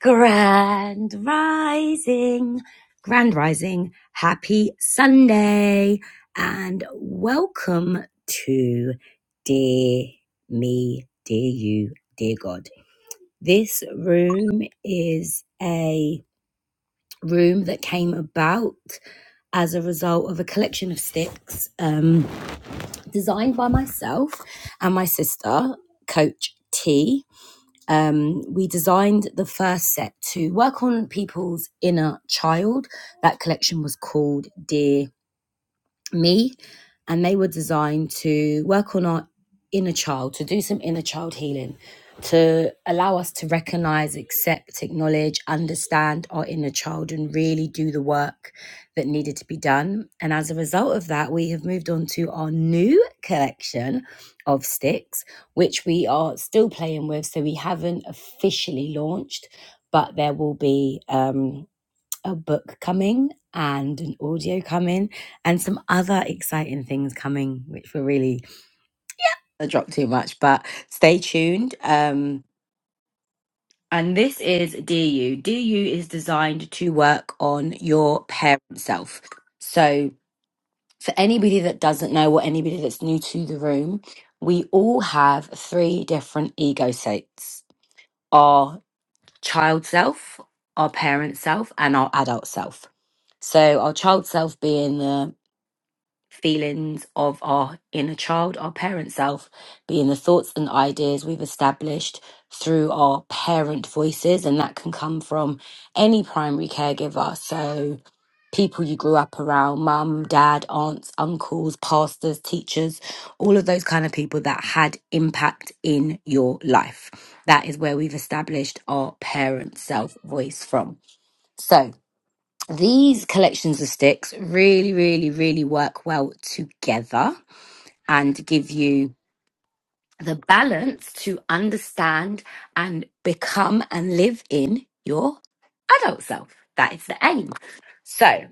Grand Rising, Grand Rising, happy Sunday, and welcome to Dear Me, Dear You, Dear God. This room is a room that came about as a result of a collection of sticks um, designed by myself and my sister, Coach T um, we designed the first set to work on people's inner child. That collection was called Dear me and they were designed to work on our inner child to do some inner child healing to allow us to recognize accept acknowledge understand our inner child and really do the work that needed to be done and as a result of that we have moved on to our new collection of sticks which we are still playing with so we haven't officially launched but there will be um, a book coming and an audio coming and some other exciting things coming, which will really I drop too much, but stay tuned. Um, and this is DU. DU is designed to work on your parent self. So, for anybody that doesn't know or anybody that's new to the room, we all have three different ego states our child self, our parent self, and our adult self. So, our child self being the feelings of our inner child, our parent self, being the thoughts and ideas we've established through our parent voices. And that can come from any primary caregiver. So, people you grew up around, mum, dad, aunts, uncles, pastors, teachers, all of those kind of people that had impact in your life. That is where we've established our parent self voice from. So, these collections of sticks really, really, really work well together and give you the balance to understand and become and live in your adult self. That is the aim. So,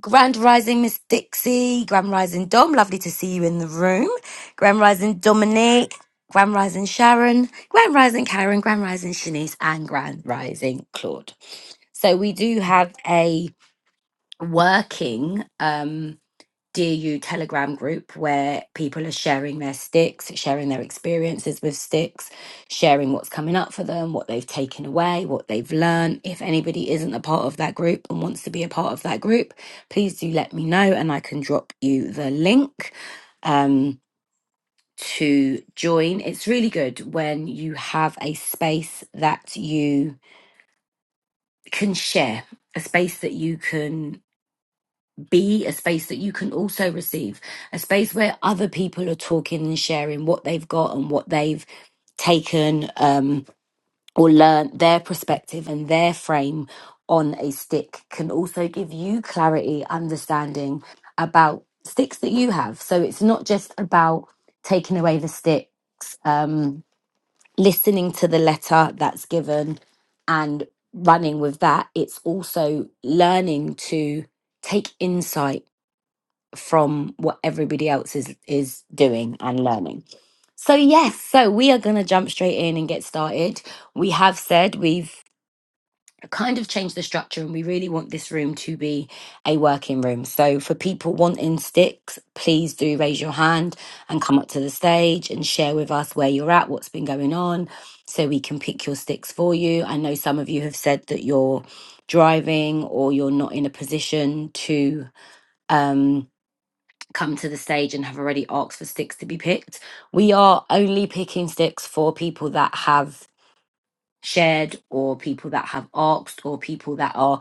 Grand Rising Miss Dixie, Grand Rising Dom, lovely to see you in the room. Grand Rising Dominique, Grand Rising Sharon, Grand Rising Karen, Grand Rising Shanice, and Grand Rising Claude. So, we do have a working um Dear You Telegram group where people are sharing their sticks, sharing their experiences with sticks, sharing what's coming up for them, what they've taken away, what they've learned. If anybody isn't a part of that group and wants to be a part of that group, please do let me know and I can drop you the link um, to join. It's really good when you have a space that you can share, a space that you can be a space that you can also receive, a space where other people are talking and sharing what they've got and what they've taken um, or learnt, their perspective and their frame on a stick can also give you clarity, understanding about sticks that you have. So it's not just about taking away the sticks, um, listening to the letter that's given and running with that. It's also learning to take insight from what everybody else is is doing and learning. So yes, so we are going to jump straight in and get started. We have said we've kind of changed the structure and we really want this room to be a working room. So for people wanting sticks, please do raise your hand and come up to the stage and share with us where you're at, what's been going on so we can pick your sticks for you. I know some of you have said that you're driving or you're not in a position to um come to the stage and have already asked for sticks to be picked. We are only picking sticks for people that have shared or people that have asked or people that are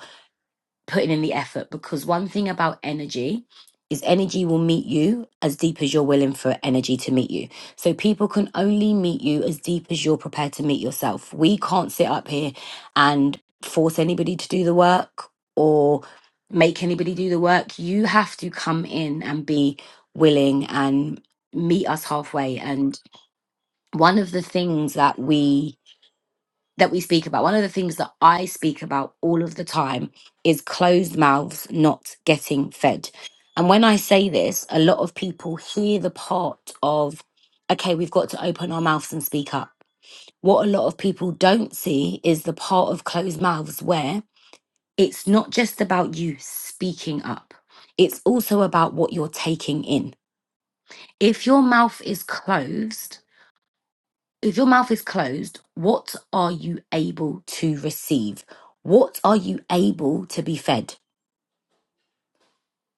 putting in the effort because one thing about energy is energy will meet you as deep as you're willing for energy to meet you. So people can only meet you as deep as you're prepared to meet yourself. We can't sit up here and force anybody to do the work or make anybody do the work. You have to come in and be willing and meet us halfway. And one of the things that we that we speak about, one of the things that I speak about all of the time is closed mouths not getting fed. And when I say this, a lot of people hear the part of, okay, we've got to open our mouths and speak up. What a lot of people don't see is the part of closed mouths where it's not just about you speaking up, it's also about what you're taking in. If your mouth is closed, if your mouth is closed, what are you able to receive? What are you able to be fed?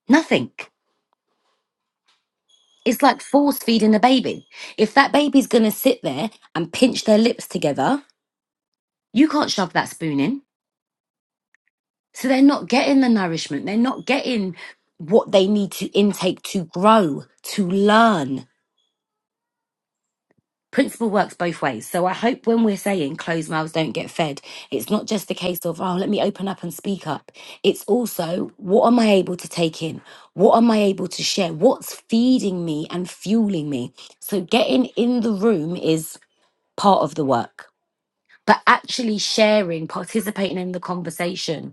Nothing. It's like force feeding a baby. If that baby's going to sit there and pinch their lips together, you can't shove that spoon in. So they're not getting the nourishment. They're not getting what they need to intake to grow, to learn principle works both ways. So I hope when we're saying closed mouths don't get fed, it's not just a case of, oh, let me open up and speak up. It's also, what am I able to take in? What am I able to share? What's feeding me and fueling me? So getting in the room is part of the work. But actually sharing, participating in the conversation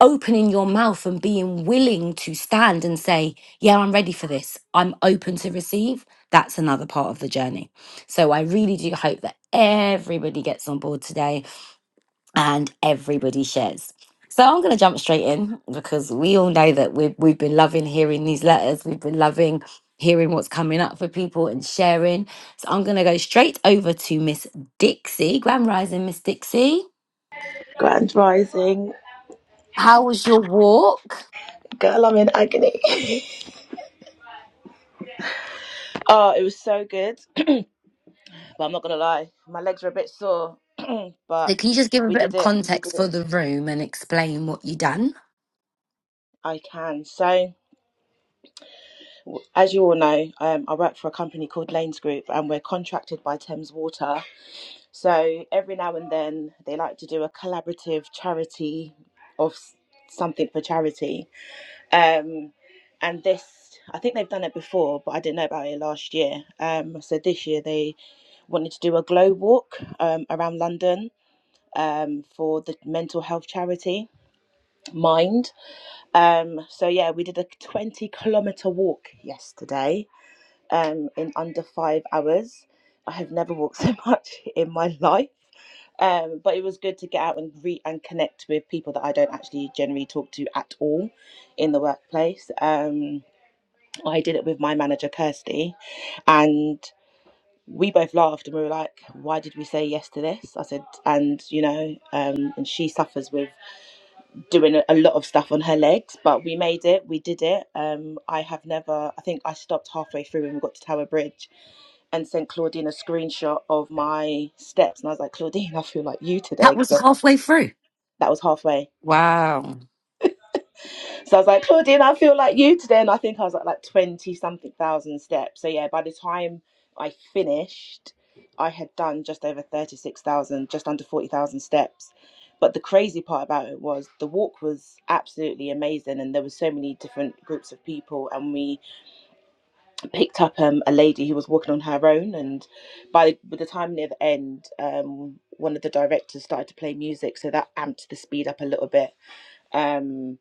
opening your mouth and being willing to stand and say, Yeah, I'm ready for this. I'm open to receive. That's another part of the journey. So I really do hope that everybody gets on board today and everybody shares. So I'm going to jump straight in because we all know that we've, we've been loving hearing these letters. We've been loving hearing what's coming up for people and sharing. So I'm going to go straight over to Miss Dixie. Grand Rising, Miss Dixie. Grand Rising. How was your walk? Girl, I'm in agony. oh, it was so good. but I'm not gonna lie, my legs were a bit sore. but So can you just give a we bit did of it. We did context for it. the room and explain what you done? I can. So, as you all know, um, I work for a company called Lanes Group, and we're contracted by Thames Water. So every now and then, they like to do a collaborative charity of s- something for charity. Um, and this, I think they've done it before, but I didn't know about it last year. Um, so this year they wanted to do a glow walk um, around London um, for the mental health charity Mind. Um, so yeah, we did a 20 kilometer walk yesterday um, in under five hours. I have never walked so much in my life. Um, but it was good to get out and re and connect with people that I don't actually generally talk to at all in the workplace. Um, I did it with my manager Kirsty, and we both laughed and we were like, why did we say yes to this? I said, and you know, um, and she suffers with doing a a lot of stuff on her legs, but we made it, we did it. Um, I have never, I think I stopped halfway through when we got to Tower Bridge and sent Claudine a screenshot of my steps. And I was like, Claudine, I feel like you today. That was 'cause halfway through. that was halfway Wow. So I was like, Claudine, I feel like you today. And I think I was at like 20 something thousand steps. So yeah, by the time I finished, I had done just over 36,000, just under 40,000 steps. But the crazy part about it was the walk was absolutely amazing. And there were so many different groups of people. And we picked up um, a lady who was walking on her own. And by the, by the time near the end, um, one of the directors started to play music. So that amped the speed up a little bit. Um,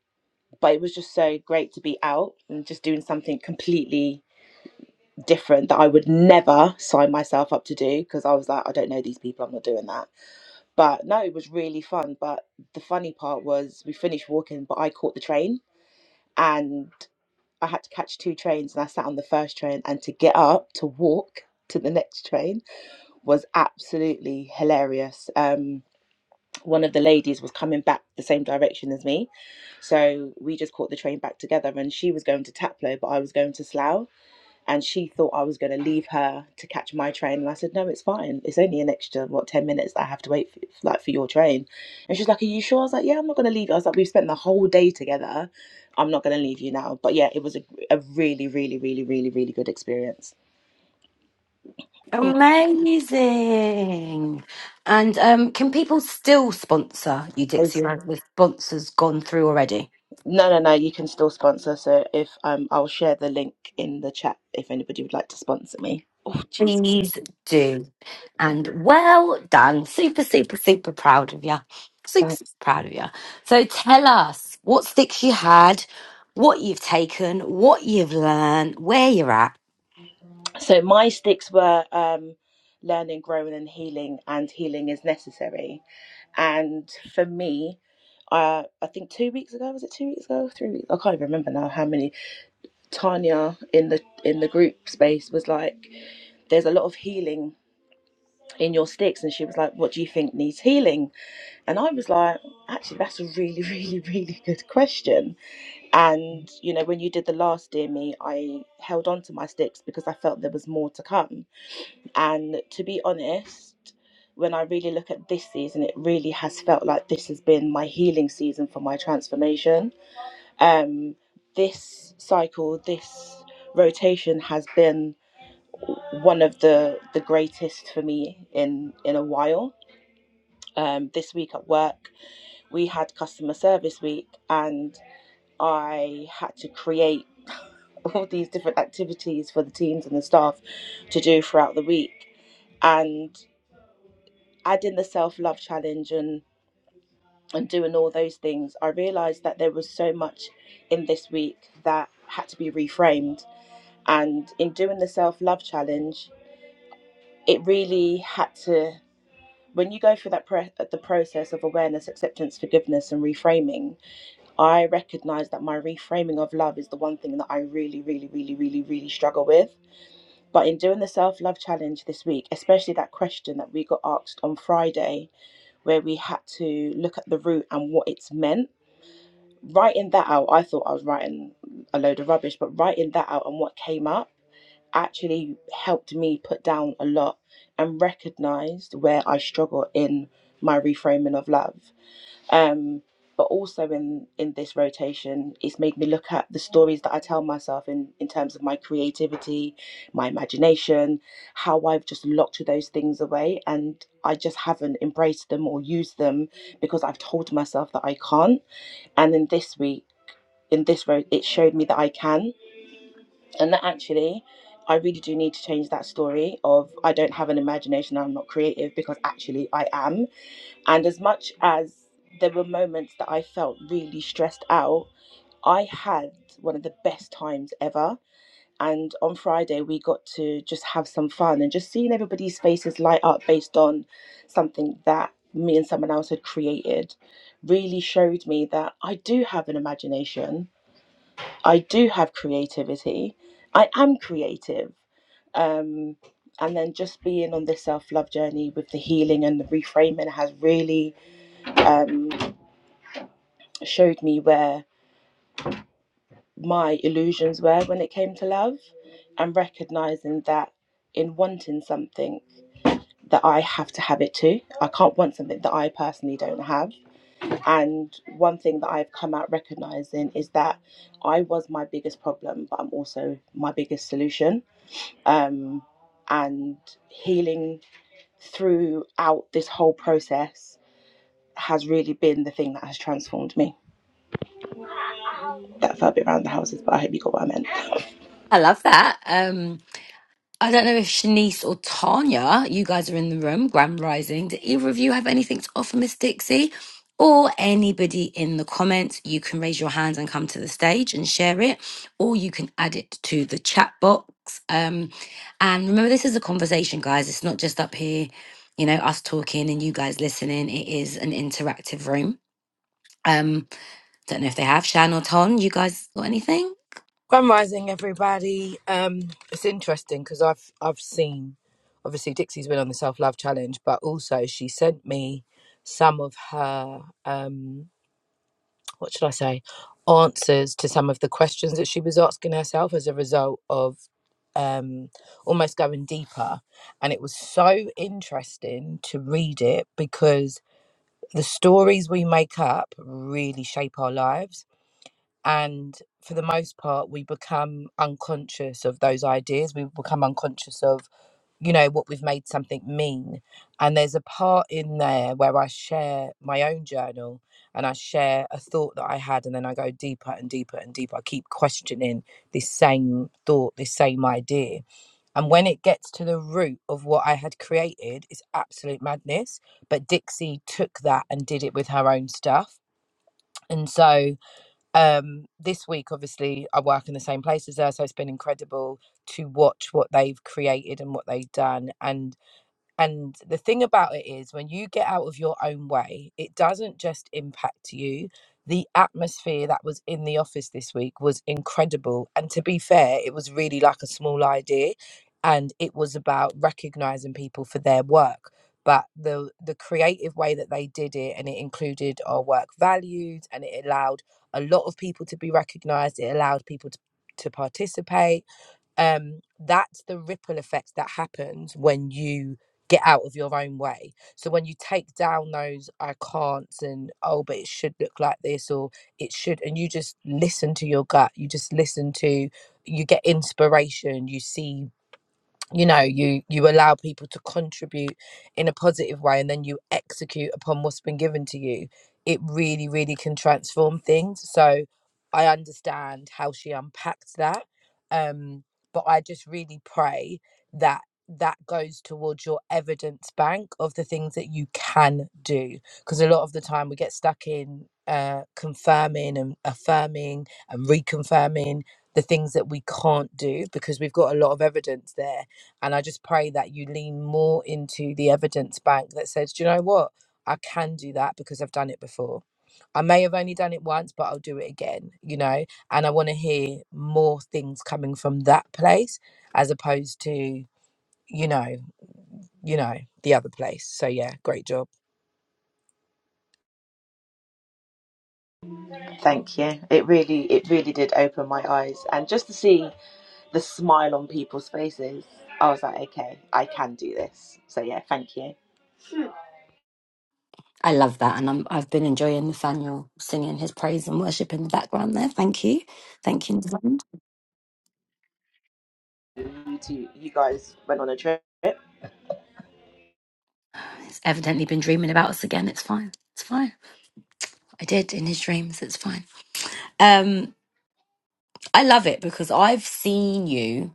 but it was just so great to be out and just doing something completely different that I would never sign myself up to do because I was like, I don't know these people, I'm not doing that. But no, it was really fun. But the funny part was we finished walking, but I caught the train and I had to catch two trains and I sat on the first train and to get up to walk to the next train was absolutely hilarious. Um one of the ladies was coming back the same direction as me. So we just caught the train back together and she was going to Taplow, but I was going to Slough. And she thought I was going to leave her to catch my train. And I said, no, it's fine. It's only an extra, what, 10 minutes that I have to wait for, like, for your train. And she's like, are you sure? I was like, yeah, I'm not going to leave. you." I was like, we've spent the whole day together. I'm not going to leave you now. But yeah, it was a, a really, really, really, really, really good experience. Amazing. And um, can people still sponsor you, Oh, Dixie, or have the sponsors gone through already? No, no, no. You can still sponsor. So if um, I'll share the link in the chat if anybody would like to sponsor me. Oh, jeez. Please do. And well done. Super, super, super proud of you. Super, Thanks. super proud of you. So tell us what sticks you had, what you've taken, what you've learned, where you're at. So my sticks were um, learning, growing, and healing, and healing is necessary. And for me, uh, I think two weeks ago was it two weeks ago, three weeks? I can't even remember now how many. Tanya in the in the group space was like, "There's a lot of healing in your sticks," and she was like, "What do you think needs healing?" And I was like, "Actually, that's a really, really, really good question." And you know, when you did the last Dear Me, I held on to my sticks because I felt there was more to come. And to be honest, when I really look at this season, it really has felt like this has been my healing season for my transformation. Um, this cycle, this rotation has been one of the the greatest for me in in a while. Um, this week at work, we had customer service week, and. I had to create all these different activities for the teams and the staff to do throughout the week. And adding the self love challenge and, and doing all those things, I realized that there was so much in this week that had to be reframed. And in doing the self love challenge, it really had to, when you go through that pre- the process of awareness, acceptance, forgiveness, and reframing, I recognize that my reframing of love is the one thing that I really, really, really, really, really struggle with. But in doing the self love challenge this week, especially that question that we got asked on Friday, where we had to look at the root and what it's meant, writing that out, I thought I was writing a load of rubbish, but writing that out and what came up actually helped me put down a lot and recognized where I struggle in my reframing of love um but also in in this rotation it's made me look at the stories that i tell myself in in terms of my creativity my imagination how i've just locked those things away and i just haven't embraced them or used them because i've told myself that i can't and in this week in this road it showed me that i can and that actually I really do need to change that story of I don't have an imagination, I'm not creative, because actually I am and as much as there were moments that I felt really stressed out, I had one of the best times ever. And on Friday, we got to just have some fun and just seeing everybody's faces light up based on something that me and someone else had created really showed me that I do have an imagination, I do have creativity, I am creative. Um, and then just being on this self love journey with the healing and the reframing has really um, showed me where my illusions were when it came to love and recognizing that in wanting something that I have to have it too. I can't want something that I personally don't have. And one thing that I've come out recognizing is that I was my biggest problem, but I'm also my biggest solution. Um, and healing throughout this whole process has really been the thing that has transformed me. That felt a bit around the houses, but I hope you got what I meant. I love that. I don't know if Shanice or Tanya, you guys are in the room, Grand Rising. Do either of you have anything to offer Miss Dixie? Or anybody in the comments, you can raise your hand and come to the stage and share it, or you can add it to the chat box. Um, and remember, this is a conversation, guys. It's not just up here, you know, us talking and you guys listening. It is an interactive room. Um, don't know if they have Shan or Ton. You guys got anything? Grand Rising, everybody. Um, it's interesting because I've I've seen, obviously Dixie's been on the self love challenge, but also she sent me some of her um, what should I say, answers to some of the questions that she was asking herself as a result of um, almost going deeper, and it was so interesting to read it because the stories we make up really shape our lives and for the most part we become unconscious of those ideas we become unconscious of you know what we've made something mean and there's a part in there where i share my own journal and i share a thought that i had and then i go deeper and deeper and deeper i keep questioning this same thought this same idea and when it gets to the root of what i had created it's absolute madness but dixie took that and did it with her own stuff and so um this week obviously i work in the same place as her so it's been incredible to watch what they've created and what they've done and and the thing about it is, when you get out of your own way, it doesn't just impact you. The atmosphere that was in the office this week was incredible. And to be fair, it was really like a small idea and it was about recognizing people for their work. But the, the creative way that they did it, and it included our work values, and it allowed a lot of people to be recognized, it allowed people to, to participate um, that's the ripple effect that happens when you get out of your own way. So when you take down those I can'ts and oh, but it should look like this or it should, and you just listen to your gut, you just listen to, you get inspiration, you see you know you you allow people to contribute in a positive way and then you execute upon what's been given to you it really really can transform things so i understand how she unpacked that um but i just really pray that that goes towards your evidence bank of the things that you can do because a lot of the time we get stuck in uh confirming and affirming and reconfirming the things that we can't do because we've got a lot of evidence there and I just pray that you lean more into the evidence bank that says, do you know what? I can do that because I've done it before. I may have only done it once, but I'll do it again, you know? And I want to hear more things coming from that place as opposed to, you know, you know, the other place. So yeah, great job. Thank you. It really, it really did open my eyes, and just to see the smile on people's faces, I was like, okay, I can do this. So yeah, thank you. I love that, and I'm, I've been enjoying Nathaniel singing his praise and worship in the background there. Thank you, thank you. Nathaniel. You two, you guys went on a trip. He's evidently been dreaming about us again. It's fine. It's fine. I did in his dreams. It's fine. Um, I love it because I've seen you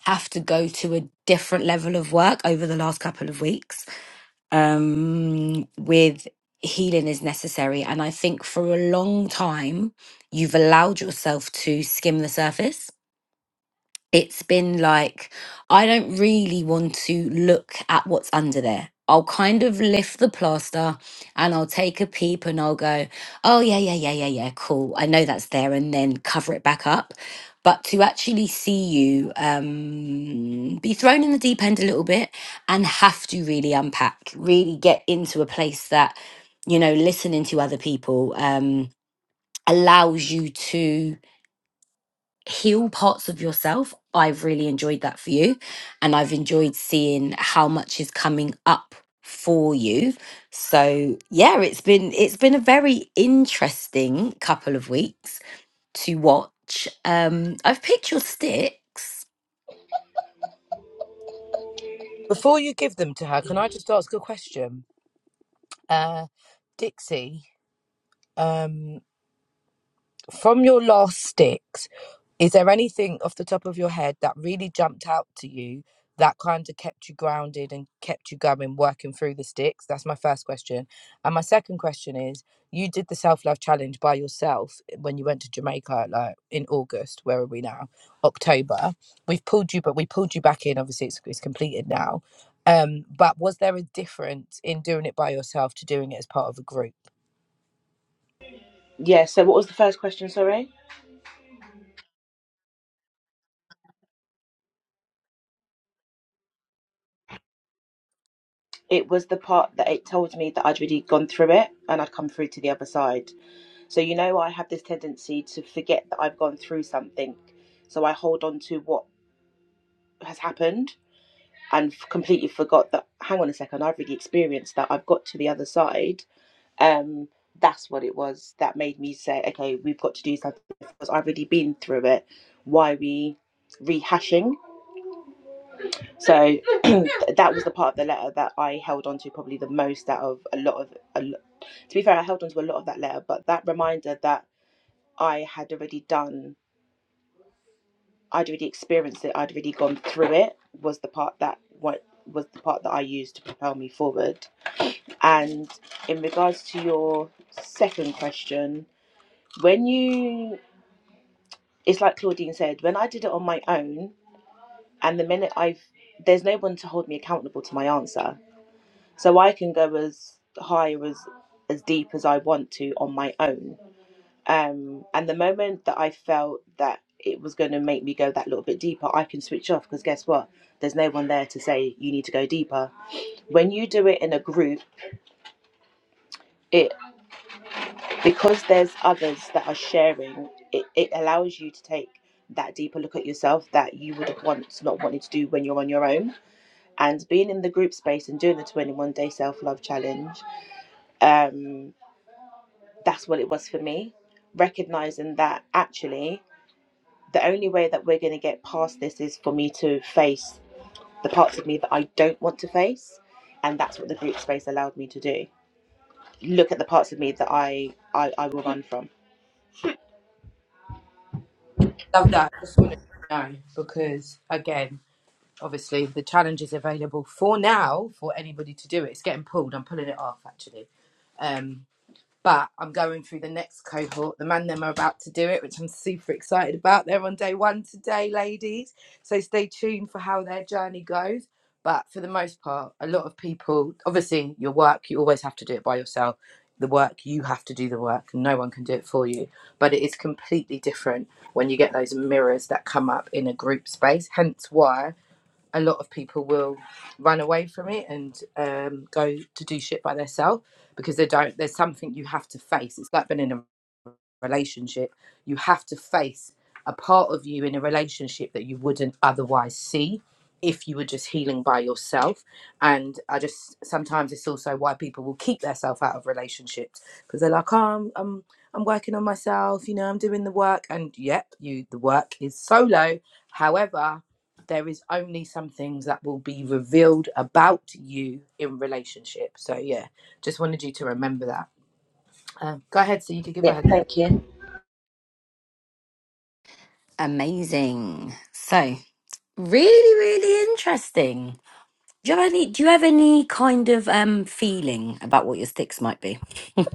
have to go to a different level of work over the last couple of weeks. Um, with healing is necessary, and I think for a long time you've allowed yourself to skim the surface it's been like I don't really want to look at what's under there. I'll kind of lift the plaster and I'll take a peep and I'll go, oh, yeah, yeah, yeah, yeah, yeah, cool. I know that's there and then cover it back up. But to actually see you um, be thrown in the deep end a little bit and have to really unpack, really get into a place that, you know, listening to other people um, allows you to heal parts of yourself. I've really enjoyed that for you. And I've enjoyed seeing how much is coming up for you. So yeah, it's been it's been a very interesting couple of weeks to watch. Um I've picked your sticks. Before you give them to her, can I just ask a question? Uh Dixie, um, From your last sticks, is there anything off the top of your head that really jumped out to you that kind of kept you grounded and kept you going working through the sticks? That's my first question. And my second question is you did the self love challenge by yourself eh, when you went to Jamaica like in August. Where are we now? October. We've pulled you, but we pulled you back in. Obviously, it's, it's completed now. Um, but was there a difference in doing it by yourself to doing it as part of a group? Yeah. So what was the first question? Sorry, it was the part that it told me that I'd already gone through it and I'd come through to the other side. So you know, I have this tendency to forget that I've gone through something, so I hold on to what has happened and f- completely forgot that. Hang on a second, I've already experienced that. I've got to the other side um that's what it was that made me say okay we've got to do something because i've already been through it why are we rehashing so that was the part of the letter that i held on to probably the most out of a lot of a, lo- to be fair i held on to a lot of that letter but that reminder that i had already done i'd already experienced it i'd already gone through it was the part that what was the part that i used to propel me forward and in regards to your second question when you it's like Claudine said, when I did it on my own, and the minute I've, there's no one to hold me accountable to my answer. So I can go as high or as, as deep as I want to on my own. Um, and the moment that I felt that it was going to make me go that little bit deeper, I can switch off because guess what? There's no one there to say you need to go deeper. When you do it in a group, it. because there's others that are sharing, it, it allows you to take that deeper look at yourself that you would have once not wanted to do when you're on your own. And being in the group space and doing the 21 day self love challenge, um, that's what it was for me. Recognizing that actually the only way that we're going to get past this is for me to face the parts of me that I don't want to face. And that's what the group space allowed me to do. Look at the parts of me that I, I, I will run from. Love that. Just wanted to know because again, obviously the challenge is available for now for anybody to do it. It's getting pulled. I'm pulling it off actually. Um, but I'm going through the next cohort. The man them are about to do it, which I'm super excited about. They're on day one today, ladies. So stay tuned for how their journey goes. But for the most part, a lot of people, obviously, your work, you always have to do it by yourself. The work, you have to do the work. No one can do it for you. But it is completely different when you get those mirrors that come up in a group space. Hence why a lot of people will run away from it and um, go to do shit by themselves because they don't. There's something you have to face. It's like being in a relationship, you have to face a part of you in a relationship that you wouldn't otherwise see if you were just healing by yourself. And I just sometimes it's also why people will keep themselves out of relationships because they're like, oh, I'm, I'm I'm working on myself, you know, I'm doing the work, and yep, you the work is solo. However, there is only some things that will be revealed about you in relationship. So yeah, just wanted you to remember that. Um, go ahead, so you could give Yeah, her. thank you. Amazing. So Really, really interesting. Do you have any, do you have any kind of um feeling about what your sticks might be?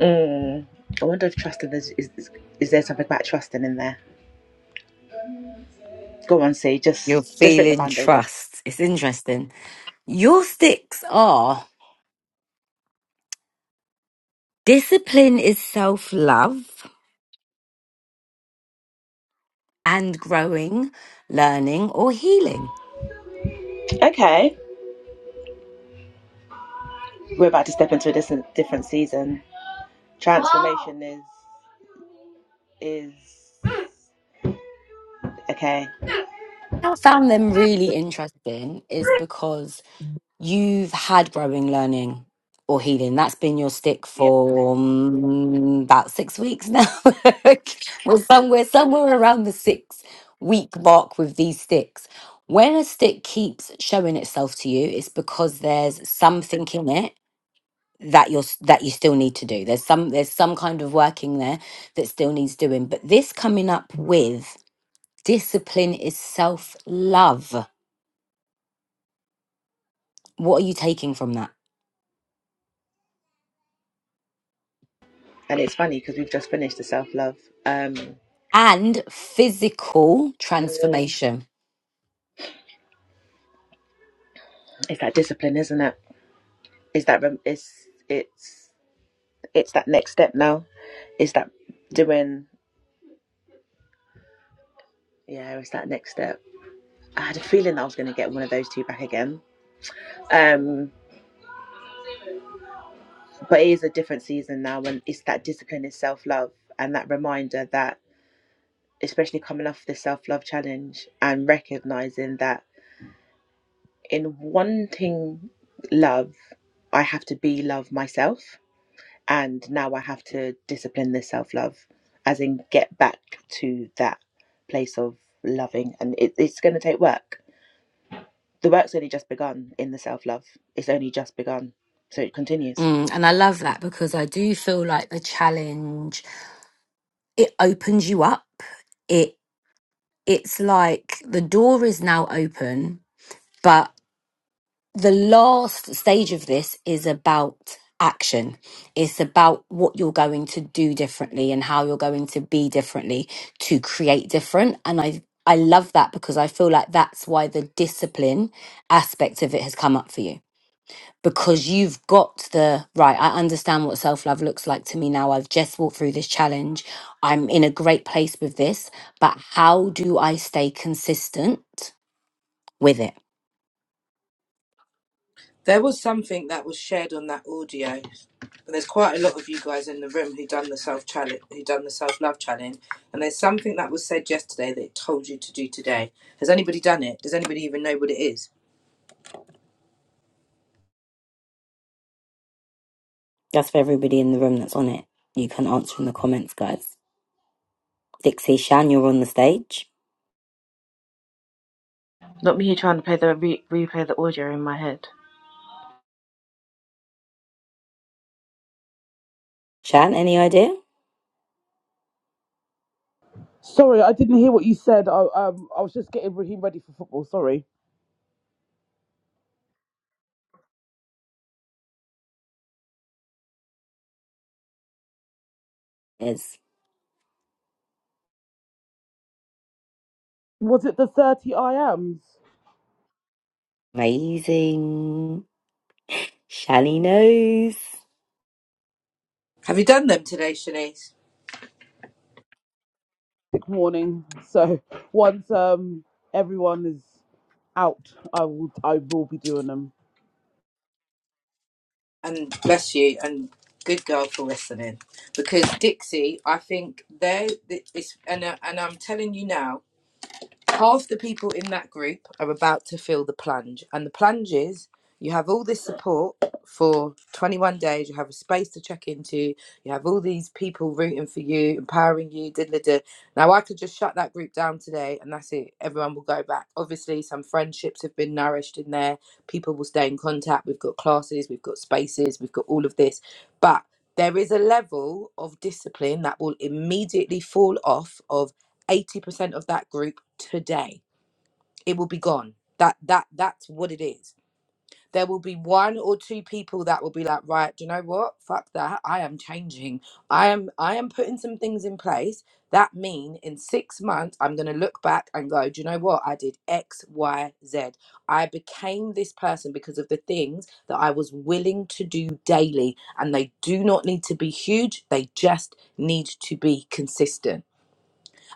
Mm. I wonder if trusting is, is is is there something about trusting in there? Go on, see, You're just just rip the feeling band-aid off. trust. It's interesting. Your sticks are discipline is self love and growing, learning, or healing. Okay, we're about to step into a different different season. Transformation is is okay. I found them really interesting is because you've had growing, learning, or healing. That's been your stick Yeah, for um, about six weeks now. well, somewhere, somewhere around the six week mark with these sticks. When a stick keeps showing itself to you, it's because there's something in it that you're s- that you still need to do. There's some there's some kind of working there that still needs doing. But this coming up with discipline is self love What are you taking from that? and it's funny because we've just finished the self-love. Um, And physical mm, transformation. it's that discipline, isn't it? Is that rem- it's it's it's that next step now? Is that doing? Yeah, it's that next step. I had a feeling that I was going to get one of those two back again. Um. but it is a different season now and it's that discipline is self-love and that reminder that especially coming off the self-love challenge and recognizing that in wanting love i have to be love myself and now i have to discipline this self-love as in get back to that place of loving and it, it's going to take work the work's only just begun in the self-love it's only just begun so it continues Mm, and I love that because I do feel like the challenge it opens you up. It it's like the door is now open, but the last stage of this is about action. It's about what you're going to do differently and how you're going to be differently to create different. And I I love that because I feel like that's why the discipline aspect of it has come up for you because you've got the right. I understand what self love looks like to me now. I've just walked through this challenge. I'm in a great place with this, but how do I stay consistent with it? There was something that was shared on that audio, and there's quite a lot of you guys in the room who done the self challenge, who done the self love challenge, and there's something that was said yesterday that it told you to do today. Has anybody done it? Does anybody even know what it is? That's for everybody in the room that's on it. You can answer in the comments, guys. Dixie, Shan, you're on the stage. Not me trying to play the re- replay the audio in my head. Shan, any idea? Sorry, I didn't hear what you said. I, um, I was just getting Raheem ready for football. Sorry. It's Was it the 30 I ams? amazing. Shani knows. Have you done them today, Shanice? Sick morning. So once um, everyone is out, I will I will be doing them. And bless you, and good girl for listening, because Dixie, I think they, it's and uh, and I'm telling you now. half the people in that group are about to feel the plunge. And the plunge is you have all this support for 21 days, you have a space to check into, you have all these people rooting for you, empowering you. Da, da, da. Now, I could just shut that group down today and that's it. Everyone will go back. Obviously, some friendships have been nourished in there. People will stay in contact. We've got classes, we've got spaces, we've got all of this. But there is a level of discipline that will immediately fall off of. 80% of that group today it will be gone that that that's what it is there will be one or two people that will be like right do you know what fuck that i am changing i am i am putting some things in place that mean in six months i'm going to look back and go do you know what i did x y z i became this person because of the things that i was willing to do daily and they do not need to be huge they just need to be consistent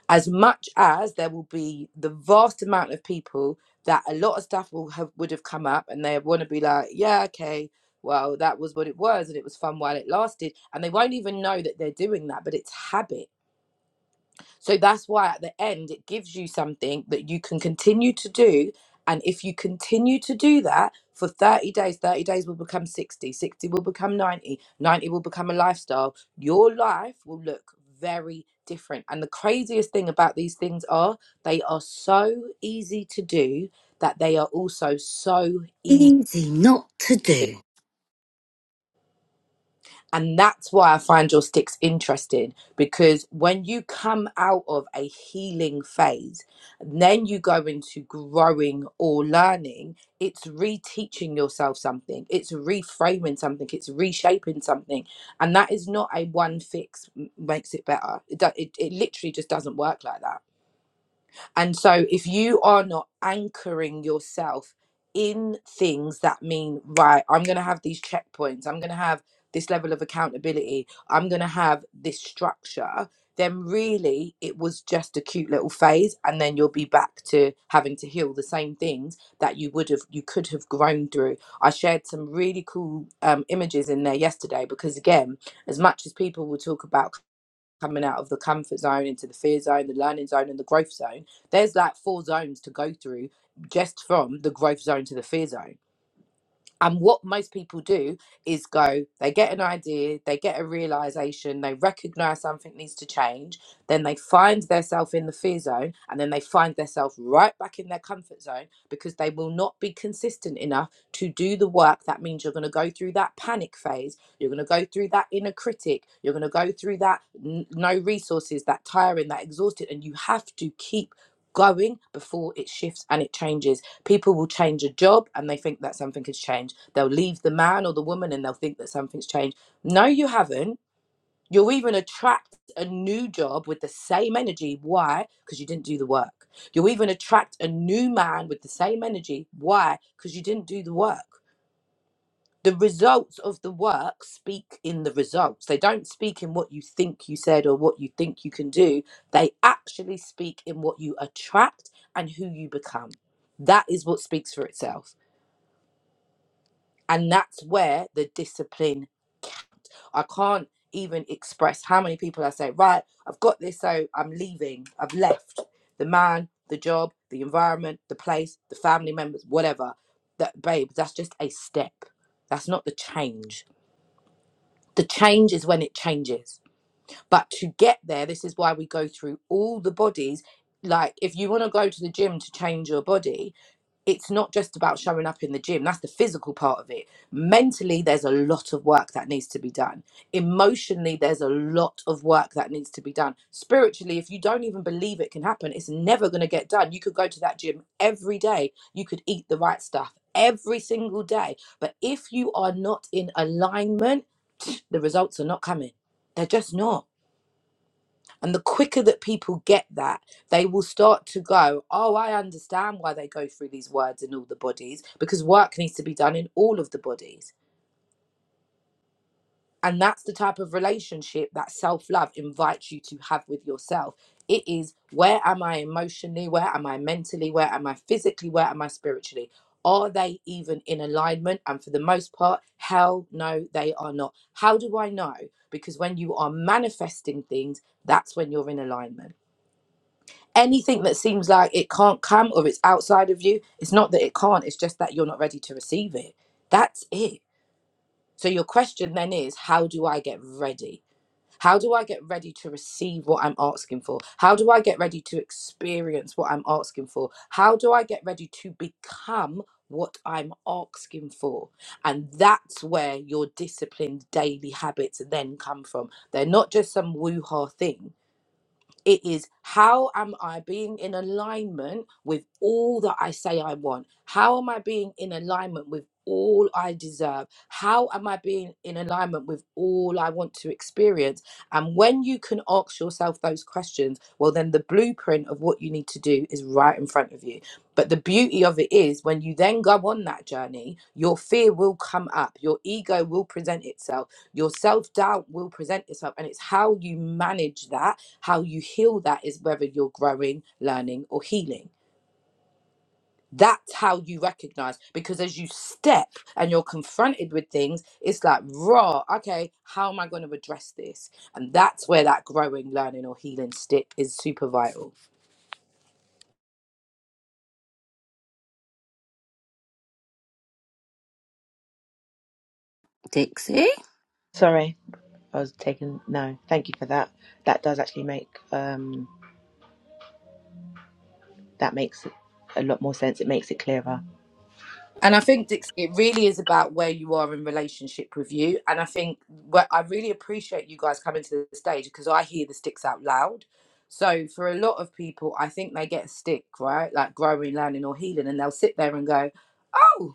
as much as there will be the vast amount of people that a lot of stuff will have would have come up and they want to be like yeah okay well that was what it was and it was fun while it lasted and they won't even know that they're doing that but it's habit so that's why at the end it gives you something that you can continue to do. And if you continue to do that for 30 days, 30 days will become 60, 60 will become 90, 90 will become a lifestyle. Your life will look very different. And the craziest thing about these things are they are so easy to do that they are also so easy. Easy not to do. And that's why I find your sticks interesting because when you come out of a healing phase, then you go into growing or learning, it's reteaching yourself something, it's reframing something, it's reshaping something. And that is not a one fix m- makes it better. It, do- it, it literally just doesn't work like that. And so, if you are not anchoring yourself in things that mean, right, I'm going to have these checkpoints, I'm going to have this level of accountability, I'm going to have this structure, then really it was just a cute little phase. And then you'll be back to having to heal the same things that you would have, you could have grown through. I shared some really cool um, images in there yesterday because, again, as much as people will talk about coming out of the comfort zone into the fear zone, the learning zone, and the growth zone. There's like four zones to go through just from the growth zone to the fear zone. And what most people do is go, they get an idea, they get a realization, they recognize something needs to change, then they find themselves in the fear zone, and then they find themselves right back in their comfort zone because they will not be consistent enough to do the work. That means you're going to go through that panic phase, you're going to go through that inner critic, you're going to go through that n- no resources, that tiring, that exhausted, and you have to keep going before it shifts and it changes People will change a job and they think that something has changed. They'll leave the man or the woman and they'll think that something's changed. No, you haven't. You'll even attract a new job with the same energy. Why? Because you didn't do the work. You'll even attract a new man with the same energy. Why? Because you didn't do the work. The results of the work speak in the results. They don't speak in what you think you said or what you think you can do. They actually speak in what you attract and who you become. That is what speaks for itself And that's where the discipline, I can't even express how many people I say, right, I've got this, so I'm leaving. I've left the man, the job, the environment, the place, the family members, whatever. That, babe, that's just a step. That's not the change. The change is when it changes. But to get there, this is why we go through all the bodies. Like, if you want to go to the gym to change your body, it's not just about showing up in the gym. That's the physical part of it. Mentally, there's a lot of work that needs to be done. Emotionally, there's a lot of work that needs to be done. Spiritually, if you don't even believe it can happen, it's never going to get done. You could go to that gym every day, you could eat the right stuff every single day. But if you are not in alignment, the results are not coming. They're just not. And the quicker that people get that, they will start to go, Oh, I understand why they go through these words in all the bodies, because work needs to be done in all of the bodies. And that's the type of relationship that self love invites you to have with yourself. It is where am I emotionally? Where am I mentally? Where am I physically? Where am I spiritually? Are they even in alignment? And for the most part, hell no, they are not. How do I know? Because when you are manifesting things, that's when you're in alignment. anything that seems like it can't come or it's outside of you, it's not that it can't, it's just that you're not ready to receive it. That's it. So your question then is how do I get ready? How do I get ready to receive what I'm asking for? How do I get ready to experience what I'm asking for? How do I get ready to become what I'm asking for? And that's where your disciplined daily habits then come from. They're not just some woo ha thing it is how am I being in alignment with all that I say I want? How am I being in alignment with all I deserve? How am I being in alignment with all I want to experience? And when you can ask yourself those questions, well, then the blueprint of what you need to do is right in front of you. But the beauty of it is when you then go on that journey, your fear will come up, your ego will present itself, your self doubt will present itself, and it's how you manage that how you heal that is whether you're growing, learning, or healing. That's how you recognize because as you step and you're confronted with things, it's like, raw, okay, how am I going to address this? And that's where that growing, learning, or healing stick is super vital. Dixie? sorry I was taking no. Thank you for that. That does actually make um that makes it a lot more sense. It makes it clearer. And I think Dixie, it really is about where you are in relationship with you. And I think what I really appreciate you guys coming to the stage because I hear the sticks out loud. So for a lot of people, I think they get a stick, right? Like growing, learning, or healing, and they'll sit there and go, "Oh,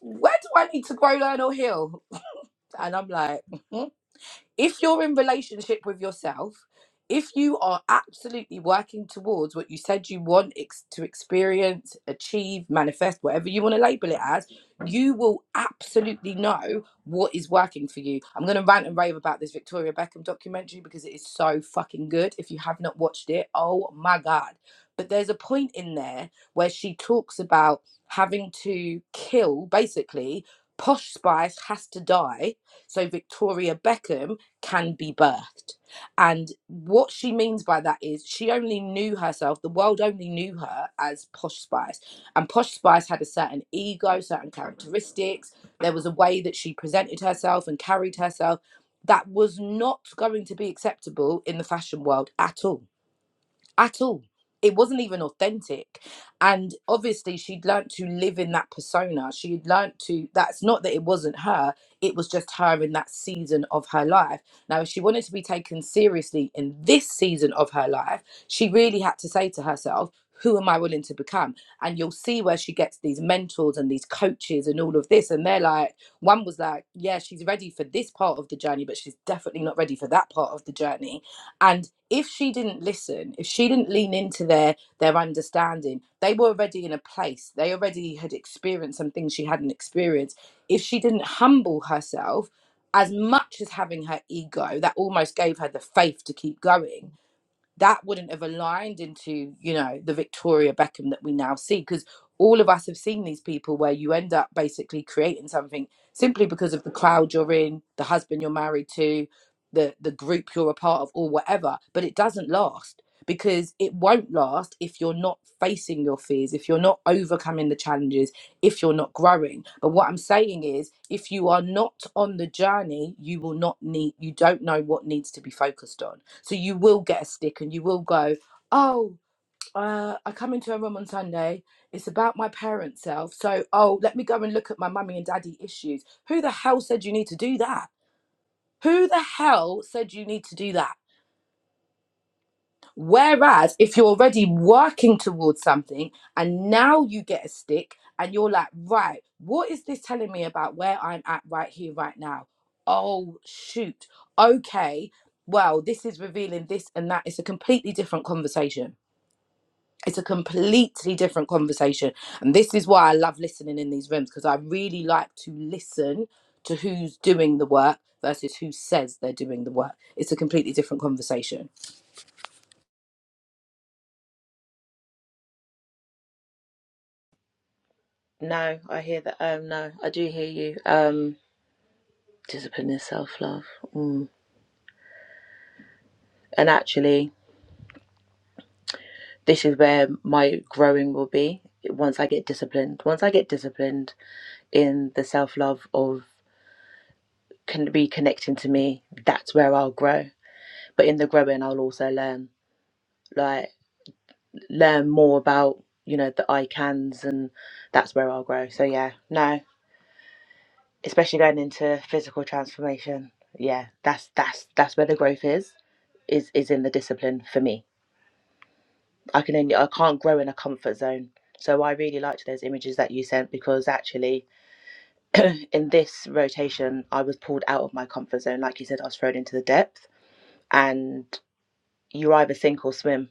where do I need to grow, learn, or heal?" And I'm like, if you're in relationship with yourself if you are absolutely working towards what you said you want ex- to experience achieve manifest whatever you want to label it as you will absolutely know what is working for you i'm going to rant and rave about this victoria beckham documentary because it is so fucking good if you have not watched it oh my god but there's a point in there where she talks about having to kill basically posh spice has to die so victoria beckham can be birthed. And what she means by that is she only knew herself, the world only knew her as Posh Spice. And Posh Spice had a certain ego, certain characteristics. There was a way that she presented herself and carried herself that was not going to be acceptable in the fashion world at all at all. It wasn't even authentic. And obviously, she'd learned to live in that persona. She'd learned to, that's not that it wasn't her, it was just her in that season of her life. Now, if she wanted to be taken seriously in this season of her life, she really had to say to herself, who am I willing to become? And you'll see where she gets these mentors and these coaches and all of this. And they're like, one was like, yeah, she's ready for this part of the journey, but she's definitely not ready for that part of the journey and if she didn't listen, if she didn't lean into their their understanding, they were already in a place. They already had experienced some things she hadn't experienced. If she didn't humble herself, as much as having her ego, that almost gave her the faith to keep going that wouldn't have aligned into you know the Victoria Beckham that we now see because all of us have seen these people where you end up basically creating something simply because of the crowd you're in, the husband you're married to, the the group you're a part of or whatever, but it doesn't last because it won't last if you're not facing your fears, if you're not overcoming the challenges, if you're not growing. But what I'm saying is if you are not on the journey, you will not need you don't know what needs to be focused on so you will get a stick and you will go, oh, uh, I come into a room on Sunday. It's about my parents' self. So, oh, let me go and look at my mummy and daddy issues. Who the hell said you need to do that? Who the hell said you need to do that? Whereas if you're already working towards something and now you get a stick and you're like, right, what is this telling me about where I'm at right here, right now? Oh, shoot. Okay. Well, this is revealing this and that. It's a completely different conversation it's a completely different conversation and this is why i love listening in these rooms because i really like to listen to who's doing the work versus who says they're doing the work it's a completely different conversation No, I hear that. Um, no, I do hear you. Um, discipline is self love. Mm. And actually, this is where my growing will be once I get disciplined. Once I get disciplined in the self love of can be connecting to me, that's where I'll grow. But in the growing, I'll also learn. Like. learn more about you know the icons and that's where I'll grow. So yeah, no, especially going into physical transformation. Yeah, that's that's that's where the growth is is is in the discipline for me. I can only I can't grow in a comfort zone. So I really liked those images that you sent because actually in this rotation I was pulled out of my comfort zone. Like you said, I was thrown into the depth and you either sink or swim.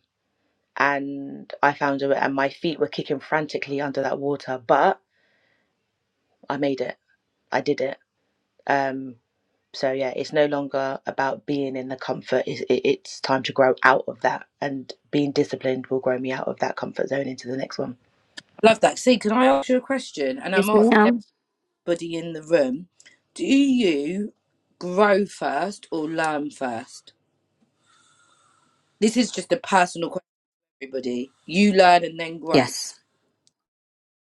And I found it and my feet were kicking frantically under that water, but I made it I did it. Um, so yeah, it's no longer about being in the comfort. It's, it's time to grow out of that, and being disciplined will grow me out of that comfort zone into the next one. love that see can i ask you a question and i'm Yes, asking ma'am. everybody in the room do you grow first or learn first this is just a personal question everybody you learn and then grow Yes.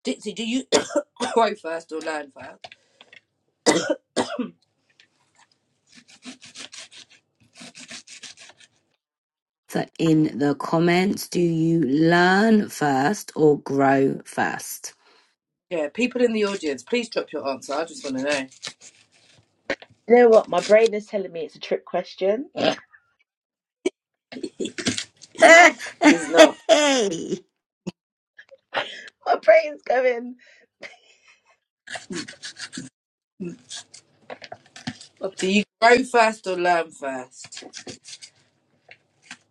dixie do you grow first or learn first So in the comments, do you learn first or grow first? yeah people in the audience please drop your answer i just want to know You know what? My brain is telling me it's a trick question. It's not. Hey, My brain's going. Do you grow fast or learn first?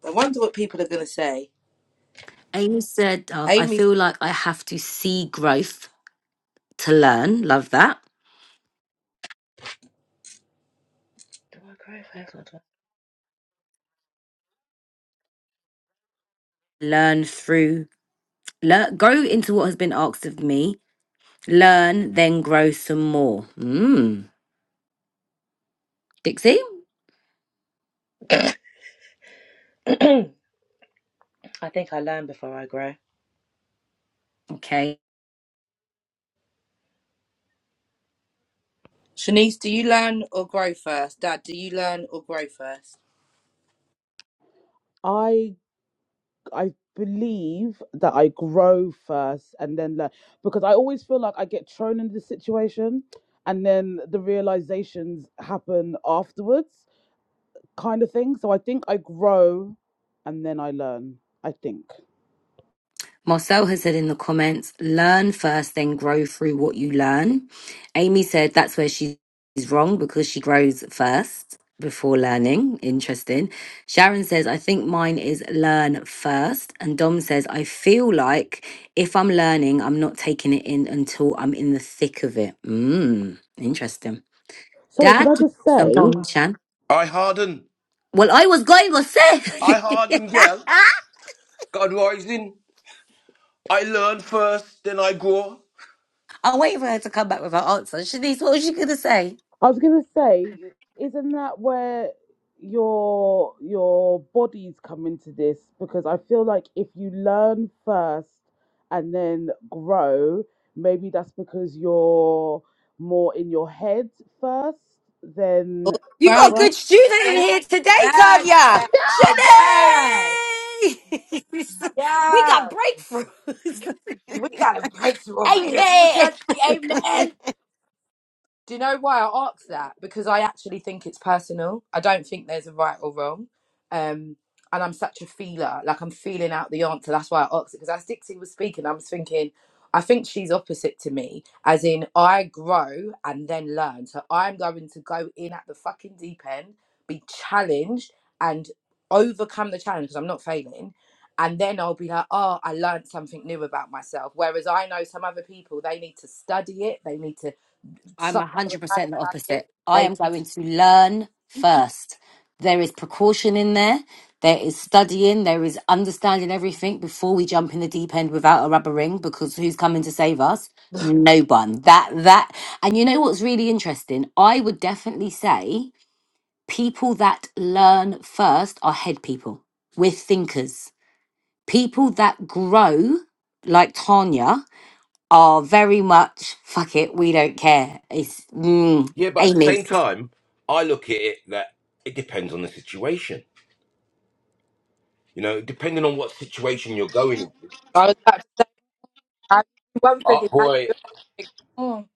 I wonder what people are going to say. Amy said, oh, I Amy, feel like I have to see growth to learn. Love that. Do I grow first? Or do Learn through, learn, grow into what has been asked of me Learn, then grow some more. Mm. Dixie? I... I think I learn before I grow. Okay. Shanice, do you learn or grow first? Dad, do you learn or grow first? I I believe that I grow first and then learn because I always feel like I get thrown into the situation and then the realizations happen afterwards, kind of thing. So I think I grow and then I learn. I think. Marcel has said in the comments, learn first, then grow through what you learn. Amy said that's where she's wrong because she grows first before learning. Interesting. Sharon says, I think mine is learn first. And Dom says, I feel like if I'm learning, I'm not taking it in until I'm in the thick of it. Mm. Interesting. Sorry, can I Dad? just I'm say? gone, Shan. I harden. Well, I was going to say. I harden, girl. God rising. I learn first, then I grow. I'm waiting for her to come back with her answer. Shanice, what was you going to say? I was going to say, isn't that where your your bodies come into this? Because I feel like if you learn first and then grow, maybe that's because you're more in your head first Oh, than You got well, a you grow. good student in get it here today, back, Tanya. dad. Shanice! Dad. we Yeah, got breakthroughs. we got a breakthrough over here. Come on, Amen. church, say amen. Do you know why I asked that? Because I actually think it's personal. I don't think there's a right or wrong. Um, and I'm such a feeler. Like I'm feeling out the answer. That's why I asked it. Because as Dixie was speaking, I was thinking, I think she's opposite to me. As in, I grow and then learn. So I'm going to go in at the fucking deep end, be challenged and overcome the challenge because I'm not failing. And then I'll be like, oh, I learned something new about myself. Whereas I know some other people, they need to study it. They need to I'm some the 100% the Valentine's Day, opposite. I they am going to learn me. first. There is precaution in there, there is studying, there is understanding everything before we jump in the deep end without a rubber ring because who's coming to save us? No one. That, that. And you know what's really interesting? I would definitely say people that learn first are head people. We're thinkers. People that grow, like Tanya, are very much fuck it, we don't care. It's mm, Yeah, but at the Amy. same time, I look at it that it depends on the situation. You know, depending on what situation you're going into. I was about to say, I do one Oh, figure. I boy, do everything.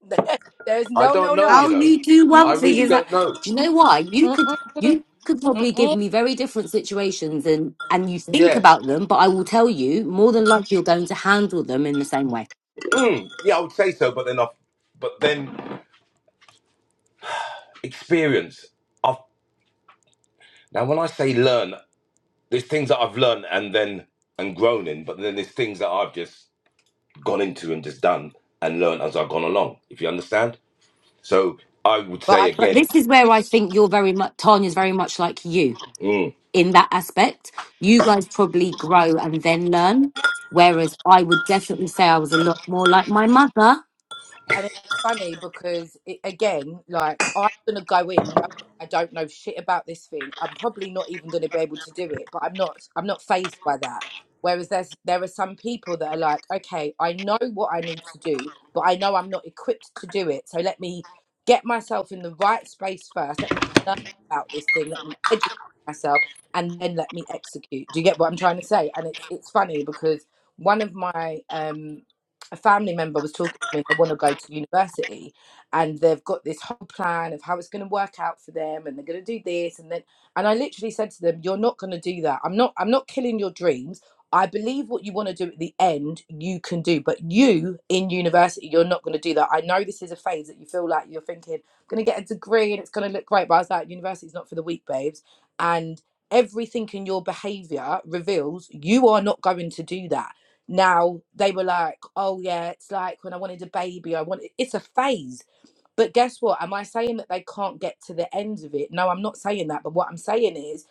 mm, there's I no, no, don't know, no. you How know. you do I one thing really Mm-mm, is that don't know. do you know why? You could you mm-mm, could probably give mm-mm. me very different situations and and you think Yeah. about them, but I will tell you more than likely you're going to handle them in the same way. Hmm, yeah, I would say so, but then I've, but then experience. I've, now, when I say learn, there's things that I've learned and then, and grown in, but then there's things that I've just gone into and just done and learned as I've gone along, if you understand. So I would But I say could. But again, this is where I think you're very much Tanya's very much like you mm, in that aspect. You guys probably grow and then learn. Whereas I would definitely say I was a lot more like my mother. And it's funny because, it, again, like, I'm going to go in. No, I don't know shit about this thing. I'm probably not even going to be able to do it, but I'm not, I'm not phased by that. Whereas there's, there are some people that are like, okay, I know what I need to do, but I know I'm not equipped to do it. So let me get myself in the right space first. Let me learn about this thing. Let me educate myself and then let me execute. Do you get what I'm trying to say? And it's, it's funny because one of my, um, a family member was talking to me they want to go to university and they've got this whole plan of how it's going to work out for them and they're going to do this and then and i literally said to them you're not going to do that i'm not i'm not killing your dreams i believe what you want to do at the end you can do but you in university you're not going to do that i know this is a phase that you feel like you're thinking i'm going to get a degree and it's going to look great but i was like university's not for the weak babes and everything in your behavior reveals you are not going to do that now they were like, oh yeah, it's like when I wanted a baby, I wanted it's a phase. But guess what? Am I saying that they can't get to the end of it? No, I'm not saying that. But what I'm saying is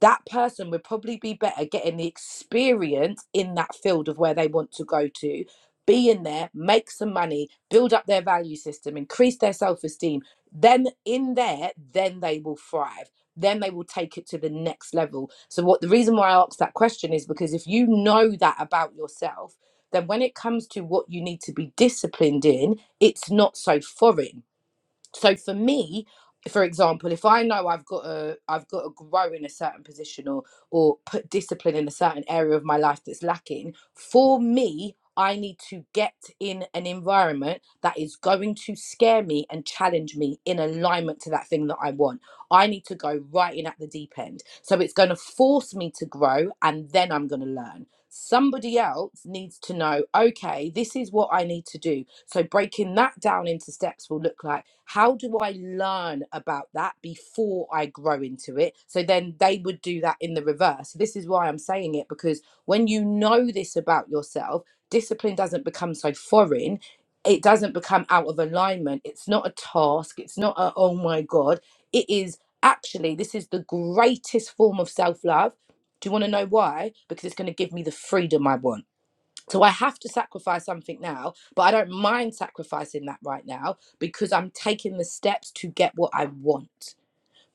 that person would probably be better getting the experience in that field of where they want to go to, be in there, make some money, build up their value system, increase their self esteem. Then in there, then they will thrive. Then they will take it to the next level. So, what the reason why I asked that question is because if you know that about yourself, then when it comes to what you need to be disciplined in, it's not so foreign. So for me, for example, if I know I've got to I've got to grow in a certain position or or put discipline in a certain area of my life that's lacking, for me, I need to get in an environment that is going to scare me and challenge me in alignment to that thing that I want. I need to go right in at the deep end. So it's going to force me to grow and then I'm going to learn. Somebody else needs to know, okay, this is what I need to do. So breaking that down into steps will look like how do I learn about that before I grow into it? So then they would do that in the reverse. This is why I'm saying it because when you know this about yourself, discipline doesn't become so foreign. It doesn't become out of alignment. It's not a task. It's not a, oh my God. It is actually, this is the greatest form of self love do you want to know why? Because it's going to give me the freedom I want. So I have to sacrifice something now, but I don't mind sacrificing that right now because I'm taking the steps to get what I want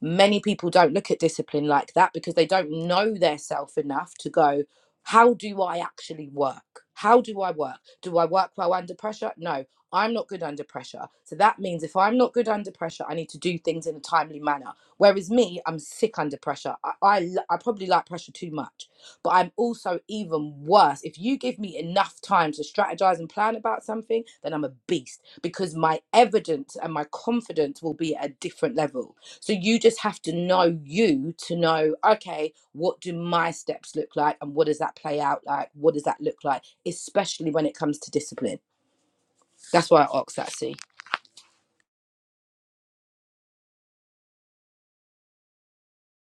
many people don't look at discipline like that because they don't know their self enough to go how do i actually work how do i work do i work well under pressure no i'm not good under pressure so that means if i'm not good under pressure i need to do things in a timely manner whereas me i'm sick under pressure i, I, l- I probably like pressure too much but i'm also even worse if you give me enough time to strategize and plan about something then i'm a beast because my evidence and my confidence will be at a different level so you just have to know you to know, okay, what do my steps look like and what does that play out like? What does that look like? Especially when it comes to discipline. That's why I asked that, see.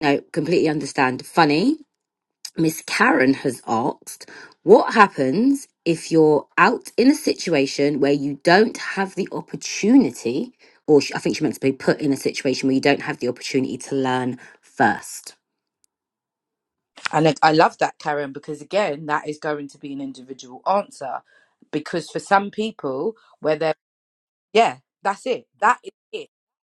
No, completely understand. Funny Miss Karen has asked, what happens if you're out in a situation where you don't have the opportunity, or sh- I think she meant to be put in a situation where you don't have the opportunity to learn first? And I, I love that, Karen, because again, that is going to be an individual answer. Because for some people, where they're, yeah, that's it. That is it.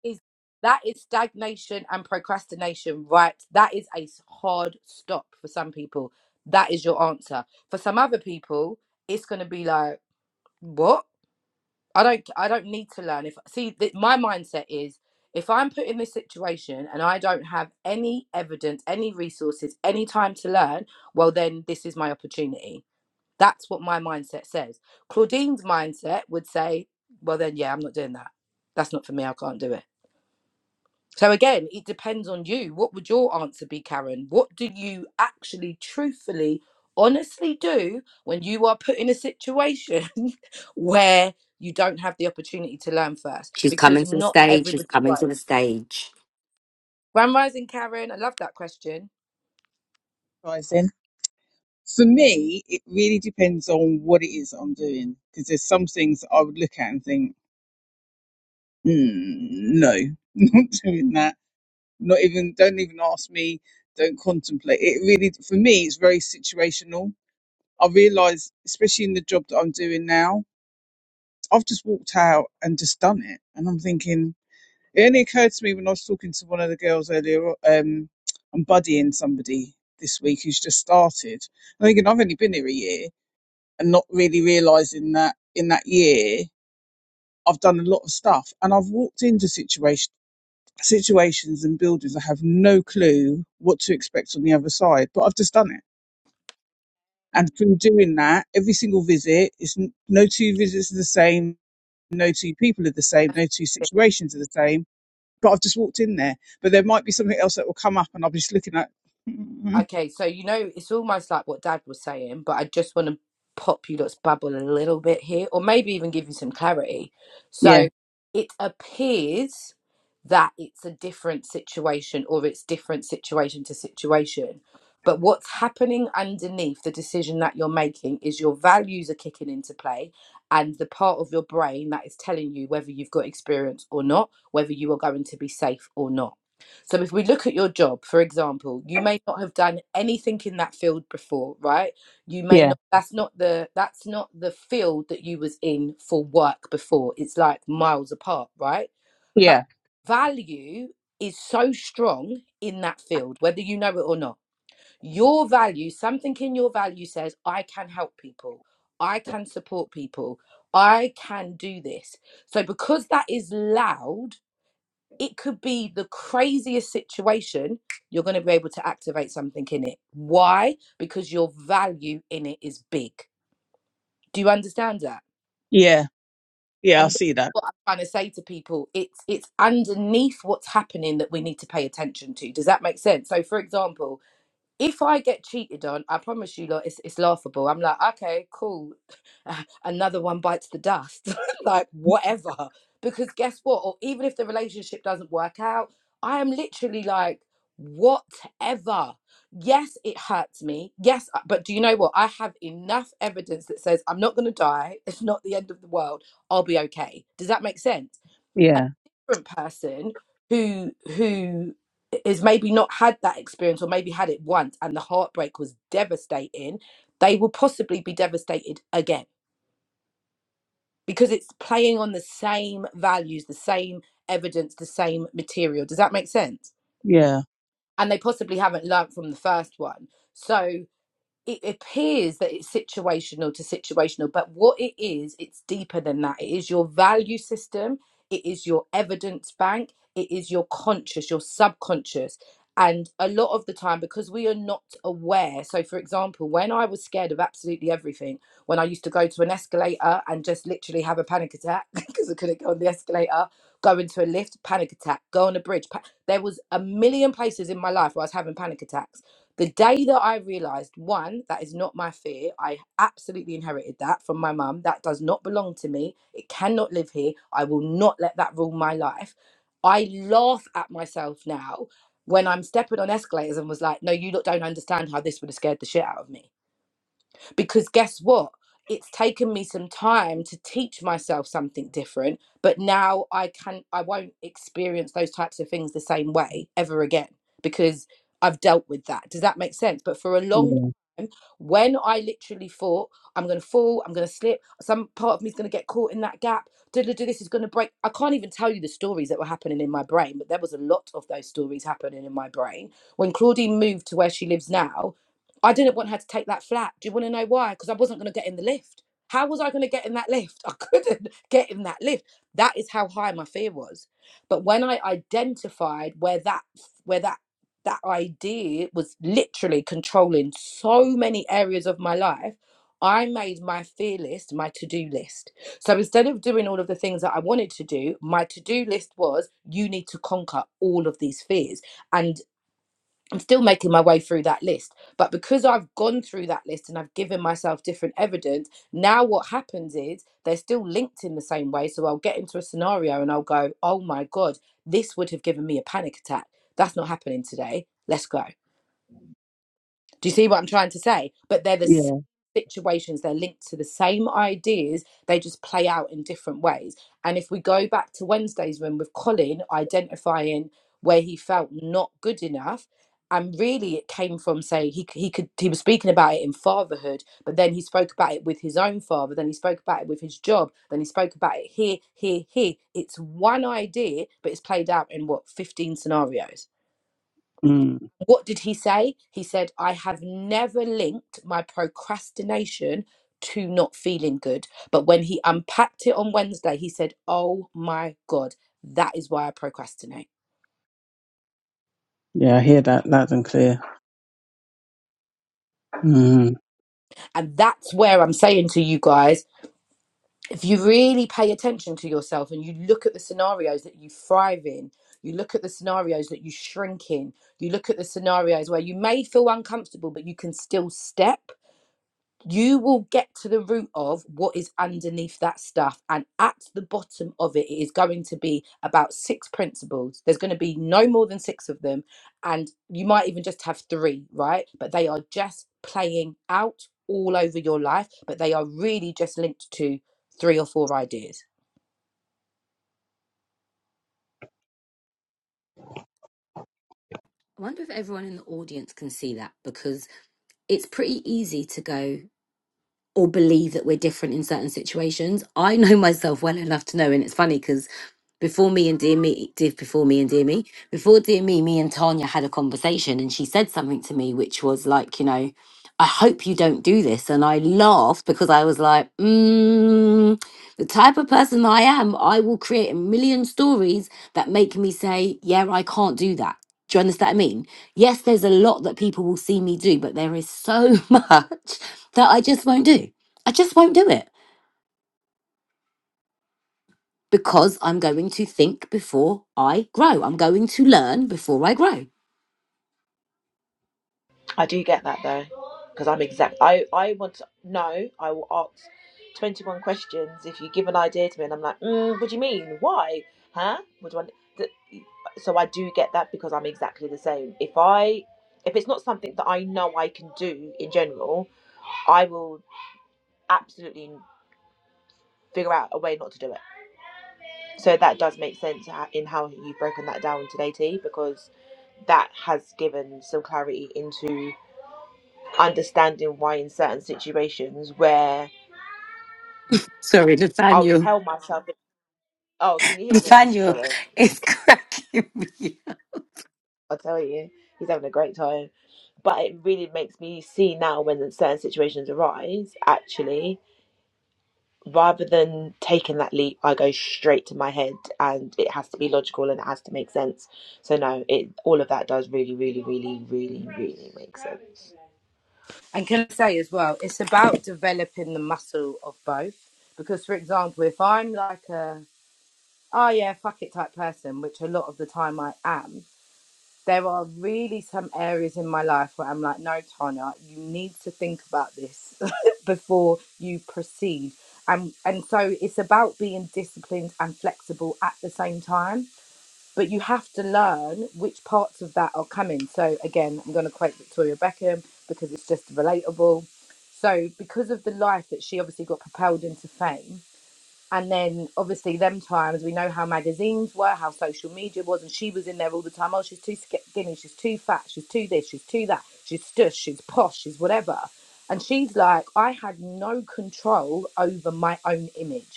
Is that is stagnation and procrastination, right? That is a hard stop for some people. That is your answer. For some other people, it's going to be like, what i don't i don't need to learn if see th- my mindset is if i'm put in this situation and i don't have any evidence any resources any time to learn well then this is my opportunity that's what my mindset says claudine's mindset would say well then yeah i'm not doing that that's not for me i can't do it so again, it depends on you. What would your answer be, Karen? What do you actually truthfully, honestly do when you are put in a situation where you don't have the opportunity to learn first? She's coming Because to the not stage, she's everybody coming to grows. the stage. Grand rising, Karen. I love that question. pricing. For me, it really depends on what it is I'm doing because there's some things that I would look at and think, mm, no, not doing that. Not even, don't even ask me, don't contemplate. It really, for me, it's very situational. I realise, especially in the job that I'm doing now, I've just walked out and just done it. And I'm thinking, it only occurred to me when I was talking to one of the girls earlier, o- um, I'm buddying somebody this week who's just started. I'm thinking, I've only been here a year and not really realizing that in that year I've done a lot of stuff and I've walked into situation situations and buildings I have no clue what to expect on the other side but I've just done it and from doing that every single visit is n- no two visits are the same no two people are the same no two situations are the same but I've just walked in there but there might be something else that will come up and I'll be just looking at "Mm, Okay, so you know, it's almost like what Dad was saying, but I just want to pop you lot's bubble a little bit here, or maybe even give you some clarity. yeah So it appears that it's a different situation, or it's different situation to situation. But what's happening underneath the decision that you're making is your values are kicking into play, and the part of your brain that is telling you whether you've got experience or not, whether you are going to be safe or not. So if we look at your job, for example, you may not have done anything in that field before, right? You may yeah not that's not the that's not the field that you was in for work before. It's like miles apart, right? But yeah value is so strong in that field, whether you know it or not. Your value, something in your value says, I can help people, I can support people, I can do this. So because that is loud it could be the craziest situation you're going to be able to activate something in it why because your value in it is big do you understand that yeah yeah and I this is see that what i'm trying to say to people it's it's underneath what's happening that we need to pay attention to does that make sense so for example if I get cheated on, I promise you, lot, it's, it's laughable. I'm like, okay, cool. Another one bites the dust. like, whatever. Because guess what? Or even if the relationship doesn't work out, I am literally like, whatever. Yes, it hurts me. Yes, I- but do you know what? I have enough evidence that says I'm not going to die. It's not the end of the world. I'll be okay. Does that make sense? a yeah different person who who is maybe not had that experience or maybe had it once and the heartbreak was devastating they will possibly be devastated again because it's playing on the same values the same evidence the same material does that make sense yeah and they possibly haven't learnt from the first one so it appears that it's situational to situational, but what it is, it's deeper than that. It is your value system, it is your evidence bank, it is your conscious, your subconscious. And a lot of the time, because we are not aware. So, for example, when I was scared of absolutely everything, when I used to go to an escalator and just literally have a panic attack because I couldn't go on the escalator, go into a lift, panic attack, go on a bridge. Pa- there was a million places in my life where I was having panic attacks the day that I realized, one, that is not my fear. I absolutely inherited that from my mum. That does not belong to me. It cannot live here. I will not let that rule my life. I laugh at myself now when I'm stepping on escalators and was like, no, you lot don't understand how this would have scared the shit out of me because guess what? It's taken me some time to teach myself something different, but now I can I won't experience those types of things the same way ever again because I've dealt with that. Does that make sense? But for a long yeah time, when I literally thought I'm gonna fall, I'm gonna slip, some part of me's gonna get caught in that gap, do this is gonna break. I can't even tell you the stories that were happening in my brain, but there was a lot of those stories happening in my brain when Claudine moved to where she lives now, I didn't want her to take that flat. Do you want to know why? Because I wasn't going to get in the lift. How was I going to get in that lift? I couldn't get in that lift. That is how high my fear was. But when I identified where that where that that idea was literally controlling so many areas of my life, I made my fear list my to-do list. So instead of doing all of the things that I wanted to do, my to-do list was you need to conquer all of these fears. and still making my way through that list. But because I've gone through that list and I've given myself different evidence, now what happens is they're still linked in the same way. So I'll get into a scenario and I'll go, oh my God, this would have given me a panic attack. That's not happening today. Let's go. Do you see what I'm trying to say? But they're the same yeah situations, they're linked to the same ideas, they just play out in different ways. And if we go back to Wednesday's room with Colin identifying where he felt not good enough, and really it came from say he, he could he was speaking about it in fatherhood but then he spoke about it with his own father then he spoke about it with his job then he spoke about it here here here it's one idea but it's played out in what 15 scenarios Mm. what did he say? He said, I have never linked my procrastination to not feeling good. But when he unpacked it on Wednesday, he said, Oh my God, that is why I procrastinate. Yeah, I hear that loud and clear. Mm. And that's where I'm saying to you guys if you really pay attention to yourself and you look at the scenarios that you thrive in, you look at the scenarios that you shrink in, you look at the scenarios where you may feel uncomfortable, but you can still step. you will get to the root of what is underneath that stuff. And at the bottom of it, it is going to be about six principles. There's going to be no more than six of them. And you might even just have three, right? But they are just playing out all over your life, but they are really just linked to three or four ideas. I wonder if everyone in the audience can see that because it's pretty easy to go or believe that we're different in certain situations. I know myself well enough to know, and it's funny because before me and dear me, dear before me and dear me, before dear me, me and Tanya had a conversation, and she said something to me which was like, you know, I hope you don't do this, and I laughed because I was like, mm, the type of person I am, I will create a million stories that make me say, yeah, I can't do that do you understand what I mean? Yes, there's a lot that people will see me do, but there is so much that I just won't do. I just won't do it because I'm going to think before I grow. I'm going to learn before I grow. I do get that though, because I'm exact. I I want to know. I will ask twenty one questions. If you give an idea to me, and I'm like, mm, what do you mean? Why? Huh? What do I? th- So I do get that because I'm exactly the same. If I if it's not something that I know I can do in general, I will absolutely figure out a way not to do it. So that does make sense ho- in how you've broken that down today, T, because that has given some clarity into understanding why in certain situations where Sorry, I'll Nathaniel. tell myself, oh, can you hear him? Nathaniel Sorry, is cracking me. up. I'll tell you, he's having a great time. But it really makes me see now when certain situations arise, actually, rather than taking that leap, I go straight to my head and it has to be logical and it has to make sense. So, no, it all of that does really, really, really, really, really make sense. And can I say as well, it's about developing the muscle of both. Because, for example, if I'm like a, oh yeah, fuck it type person, which a lot of the time I am, there are really some areas in my life where I'm like, no, Tanya, you need to think about this before you proceed. And and so it's about being disciplined and flexible at the same time. But you have to learn which parts of that are coming. So again, I'm going to quote Victoria Beckham because it's just relatable. So because of the life that she obviously got propelled into fame, and then obviously them times we know how magazines were, how social media was, and she was in there all the time. Oh, she's too skinny, she's too fat, she's too this, she's too that, she's stush, she's posh, she's whatever. And she's like, I had no control over my own image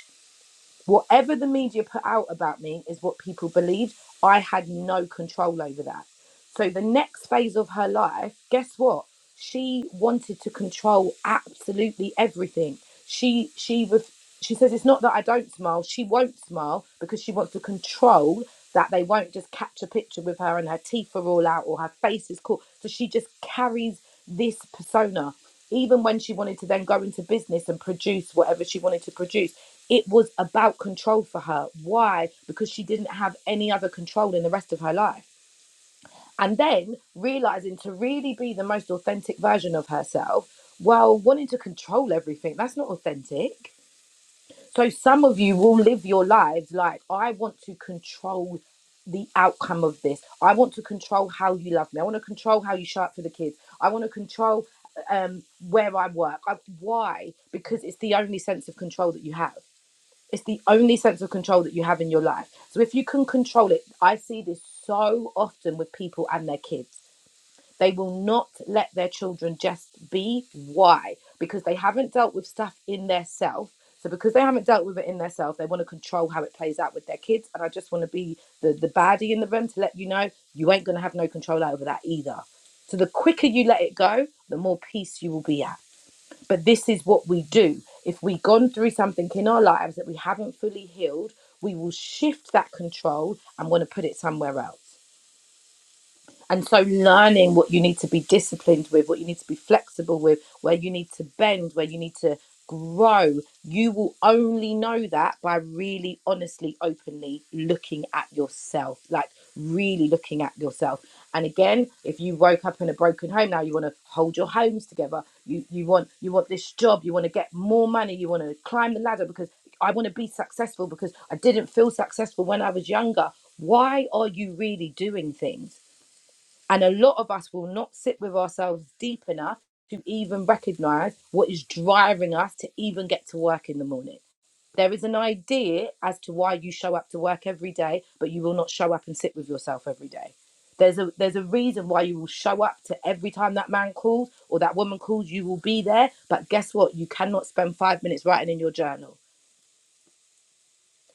whatever the media put out about me is what people believed. I had no control over that. So the next phase of her life, guess what? She wanted to control absolutely everything. She she was she says it's not that I don't smile. She won't smile because she wants to control that they won't just catch a picture with her and her teeth are all out or her face is cool. So she just carries this persona. Even when she wanted to then go into business and produce whatever she wanted to produce, it was about control for her. Why? Because she didn't have any other control in the rest of her life. And then realizing to really be the most authentic version of herself, well, wanting to control everything, that's not authentic. So some of you will live your lives like, I want to control the outcome of this. I want to control how you love me. I want to control how you show up for the kids. I want to control um, where I work. I, why? Because it's the only sense of control that you have it's the only sense of control that you have in your life. So if you can control it, I see this so often with people and their kids. They will not let their children just be. Why? Because they haven't dealt with stuff in their self. So because they haven't dealt with it in their self, they want to control how it plays out with their kids. And I just want to be the, the baddie in the room to let you know you ain't gonna have no control over that either. So the quicker you let it go, the more peace you will be at but this is what we do. If we've gone through something in our lives that we haven't fully healed, we will shift that control and want to put it somewhere else. And so, learning what you need to be disciplined with, what you need to be flexible with, where you need to bend, where you need to grow, you will only know that by really, honestly, openly looking at yourself, like really looking at yourself. And again, if you woke up in a broken home now, you want to hold your homes together. You you want you want this job. You want to get more money. You want to climb the ladder because I want to be successful because I didn't feel successful when I was younger. Why are you really doing things? And a lot of us will not sit with ourselves deep enough to even recognize what is driving us to even get to work in the morning. There is an idea as to why you show up to work every day, but you will not show up and sit with yourself every day. There's a there's a reason why you will show up to every time that man calls or that woman calls, you will be there. But guess what? You cannot spend five minutes writing in your journal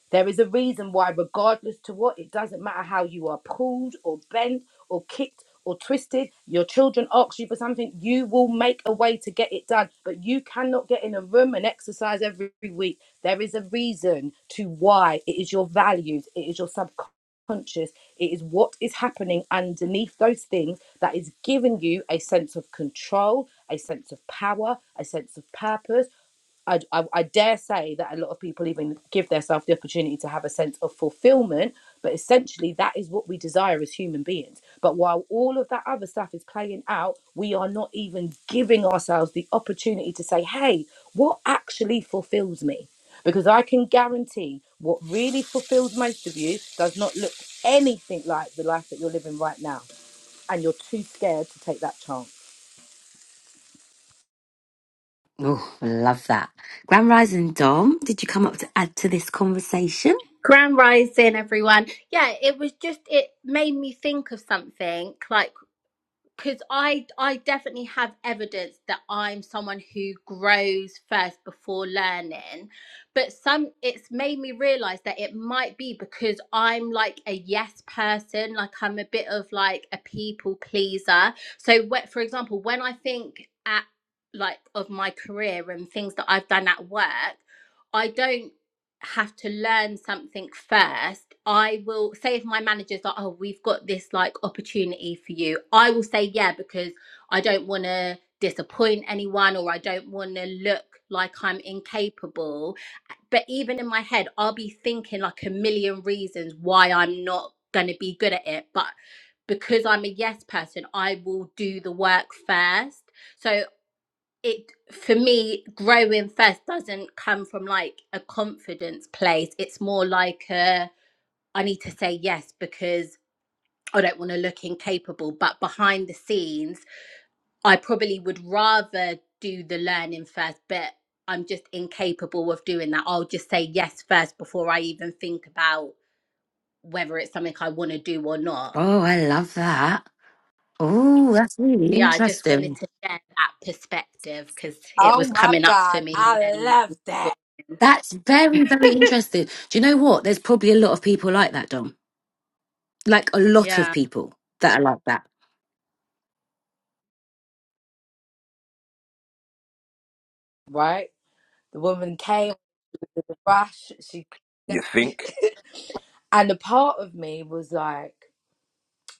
there is a reason why, regardless to what, it doesn't matter how you are pulled or bent or kicked or twisted, your children ask you for something, you will make a way to get it done. But you cannot get in a room and exercise every week. There is a reason to why. It is your values, it is your subconscious, it is what is happening underneath those things that is giving you a sense of control, a sense of power, a sense of purpose, I, I, I dare say that a lot of people even give themselves the opportunity to have a sense of fulfillment, but essentially that is what we desire as human beings. But while all of that other stuff is playing out, we are not even giving ourselves the opportunity to say, hey, what actually fulfills me? Because I can guarantee what really fulfills most of you does not look anything like the life that you're living right now. And you're too scared to take that chance, Oh, I love that. Grand Rising Dom, did you come up to add to this conversation? Grand Rising, everyone. Yeah, it was just it made me think of something like because I I definitely have evidence that I'm someone who grows first before learning, but some it's made me realize that it might be because I'm like a yes person, like I'm a bit of like a people pleaser. So, wh- for example, when I think at like of my career and things that I've done at work. I don't have to learn something first i will say if my manager's like oh we've got this like opportunity for you i will say yeah because i don't want to disappoint anyone or i don't want to look like i'm incapable but even in my head i'll be thinking like a million reasons why i'm not going to be good at it but because i'm a yes person i will do the work first so it for me growing first doesn't come from like a confidence place it's more like a i need to say yes because i don't want to look incapable but behind the scenes i probably would rather do the learning first but i'm just incapable of doing that i'll just say yes first before i even think about whether it's something i want to do or not Oh, I love that. Oh, that's really So, yeah i just wanted interesting. to share that perspective because it Oh was my coming up for God, me I when love that. That's very, very interesting. Do you know what? There's probably a lot of people like that, Dom. Like a lot yeah of people that are like that. right? The woman came with the brush. She you think? and a part of me was like,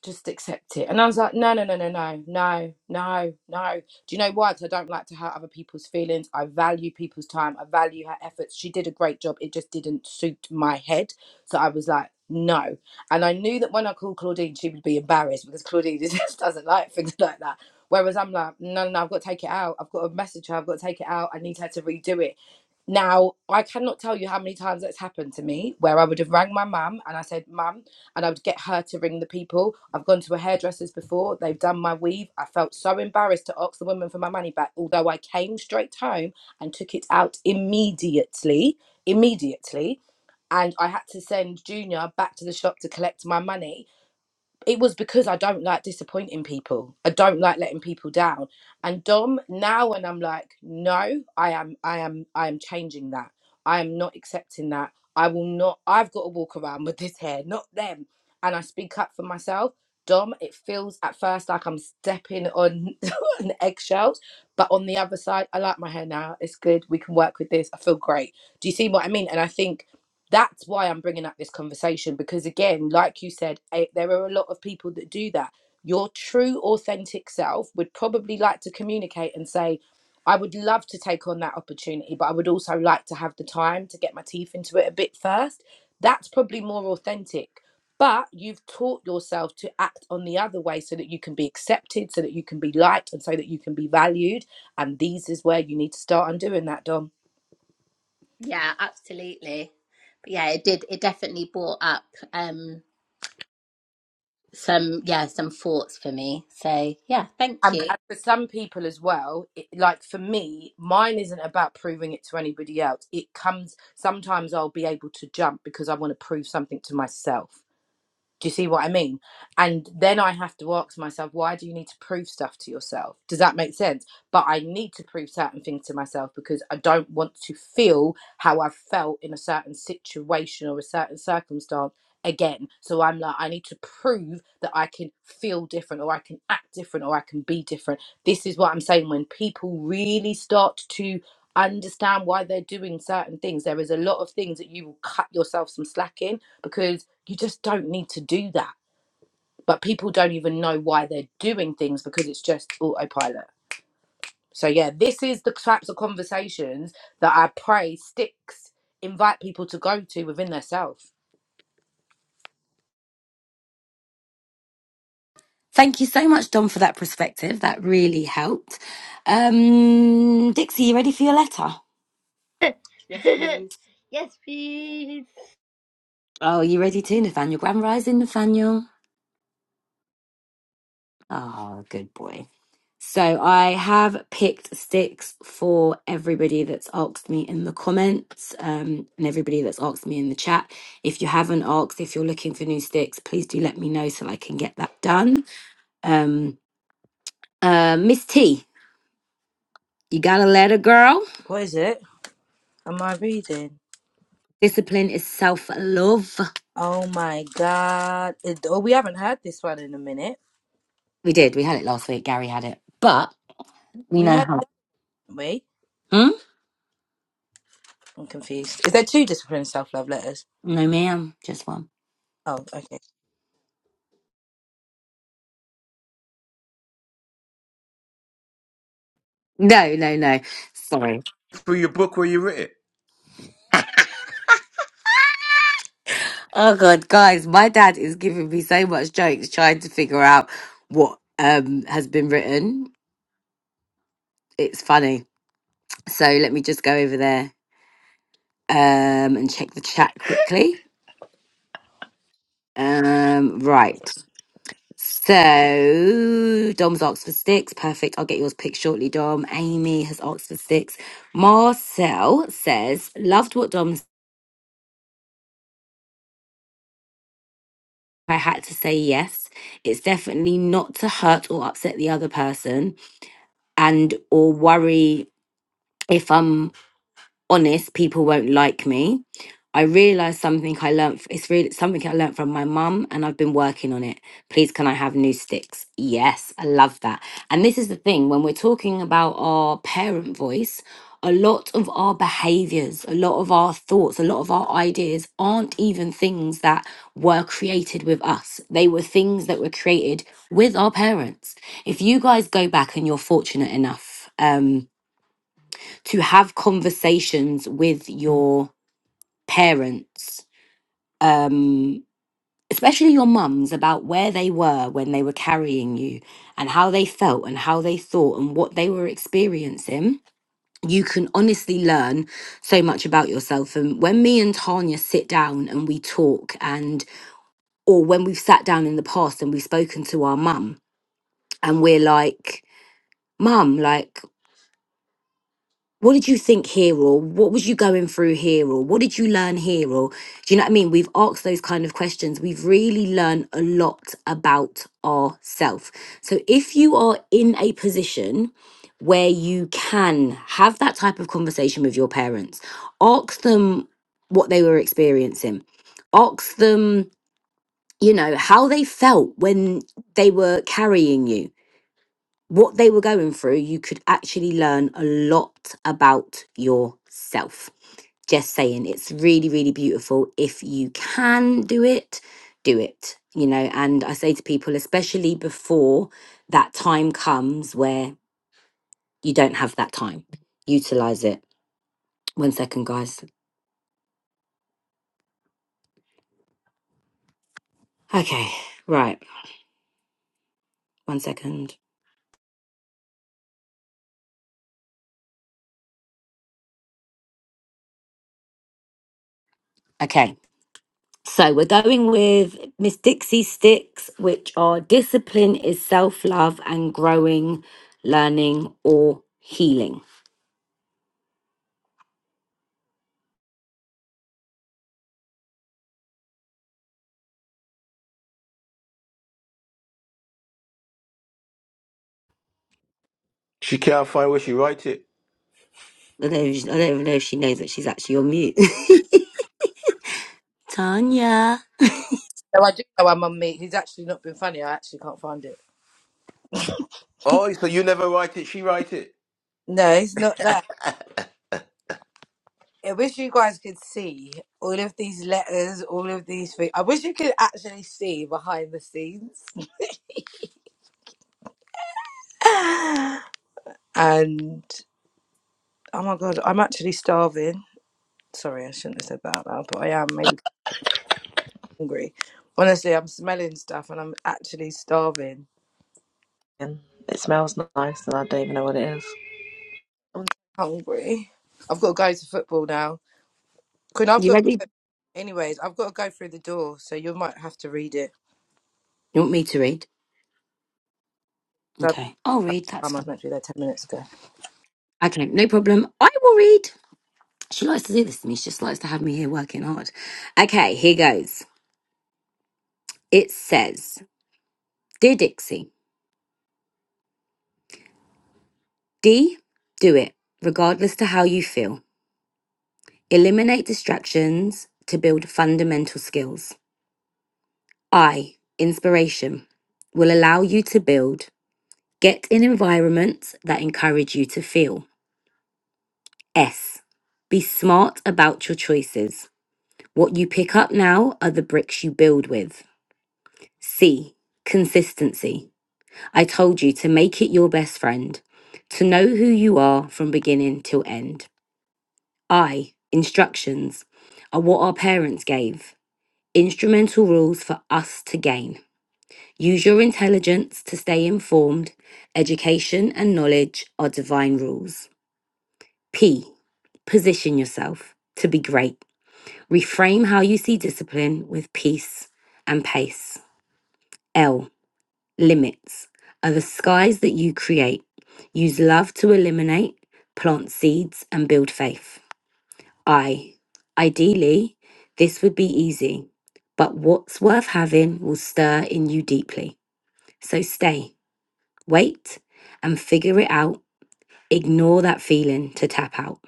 just accept it. And I was like, no, no, no, no, no, no, no, no. Do you know why? 'Cause I don't like to hurt other people's feelings. I value people's time. I value her efforts. She did a great job. It just didn't suit my head. So I was like, no. And I knew that when I called Claudine, she would be embarrassed because Claudine just doesn't like things like that. Whereas I'm like, no, no, no, I've got to take it out. I've got to message her. I've got to take it out. I need her to redo it now, I cannot tell you how many times that's happened to me where I would have rang my mum and I said, Mum, and I would get her to ring the people. I've gone to a hairdresser's before, they've done my weave. I felt so embarrassed to ask the woman for my money back, although I came straight home and took it out immediately, immediately. And I had to send Junior back to the shop to collect my money it was because I don't like disappointing people. I don't like letting people down. And Dom, now when I'm like, no, I am, I am, I am changing that. I am not accepting that. I will not. I've got to walk around with this hair, not them. And I speak up for myself. Dom, it feels at first like I'm stepping on, on eggshells, but on the other side, I like my hair now. It's good. We can work with this. I feel great. Do you see what I mean? And I think that's why I'm bringing up this conversation because, again, like you said, I, there are a lot of people that do that. Your true, authentic self would probably like to communicate and say, I would love to take on that opportunity, but I would also like to have the time to get my teeth into it a bit first. That's probably more authentic. But you've taught yourself to act on the other way so that you can be accepted, so that you can be liked, and so that you can be valued. And these is where you need to start undoing that, Dom. Yeah, absolutely. But yeah, it did. It definitely brought up um some yeah some thoughts for me. So yeah, thank and, you. and for some people as well it, like for me mine isn't about proving it to anybody else it comes sometimes i'll be able to jump because i want to prove something to myself do you see what I mean? And then I have to ask myself, why do you need to prove stuff to yourself? Does that make sense? But I need to prove certain things to myself because I don't want to feel how I've felt in a certain situation or a certain circumstance again. So I'm like, I need to prove that I can feel different or I can act different or I can be different. This is what I'm saying. When people really start to understand why they're doing certain things, there is a lot of things that you will cut yourself some slack in because you just don't need to do that. But people don't even know why they're doing things because it's just autopilot. So yeah, this is the types of conversations that I pray sticks invite people to go to within themselves. Thank you so much, Dom, for that perspective. That really helped. Um, Dixie, you ready for your letter? Yes, please. yes, please. Oh, you ready too, Nathaniel? Grand rising, Nathaniel. Oh, good boy. So I have picked sticks for everybody that's asked me in the comments um, and everybody that's asked me in the chat. If you haven't asked, if you're looking for new sticks, please do let me know so I can get that done. Um, uh, Miss T, you got a letter, girl. What is it? Am I reading? Discipline is self love. Oh my god! It- oh, we haven't heard this one in a minute. We did. We had it last week. Gary had it, but we We know heard. how. Wait, Hmm? I'm confused. Is there two discipline self love letters? No, ma'am. Just one. Oh, okay. No, no, no. Sorry. For your book where you wrote it. Oh god, guys, my dad is giving me so much jokes trying to figure out what um has been written. It's funny. So let me just go over there um and check the chat quickly. Um right. So Dom's asked for six. Perfect. I'll get yours picked shortly, Dom. Amy has asked for six. Marcel says, loved what Dom said. I had to say yes. It's definitely not to hurt or upset the other person and or worry if I'm honest, people won't like me. I realized something I learned. f- It's really something I learned from my mum, and I've been working on it. Please, can I have new sticks? Yes, I love that. And this is the thing when we're talking about our parent voice, a lot of our behaviors, a lot of our thoughts, a lot of our ideas aren't even things that were created with us. They were things that were created with our parents. If you guys go back and you're fortunate enough, um, to have conversations with your parents, um, especially your mums, about where they were when they were carrying you and how they felt and how they thought and what they were experiencing. You can honestly learn so much about yourself. And when me and Tanya sit down and we talk, and or when we've sat down in the past and we've spoken to our mum, and we're like, Mum, like, what did you think here or what was you going through here or what did you learn here or do you know what i mean we've asked those kind of questions we've really learned a lot about ourselves so if you are in a position where you can have that type of conversation with your parents ask them what they were experiencing ask them you know how they felt when they were carrying you what they were going through, you could actually learn a lot about yourself. Just saying, it's really, really beautiful. If you can do it, do it. You know, and I say to people, especially before that time comes where you don't have that time, utilize it. One second, guys. Okay, right. One second. Okay. So we're going with Miss Dixie Sticks, which are discipline is self love and growing, learning, or healing. She can't find where she write it. I don't, even- I don't even know if she knows that she's actually on mute. Tanya, No, I do know I'm on me. He's actually not been funny. I actually can't find it. Oh, so you never write it, she write it. No, it's not that. I wish you guys could see all of these letters, all of these things. I wish you could actually see behind the scenes. and oh my god, I'm actually starving. Sorry, I shouldn't have said that out loud, but I am maybe hungry. Honestly, I'm smelling stuff and I'm actually starving. And It smells nice and I don't even know what it is. I'm hungry. I've got to go to football now. Quinn, I've you got. ready? Anyways, I've got to go through the door, so you might have to read it. You want me to read? That Okay, I'll read. That's time I was fine. meant to be there ten minutes Okay, no problem. I will read. She likes to do this to me. She just likes to have me here working hard. Okay, here goes. It says, Dear Dixie, D, do it, regardless to how you feel. Eliminate distractions to build fundamental skills. I, inspiration, will allow you to build. Get in environments that encourage you to feel. S, be smart about your choices. What you pick up now are the bricks you build with. C, consistency. I told you to make it your best friend, to know who you are from beginning till end. I, instructions, are what our parents gave. instrumental rules for us to gain. Use your intelligence to stay informed. Education and knowledge are divine rules. P. Position yourself to be great. Reframe how you see discipline with peace and pace. L. Limits are the skies that you create. Use love to eliminate, plant seeds, and build faith. I. Ideally, this would be easy, but what's worth having will stir in you deeply. So stay, wait, and figure it out. Ignore that feeling to tap out.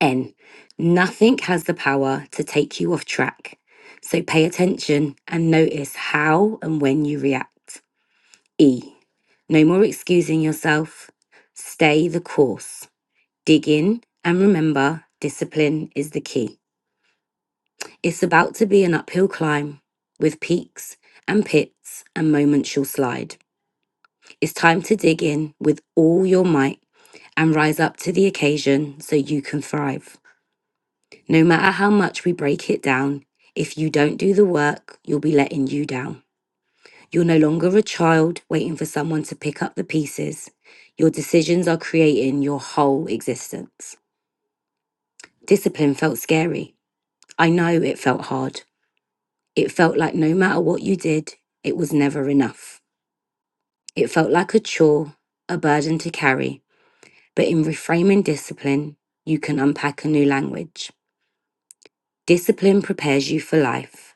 N. Nothing has the power to take you off track. So pay attention and notice how and when you react. E. No more excusing yourself. Stay the course. Dig in and remember discipline is the key. It's about to be an uphill climb with peaks and pits and moments you'll slide. It's time to dig in with all your might and rise up to the occasion so you can thrive. No matter how much we break it down, if you don't do the work, you'll be letting you down. You're no longer a child waiting for someone to pick up the pieces. Your decisions are creating your whole existence. Discipline felt scary. I know it felt hard. It felt like no matter what you did, it was never enough. It felt like a chore, a burden to carry. But in reframing discipline, you can unpack a new language. Discipline prepares you for life,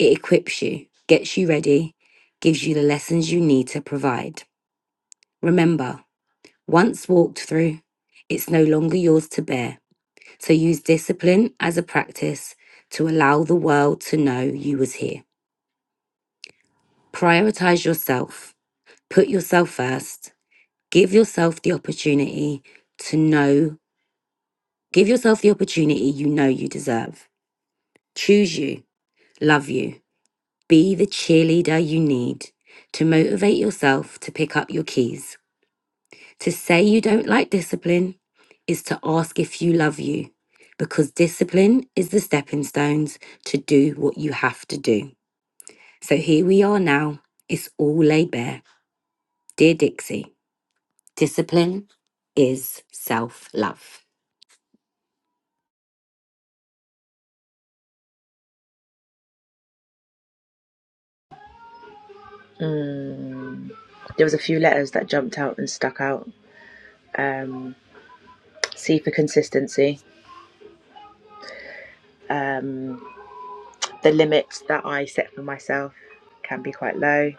it equips you, gets you ready, gives you the lessons you need to provide. Remember, once walked through, it's no longer yours to bear. So use discipline as a practice to allow the world to know you was here. Prioritize yourself. Put yourself first Give yourself the opportunity to know, give yourself the opportunity you know you deserve. Choose you, love you, be the cheerleader you need to motivate yourself to pick up your keys. To say you don't like discipline is to ask if you love you, because discipline is the stepping stones to do what you have to do. So here we are now. It's all laid bare. Dear Dixie, discipline is self love. Mm. There was a few letters that jumped out and stuck out. Um, C for consistency. Um, the limits that I set for myself can be quite low.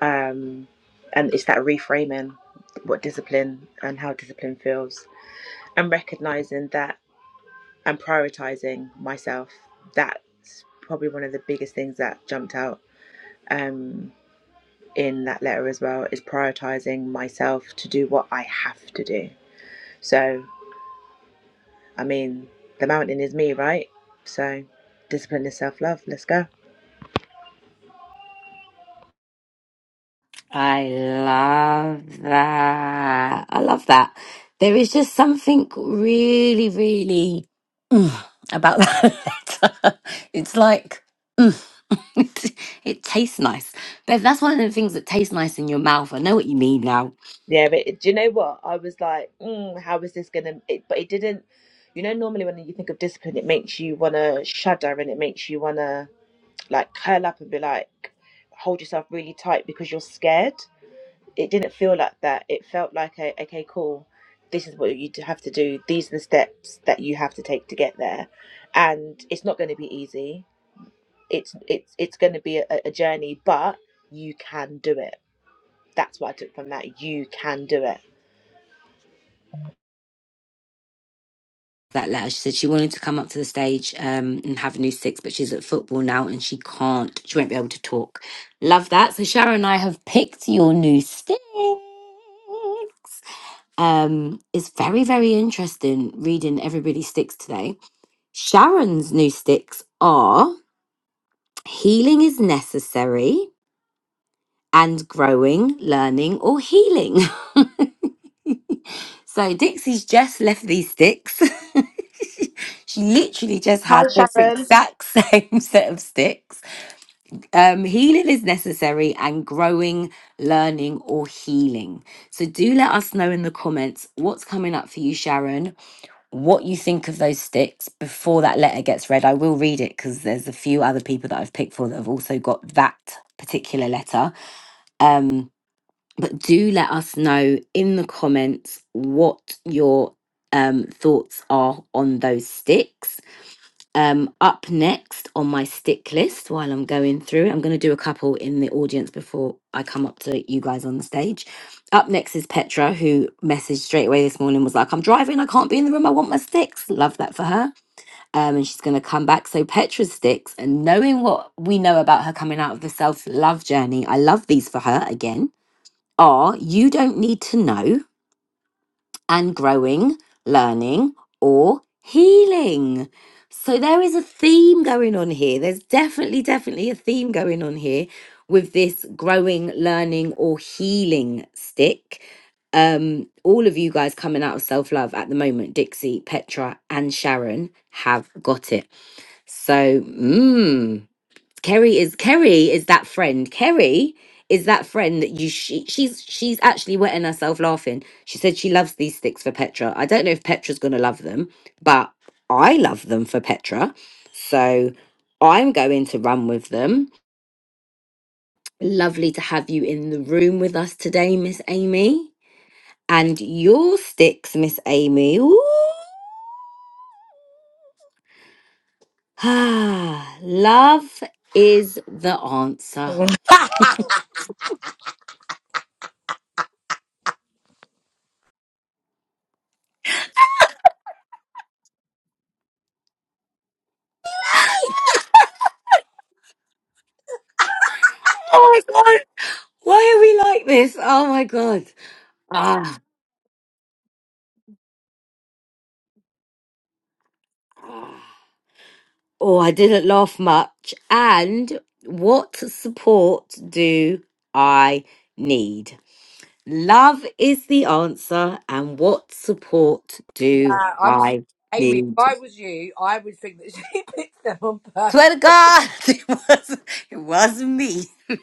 Um, and it's that reframing what discipline and how discipline feels and recognizing that and prioritizing myself. That's probably one of the biggest things that jumped out um, in that letter as well is prioritizing myself to do what I have to do. So I mean, the mountain is me, right? So discipline is self love. Let's go. I love that. I love that. There is just something really, really mm, about that letter. It's like, mm, it, it tastes nice. But that's one of the things that tastes nice in your mouth. I know what you mean now. Yeah, but it- do you know what? I was like, mm, how is this gonna? It, but it didn't. You know, normally when you think of discipline, it makes you wanna shudder and it makes you wanna like curl up and be like, hold yourself really tight because you're scared. It didn't feel like that. It felt like, a, okay, cool. This is what you have to do. These are the steps that you have to take to get there, and it's not going to be easy. it's it's it's going to be a, a journey, but you can do it. That's what I took from that. You can do it. That letter, she said she wanted to come up to the stage um, and have a new six, but she's at football now and she can't. She won't be able to talk. Love that. So Sharon and I have picked your new six. Um, it's very, very interesting reading everybody's sticks today. Sharon's new sticks are healing is necessary and growing, learning, or healing. so Dixie's just left these sticks. she literally just Hi, had this Sharon. exact same set of sticks. Um, healing is necessary and growing, learning, or healing. So do let us know in the comments what's coming up for you, Sharon what you think of those sticks before that letter gets read. I will read it because there's a few other people that I've picked for that have also got that particular letter. Um, but do let us know in the comments what your um, thoughts are on those sticks. Um, up next on my stick list while I'm going through, I'm going to do a couple in the audience before I come up to you guys on the stage. Up next is Petra, who messaged straight away this morning, was like, I'm driving, I can't be in the room, I want my sticks. Love that for her. Um, and she's going to come back. So, Petra's sticks, and knowing what we know about her coming out of the self love journey, I love these for her again, are you don't need to know and growing, learning, or healing. So there is a theme going on here. There's definitely, definitely a theme going on here with this growing, learning, or healing stick. Um, all of you guys coming out of self love at the moment, Dixie, Petra, and Sharon have got it. So, mmm. Kerry is Kerry is that friend. Kerry is that friend that you she, she's she's actually wetting herself laughing. She said she loves these sticks for Petra. I don't know if Petra's gonna love them, but I love them for Petra. So I'm going to run with them. Lovely to have you in the room with us today, Miss Amy. And your sticks, Miss Amy. Ooh. Ah, love is the answer. ago. Oh my god. Why are we like this? Oh my god. Ah. Oh, I didn't laugh much. And what support do I need? Love is the answer. And what support do Uh, I'm sorry, I Amy. If need? I was you, I would think that she picked them on Swear to purpose. God, it was it was me.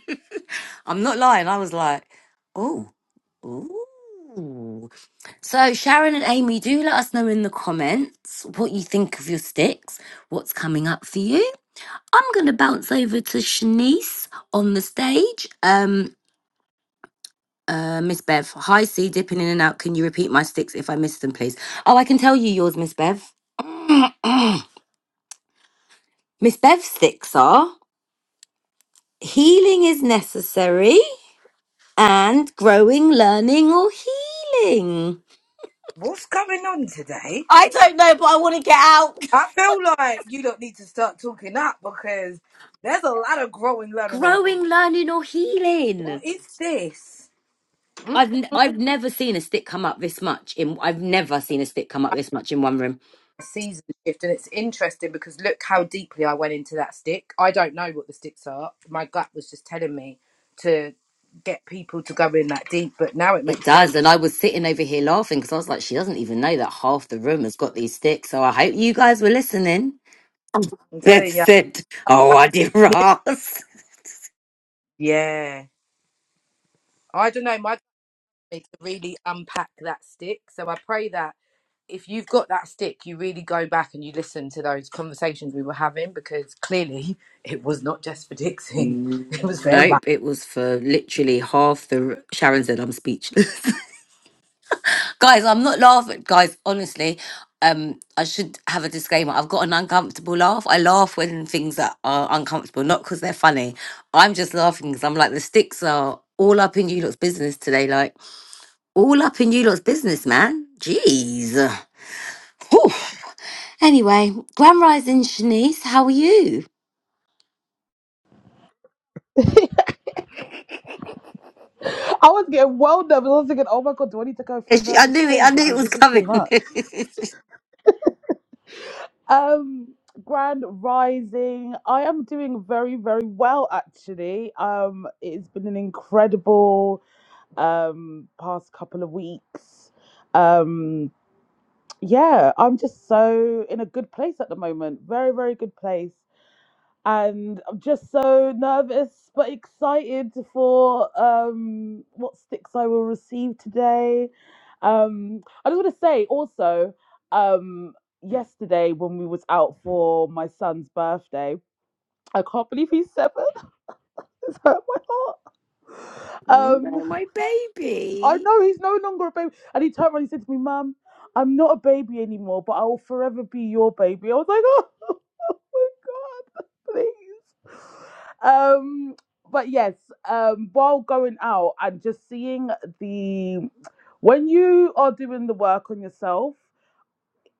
I'm not lying. I was like, oh, ooh. So, Sharon and Amy, do let us know in the comments what you think of your sticks, what's coming up for you. I'm going to bounce over to Shanice on the stage. Um, uh, Miss Bev, hi C, dipping in and out. Can you repeat my sticks if I miss them, please? Oh, I can tell you yours, Miss Bev. Miss Bev's sticks are healing is necessary and growing, learning, or healing. What's going on today? I don't know, but I want to get out. I feel like you don't need to start talking up because there's a lot of growing learning on. Growing, learning, or healing. What is this? Mm. I've n- I've never seen a stick come up this much in I've never seen a stick come up this much in one room. Season shift, and it's interesting because look how deeply I went into that stick. I don't know what the sticks are. My gut was just telling me to get people to go in that deep, but now it It makes does, and sense. I was sitting over here laughing because I was like, she doesn't even know that half the room has got these sticks. So I hope you guys were listening. I'm That telling you, said, oh, I did Ross. yeah. I don't know. me to really unpack that stick. So I pray that if you've got that stick, you really go back and you listen to those conversations we were having because clearly it was not just for Dixie, it was for everyone. Nope, it was for literally half the. r- Sharon said, "I'm speechless." guys i'm not laughing guys honestly um i should have a disclaimer i've got an uncomfortable laugh i laugh when things that are uncomfortable not because they're funny i'm just laughing because i'm like the sticks are all up in you lot's business today like all up in you lot's business man jeez Whew. anyway grand rising shanice how are you I was getting well nervous. I was thinking, oh my god, do I need to go for Yeah, a she- i nervous knew it poo? i knew it Because was this is too coming much. Um, Grand Rising. I am doing very, very well actually. Um, it's been an incredible um past couple of weeks. Um, yeah, I'm just so in a good place at the moment. Very, very good place and I'm just so nervous but excited for um, what sticks I will receive today. Um, I just want to say also, um, yesterday when we was out for my son's birthday, I can't believe he's seven. It's hurt my heart. Um, Hello, my I baby. know he's no longer a baby, and he turned around and he said to me, "Mum, I'm not a baby anymore, but I will forever be your baby." I was like, "Oh." please. Um, but yes, um, while going out and just seeing the when you are doing the work on yourself,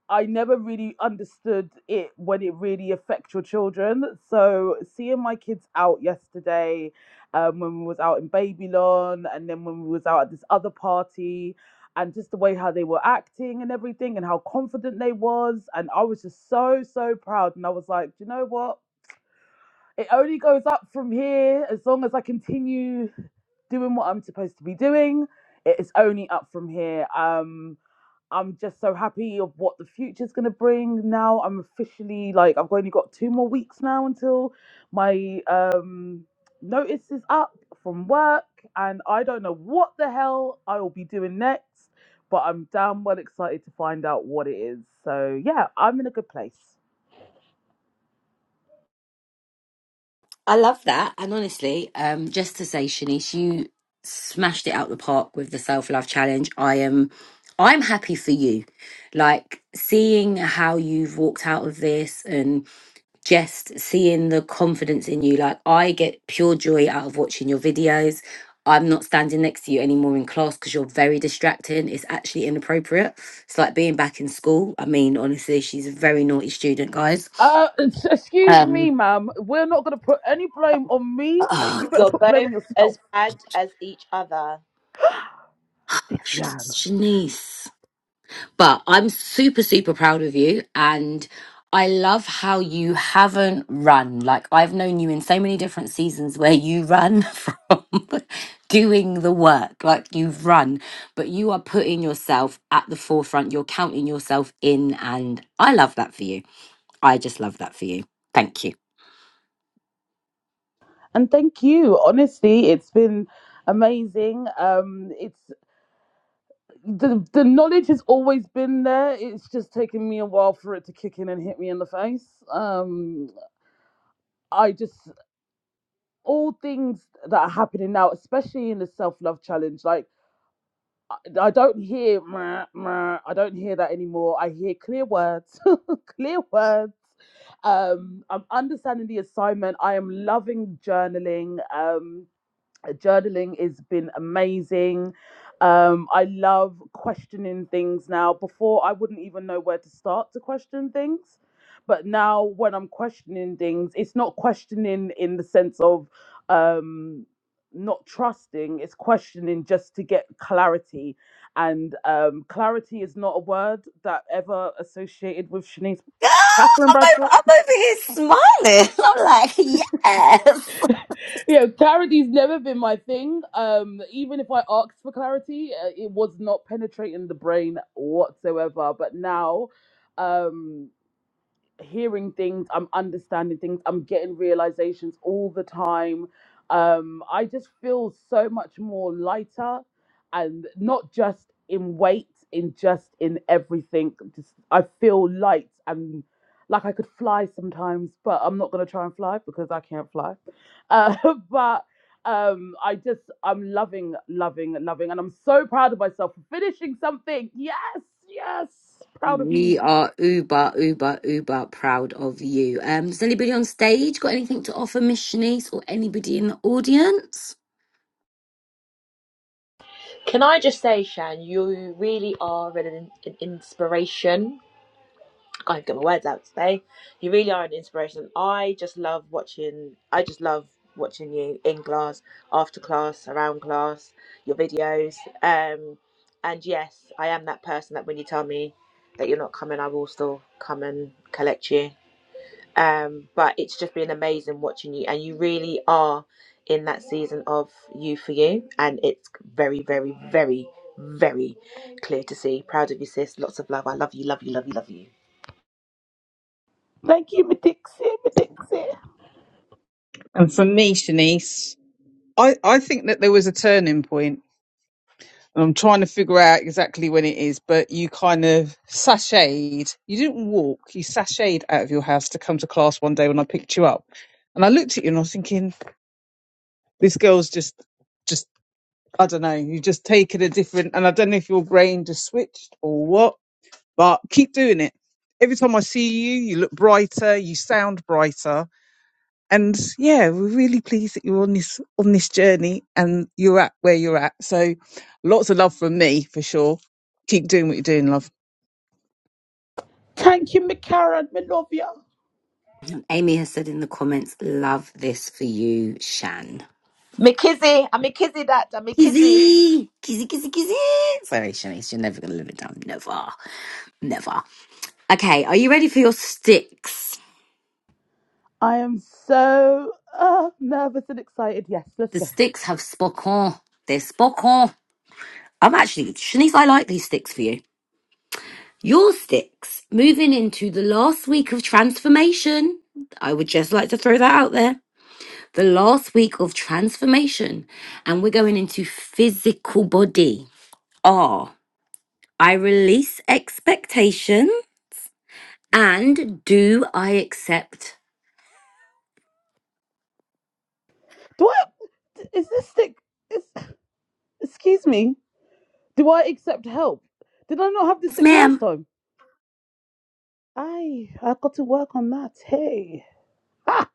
I never really understood it when it really affects your children. So seeing my kids out yesterday, um, when we was out in Babylon, and then when we was out at this other party. And just the way how they were acting and everything, and how confident they was, and I was just so so proud. And I was like, Do you know what? It only goes up from here as long as I continue doing what I'm supposed to be doing. It is only up from here. Um, I'm just so happy of what the future's gonna bring. Now I'm officially like I've only got two more weeks now until my um notice is up from work and I don't know what the hell I will be doing next, but I'm damn well excited to find out what it is. So yeah, I'm in a good place. I love that. And honestly, um, just to say, Shanice, you smashed it out the park with the self love challenge. I am, I'm happy for you. Like seeing how you've walked out of this and just seeing the confidence in you. Like I get pure joy out of watching your videos. I'm not standing next to you anymore in class because you're very distracting. It's actually inappropriate. It's like being back in school. I mean, honestly, she's a very naughty student, guys. Uh, s- excuse me, Um, ma'am. We're not gonna put any blame on me. Uh, You better You're put blame both on yourself, as bad as each other. Dixie Sh- Ann. Shanice. But I'm super, super proud of you. And I love how you haven't run. Like, I've known you in so many different seasons where you run from doing the work. Like, you've run, but you are putting yourself at the forefront. You're counting yourself in. And I love that for you. I just love that for you. Thank you. And thank you. Honestly, it's been amazing. Um, it's the the knowledge has always been there. It's just taken me a while for it to kick in and hit me in the face. Um, I just all things that are happening now, especially in the self love challenge, like. I I don't hear meh, meh, I don't hear that anymore. I hear clear words, clear words. Um, I'm understanding the assignment. I am loving journaling. Um, uh, journaling has been amazing. Um, I love questioning things now. Before, I wouldn't even know where to start to question things. But now, when I'm questioning things, it's not questioning in the sense of um, not trusting, it's questioning just to get clarity. And um, clarity is not a word that ever associated with Shanice Girl, Catherine I'm Bradshaw over, I'm over here smiling. I'm like, yes. yeah, clarity's never been my thing. Um, even if I asked for clarity, uh, it was not penetrating the brain whatsoever. But now, um, hearing things, I'm understanding things, I'm getting realizations all the time. Um, I just feel so much more lighter and not just in weight, in just in everything. Just I feel light and like I could fly sometimes, but I'm not gonna try and fly because I can't fly. Uh, but um, I just I'm loving, loving, loving, and I'm so proud of myself for finishing something. Yes, yes, proud of We me. are uber, uber, uber proud of you. Um, has anybody on stage got anything to offer Miss Shanice or anybody in the audience? Can I just say, Shan, you really are an, an inspiration. I can't get my words out today. You really are an inspiration. I just love watching. I just love watching you in class, after class, around class, your videos. Um, and yes, I am that person that when you tell me that you're not coming, I will still come and collect you. Um, but it's just been amazing watching you, and you really are in that season of you for you, and it's very, very, very, very clear to see. Proud of you, sis. Lots of love. I love you. Love you. Love you. Love you. Thank you, my Dixie, my Dixie. And for me, Shanice, I, I think that there was a turning point, and I'm trying to figure out exactly when it is, but you kind of sashayed. You didn't walk, you sashayed out of your house to come to class one day when I picked you up. And I looked at you and I was thinking, this girl's just, just, I don't know, you've just taken a different, and I don't know if your brain just switched or what, but keep doing it. Every time I see you, you look brighter, you sound brighter And yeah, we're really pleased that you're on this on this journey and you're at where you're at. So lots of love from me for sure. Keep doing what you're doing, love. Thank you, my Karen, my love you. And Amy has said in the comments, love this for you, Shan. McKizzy, I'm McKizzy that, I'm McKizzy. Kizzy, kizzy, kizzy, kizzy. Sorry, Shanice, you're never going to live it down. Never, never. Okay, are you ready for your sticks? I am so uh, nervous and excited. Yes, let's The go. sticks have spoken. They've spoken. I'm actually, Shanice, I like these sticks for you. Your sticks moving into the last week of transformation. I would just like to throw that out there. The last week of transformation. And we're going into physical body. R. I release expectation. And do I accept? Do I? Is this stick? Is, excuse me. Do I accept help? Did I not have this Yes, stick last ma'am. time? Aye, I got to work on that. Hey. Ah,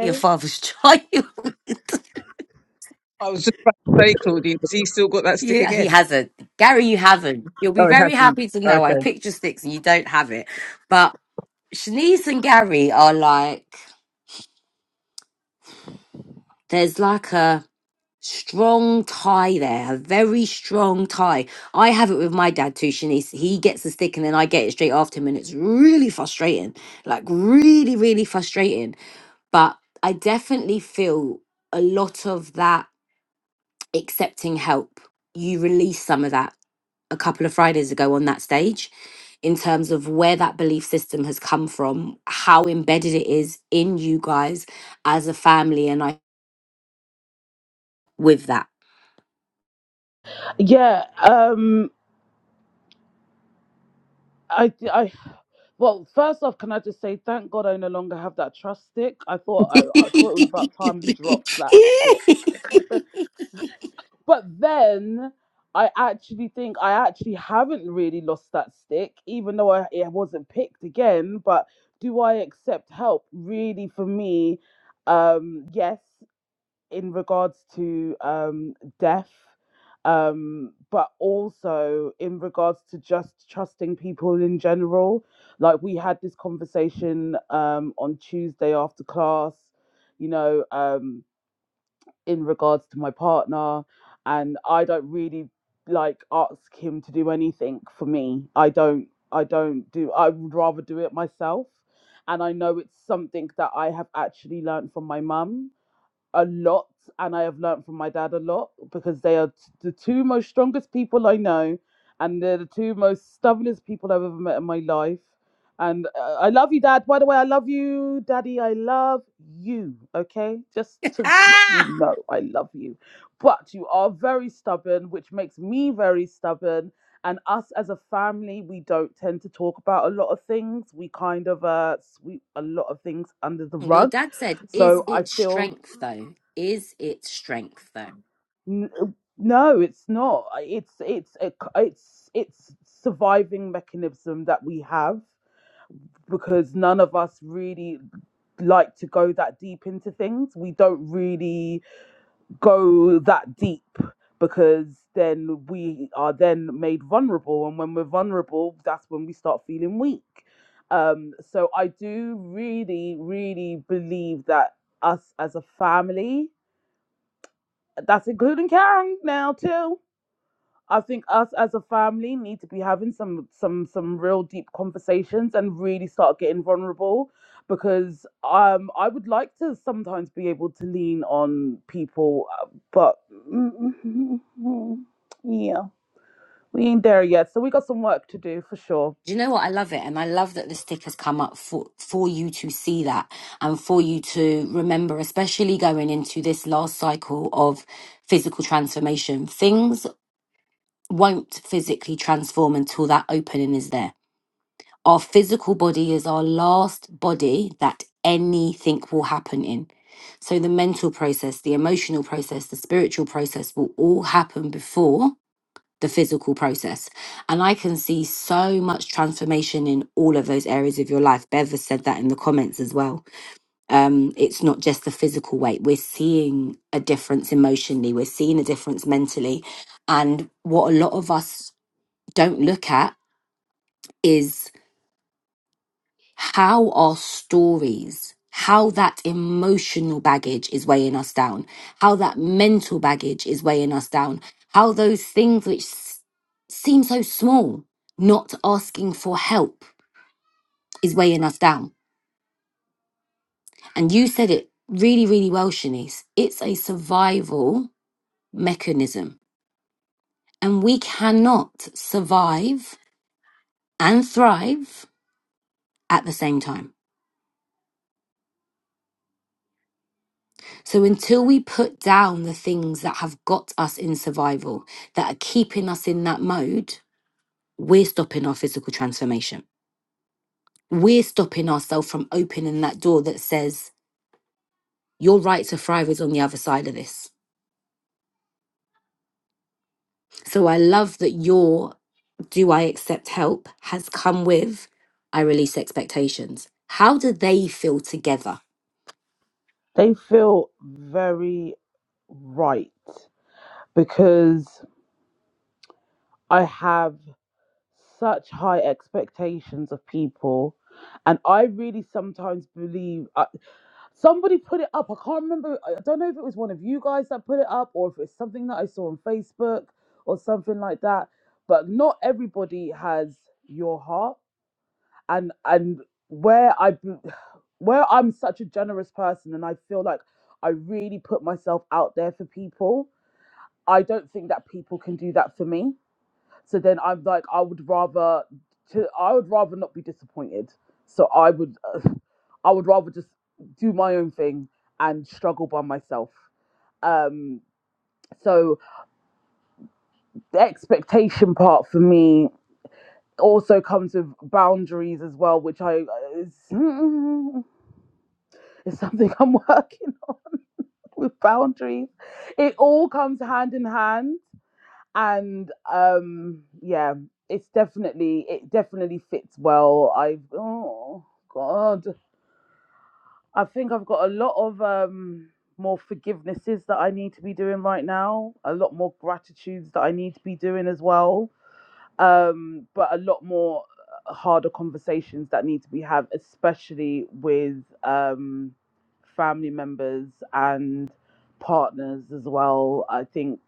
Your father's child. I was just about to say, Claudine, has he still got that stick yeah, he again? hasn't. Gary, you haven't. You'll be Oh, he very hasn't. happy to know I have Okay. picture sticks and you don't have it. But Shanice and Gary are like, there's like a strong tie there, a very strong tie. I have it with my dad too, Shanice. He gets the stick and then I get it straight after him, and it's really frustrating. Like, really, really frustrating. But I definitely feel a lot of that accepting help. You release some of that a couple of Fridays ago on that stage in terms of where that belief system has come from, how embedded it is in you guys as a family, and I with that. Yeah, um, I, I, well, first off, can I just say thank God I no longer have that trust stick. I thought I, I thought it was about time we dropped that stick, but then I actually think I actually haven't really lost that stick, even though I it wasn't picked again. But do I accept help? Really, for me, um, yes. in regards to um, death, um, but also in regards to just trusting people in general. Like we had this conversation um, on Tuesday after class, you know, um, in regards to my partner, and I don't really like ask him to do anything for me. I don't. I don't do. I would rather do it myself. And I know it's something that I have actually learned from my mum a lot and I have learned from my dad a lot because they are t- the two most strongest people I know and they're the two most stubbornest people I've ever met in my life. And uh, I love you, Dad. By the way, I love you, Daddy. I love you. Okay, just to let you know, I love you. But you are very stubborn, which makes me very stubborn. And us as a family, we don't tend to talk about a lot of things. We kind of uh, sweep a lot of things under the Your rug. dad said, "Is So I it feel strength though? Is it strength though?" N- uh, No, it's not. It's it's a it's it's surviving mechanism that we have because none of us really like to go that deep into things. We don't really go that deep because then we are then made vulnerable, and when we're vulnerable, that's when we start feeling weak. Um, so I do really, really believe that us as a family, that's including Karen now too I think us as a family need to be having some some some real deep conversations and really start getting vulnerable because um I would like to sometimes be able to lean on people uh, but yeah we ain't there yet so we got some work to do for sure Do you know what? I love it, and I love that the stick has come up for for you to see that and for you to remember, especially going into this last cycle of physical transformation. Things won't physically transform until that opening is there. Our physical body is our last body that anything will happen in. So the mental process, the emotional process, the spiritual process will all happen before the physical process. And I can see so much transformation in all of those areas of your life. Bev has said that in the comments as well. Um, it's not just the physical weight. We're seeing a difference emotionally. We're seeing a difference mentally. And what a lot of us don't look at is how our stories, how that emotional baggage is weighing us down, how that mental baggage is weighing us down, how those things which s- seem so small, not asking for help, is weighing us down. And you said it really, really well, Shanice. It's a survival mechanism, and we cannot survive and thrive at the same time So until we put down the things that have got us in survival, that are keeping us in that mode, we're stopping our physical transformation. We're stopping ourselves from opening that door that says, your right to thrive is on the other side of this. So I love that your do I accept help has come with I release expectations. How do they feel together? they feel very right because I have such high expectations of people and I really sometimes believe. uh, Somebody put it up. I can't remember. I I don't know if it was one of you guys that put it up or if it's something that I saw on Facebook or something like that. But not everybody has your heart. And and where I where I'm such a generous person and I feel like I really put myself out there for people, I don't think that people can do that for me. So then I'm like I would rather to I would rather not be disappointed. So I would I would rather just do my own thing and struggle by myself. Um, so the expectation part for me also comes with boundaries as well, which I uh, is, is something I'm working on with boundaries. It all comes hand in hand, and um, yeah, it's definitely it definitely fits well. I've oh god. I think I've got a lot of um, more forgivenesses that I need to be doing right now, a lot more gratitudes that I need to be doing as well, um, but a lot more uh, harder conversations that need to be had, especially with um, family members and partners as well. I think,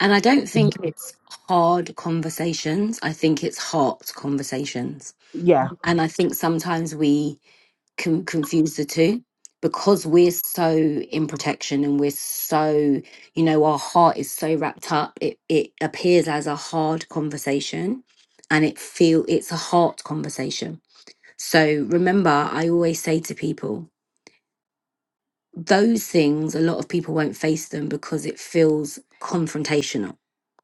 And I don't think it's hard conversations. I think it's heart conversations. yeah, And I think sometimes we con- confuse the two because we're so in protection and we're so you know our heart is so wrapped up it, it appears as a hard conversation and it feel it's a heart conversation so remember i always say to people those things a lot of people won't face them because it feels confrontational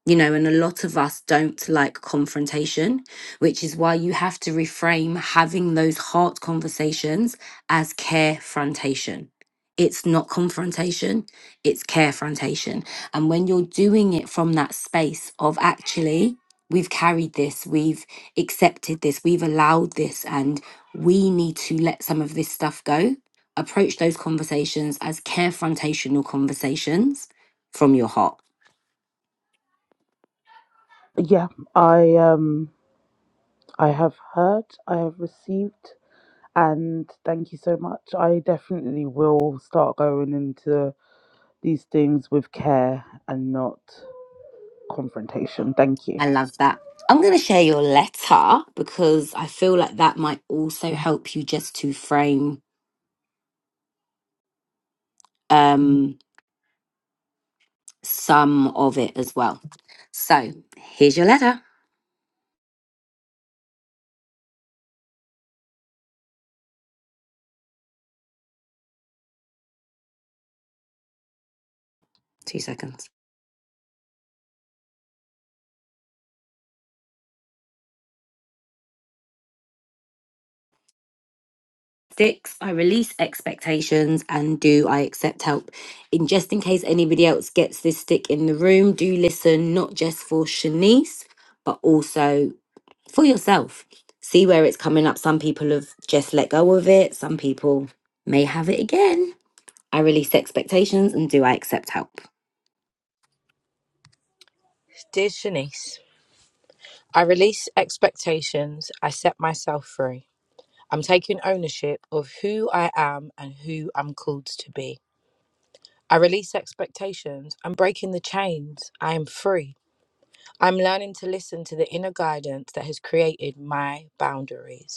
you know and a lot of us don't like confrontation which is why you have to reframe having those hard conversations as carefrontation it's not confrontation it's carefrontation and when you're doing it from that space of actually we've carried this we've accepted this we've allowed this and we need to let some of this stuff go approach those conversations as carefrontational conversations from your heart yeah, I um, I have heard, I have received. And thank you so much. I definitely will start going into these things with care and not confrontation. Thank you. I love that. I'm going to share your letter because I feel like that might also help you just to frame um, some of it as well. So here's your letter. Two seconds. Six, I release expectations and do I accept help? In just in case anybody else gets this stick in the room, do listen not just for Shanice, but also for yourself. See where it's coming up. Some people have just let go of it, some people may have it again. I release expectations and do I accept help? Dear Shanice, I release expectations, I set myself free. I'm taking ownership of who I am and who I'm called to be. I release expectations. I'm breaking the chains. I am free. I'm learning to listen to the inner guidance that has created my boundaries.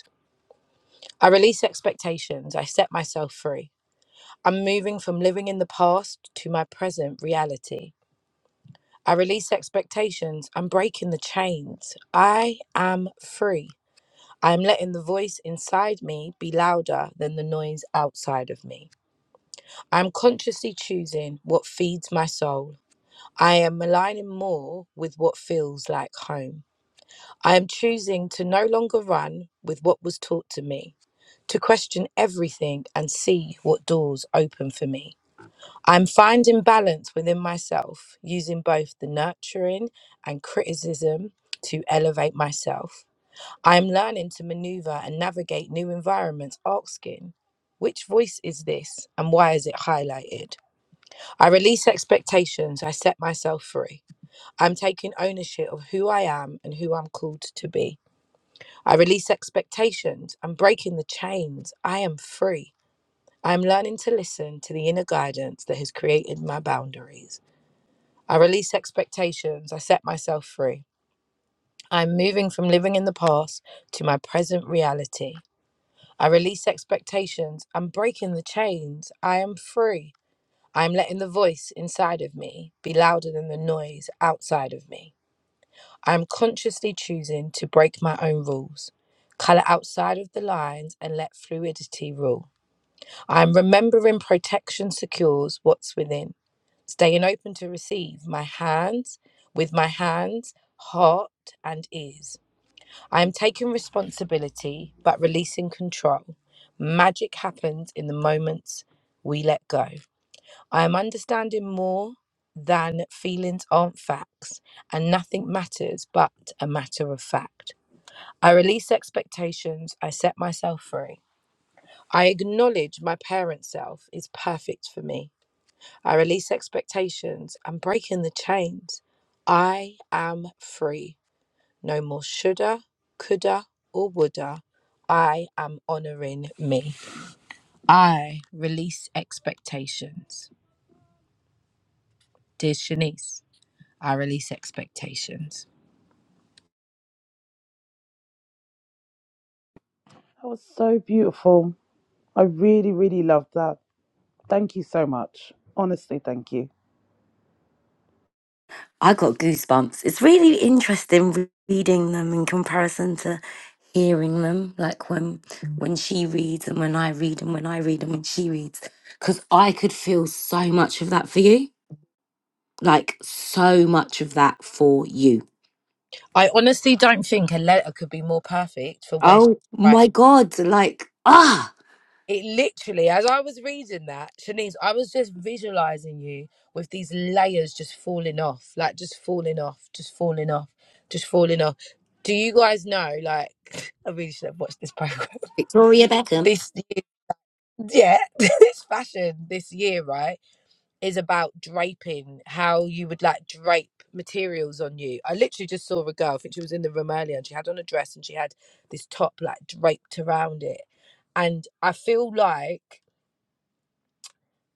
I release expectations. I set myself free. I'm moving from living in the past to my present reality. I release expectations. I'm breaking the chains. I am free. I'm letting the voice inside me be louder than the noise outside of me. I'm consciously choosing what feeds my soul. I am aligning more with what feels like home. I am choosing to no longer run with what was taught to me, to question everything and see what doors open for me. I'm finding balance within myself, using both the nurturing and criticism to elevate myself. I am learning to maneuver and navigate new environments, asking, which voice is this and why is it highlighted? I release expectations, I set myself free. I'm taking ownership of who I am and who I'm called to be. I release expectations. I'm breaking the chains. I am free. I am learning to listen to the inner guidance that has created my boundaries. I release expectations. I set myself free. I'm moving from living in the past to my present reality. I release expectations. I'm breaking the chains. I am free. I am letting the voice inside of me be louder than the noise outside of me. I'm consciously choosing to break my own rules, colour outside of the lines, and let fluidity rule. I'm remembering protection secures what's within, staying open to receive my hands with my hands, heart, and ears. I am taking responsibility but releasing control. Magic happens in the moments we let go. I am understanding more than feelings aren't facts and nothing matters but a matter of fact. I release expectations, I set myself free. I acknowledge my parent self is perfect for me. I release expectations, I'm breaking the chains. I am free. No more shoulda, coulda, or woulda. I am honoring me. I release expectations. Dear Shanice, I release expectations. That was so beautiful. I really, really loved that. Thank you so much. Honestly, thank you. I got goosebumps. It's really interesting reading them in comparison to hearing them, like when Mm. when she reads and when I read and when I read and when she reads. Cause I could feel so much of that for you. Like so much of that for you. I honestly don't think a letter could be more perfect for where she's Oh right my now. god, like ah It literally, as I was reading that, Shanice, I was just visualizing you with these layers just falling off, like just falling off, just falling off, just falling off. Do you guys know? Like, I really should have watched this program. Victoria Beckham. This year, yeah, this fashion this year, right? is about draping, how you would like drape materials on you. I literally just saw a girl, I think she was in the room earlier, and she had on a dress and she had this top like draped around it. And I feel like,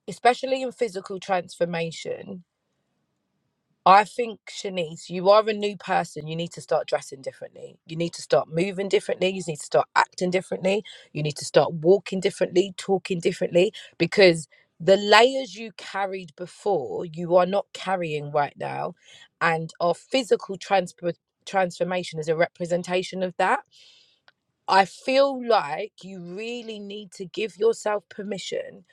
especially in physical transformation, I think, Shanice, you are a new person. You need to start dressing differently. You need to start moving differently. You need to start acting differently. You need to start walking differently, talking differently, because the layers you carried before, you are not carrying right now. And our physical transpo- transformation is a representation of that. I feel like you really need to give yourself permission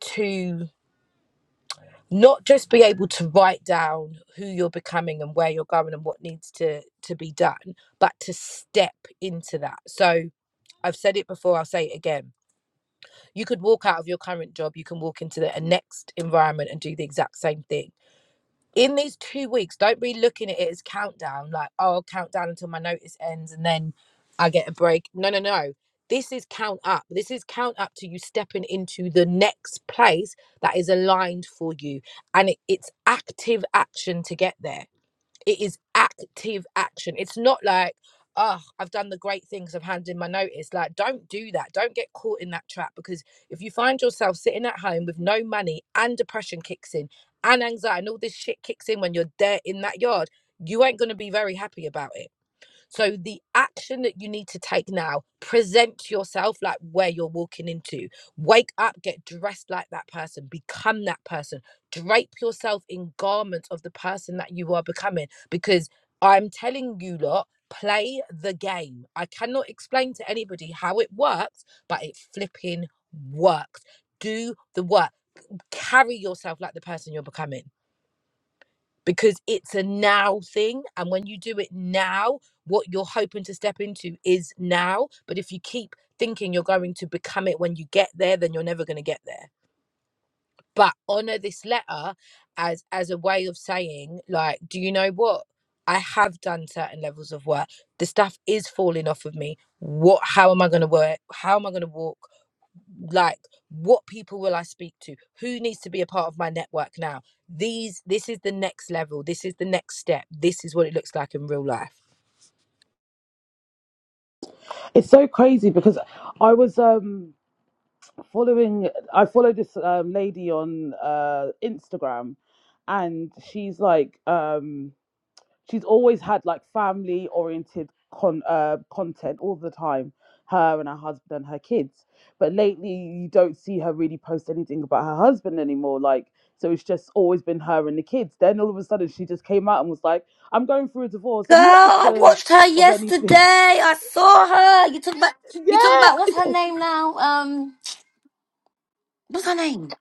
to not just be able to write down who you're becoming and where you're going and what needs to to be done but to step into that so i've said it before i'll say it again you could walk out of your current job you can walk into the a next environment and do the exact same thing in these two weeks, don't be looking at it as countdown, like, oh, I'll count down until my notice ends and then I get a break. No, no, no. This is count up. This is count up to you stepping into the next place that is aligned for you. And it, it's active action to get there it is active action. It's not like, oh, I've done the great things, I've handed in my notice. Like, don't do that. Don't get caught in that trap because if you find yourself sitting at home with no money and depression kicks in and anxiety and all this shit kicks in when you're there in that yard, you ain't going to be very happy about it so the action that you need to take now, present yourself like where you're walking into. Wake up, get dressed like that person, become that person. Drape yourself in garments of the person that you are becoming because I'm telling you lot, play the game. I cannot explain to anybody how it works, but it flipping works. Do the work. Carry yourself like the person you're becoming because it's a now thing. And when you do it now, what you're hoping to step into is now. But if you keep thinking you're going to become it when you get there, then you're never going to get there. But honor this letter as as a way of saying, like, do you know what? I have done certain levels of work. The stuff is falling off of me. What? How am I going to work? How am I going to walk? like what people will i speak to who needs to be a part of my network now these this is the next level this is the next step this is what it looks like in real life It's so crazy because I was um following I followed this um, lady on uh Instagram and she's like um she's always had like family oriented con uh, content all the time her and her husband and her kids but lately you don't see her really post anything about her husband anymore like so it's just always been her and the kids then all of a sudden she just came out and was like i'm going through a divorce and not Girl, I because watched her of anything yesterday. I saw her. You talk about you talk yeah about what's her it- name now? Um what's her name?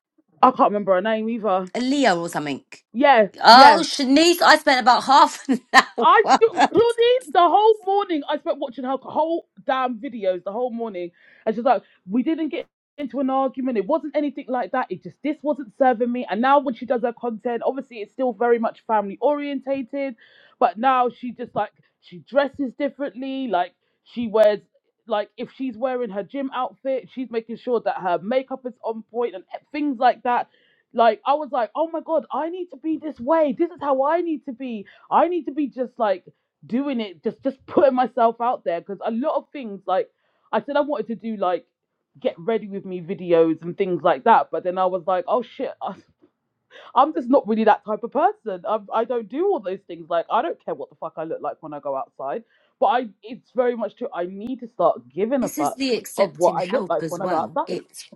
i can't remember her name either a Leo or something. yeah yeah Oh, Shanice, I spent about half an I hour. do- Claudine, the whole morning I spent watching her whole damn videos the whole morning, and she's like, "We didn't get into an argument. It wasn't anything like that. It just this wasn't serving me." And now when she does her content, obviously it's still very much family orientated, but now she just like she dresses differently. Like she wears like if she's wearing her gym outfit, she's making sure that her makeup is on point and e, things like that. Like I was like, "Oh my god, I need to be this way. This is how I need to be." I need to be just like doing it, just just putting myself out there because a lot of things like I said I wanted to do like get ready with me videos and things like that, but then I was like, oh shit, I- I'm just not really that type of person. I, I don't do all those things. Like I don't care what the fuck I look like when I go outside, but I it's very much true. I need to start giving a this is fuck the of what accepting I look help like as when I go well. outside. It's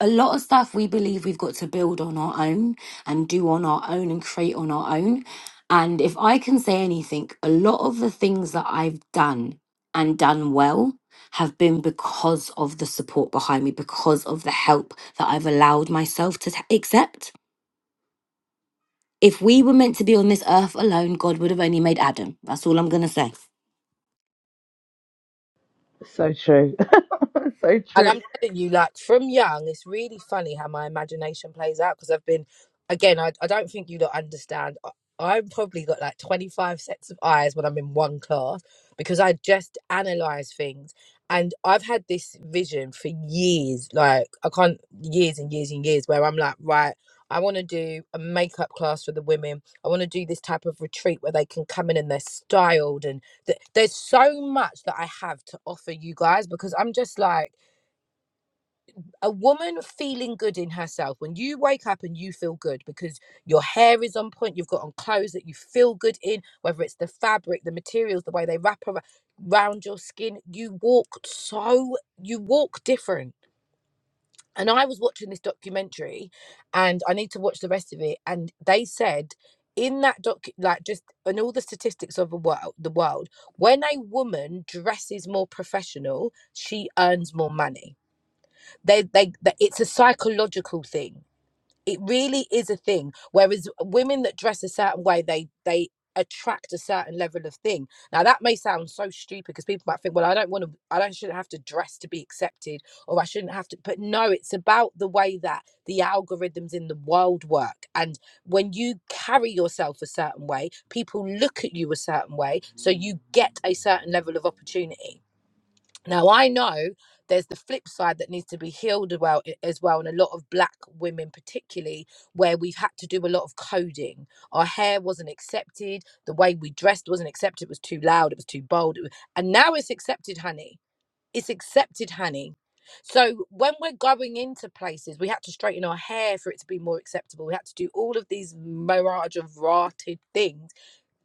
a lot of stuff we believe we've got to build on our own and do on our own and create on our own. And if I can say anything, a lot of the things that I've done and done well have been because of the support behind me, because of the help that I've allowed myself to t- accept. If we were meant to be on this earth alone, God would have only made Adam. That's all I'm going to say. So true. so And true. I'm telling you, like from young, it's really funny how my imagination plays out because I've been, again, I, I don't think you don't understand. I, I've probably got like 25 sets of eyes when I'm in one class because I just analyze things. And I've had this vision for years, like I can't, years and years and years, where I'm like, right, I want to do a makeup class for the women. I want to do this type of retreat where they can come in and they're styled. And th- there's so much that I have to offer you guys because I'm just like, a woman feeling good in herself when you wake up and you feel good because your hair is on point you've got on clothes that you feel good in whether it's the fabric the materials the way they wrap around your skin you walk so you walk different and i was watching this documentary and i need to watch the rest of it and they said in that doc like just in all the statistics of the world the world when a woman dresses more professional she earns more money they they that it's a psychological thing it really is a thing whereas women that dress a certain way they they attract a certain level of thing now that may sound so stupid because people might think well i don't want to i don't shouldn't have to dress to be accepted or i shouldn't have to but no it's about the way that the algorithms in the world work and when you carry yourself a certain way people look at you a certain way so you get a certain level of opportunity now I know there's the flip side that needs to be healed as well, as well, and a lot of black women particularly, where we've had to do a lot of coding. Our hair wasn't accepted, the way we dressed wasn't accepted. It was too loud, it was too bold, it was, and now it's accepted, honey. It's accepted, honey. So when we're going into places, we had to straighten our hair for it to be more acceptable. We had to do all of these mirage of rotted things.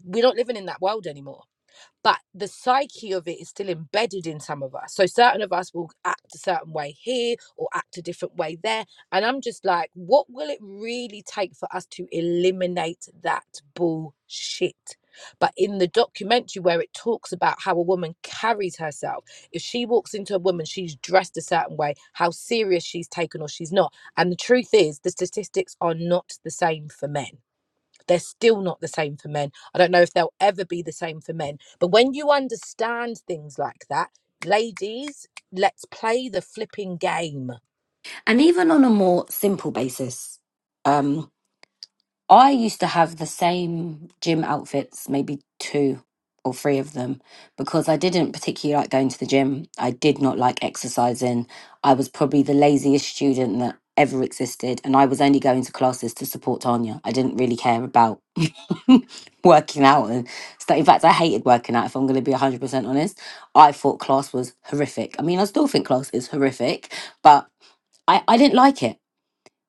We're not living in that world anymore but the psyche of it is still embedded in some of us. So certain of us will act a certain way here or act a different way there. And I'm just like, what will it really take for us to eliminate that bullshit? But in the documentary where it talks about how a woman carries herself, if she walks into a woman, she's dressed a certain way, how serious she's taken or she's not. And the truth is, the statistics are not the same for men they're still not the same for men. I don't know if they'll ever be the same for men. But when you understand things like that, ladies, let's play the flipping game. And even on a more simple basis, um, I used to have the same gym outfits, maybe two or three of them, because I didn't particularly like going to the gym. I did not like exercising. I was probably the laziest student that ever existed, and I was only going to classes to support Tanya. I didn't really care about working out and stuff. In fact, I hated working out, if I'm going to be 100% honest. I thought class was horrific. I mean, I still think class is horrific, but I, I didn't like it.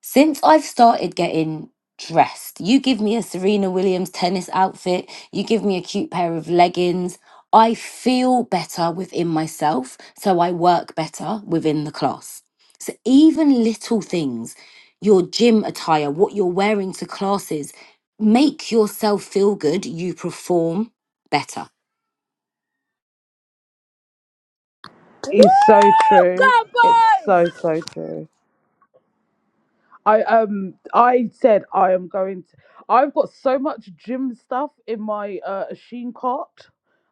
Since I've started getting dressed, you give me a Serena Williams tennis outfit, you give me a cute pair of leggings. I feel better within myself, so I work better within the class. So even little things, your gym attire, what you're wearing to classes, make yourself feel good, you perform better Woo, It's so true. It's go so boys! so true. I um I said I am going to I've got so much gym stuff in my uh Shein cart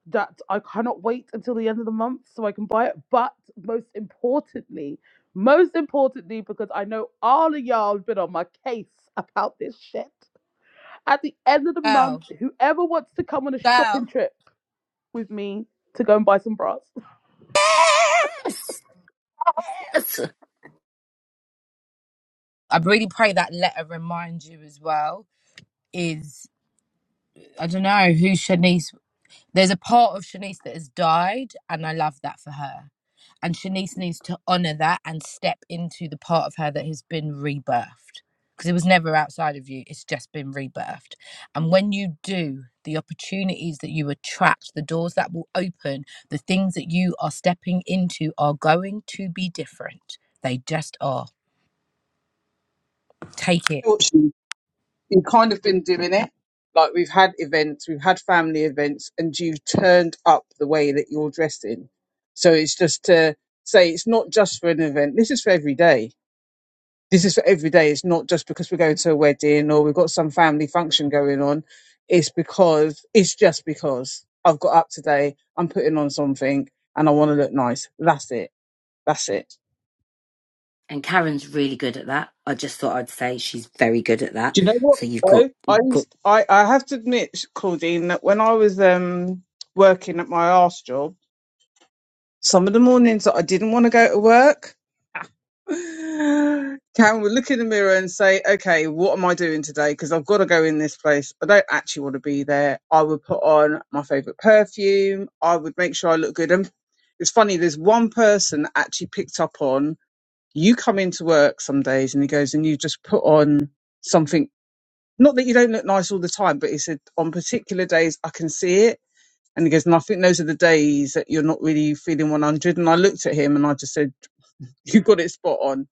that I cannot wait until the end of the month so I can buy it. But most importantly, most importantly, because I know all of y'all have been on my case about this shit. At the end of the Girl, month, whoever wants to come on a shopping girl. trip with me to go and buy some bras, Yes! I really pray that letter reminds you as well. Is I don't know who Shanice. There's a part of Shanice that has died, and I love that for her. And Shanice needs to honor that and step into the part of her that has been rebirthed. Because it was never outside of you, it's just been rebirthed. And when you do, the opportunities that you attract, the doors that will open, the things that you are stepping into are going to be different. They just are. Take it. unfortunately, we've kind of been doing it. Like we've had events, we've had family events, and you've turned up the way that you're dressing. So it's just to say it's not just for an event. This is for every day. This is for every day. It's not just because we're going to a wedding or we've got some family function going on. It's because it's just because I've got up today. I'm putting on something and I want to look nice. That's it. That's it. and karen's really good at that i just thought i'd say she's very good at that Do you know what so you've got, though? I got used I, I have to admit, Claudine, that when I was um working at my arse job, some of the mornings that I didn't want to go to work, Karen would look in the mirror and say, "Okay, what am I doing today? Because I've got to go in this place. I don't actually want to be there." I would put on my favorite perfume. I would make sure I look good. And it's funny. There's one person that actually picked up on you come into work some days, and he goes, and you just put on. Something not that you don't look nice all the time, but he said on particular days I can see it. And he goes, and I think those are the days that you're not really feeling 100. And I looked at him and I just said, you got it spot on.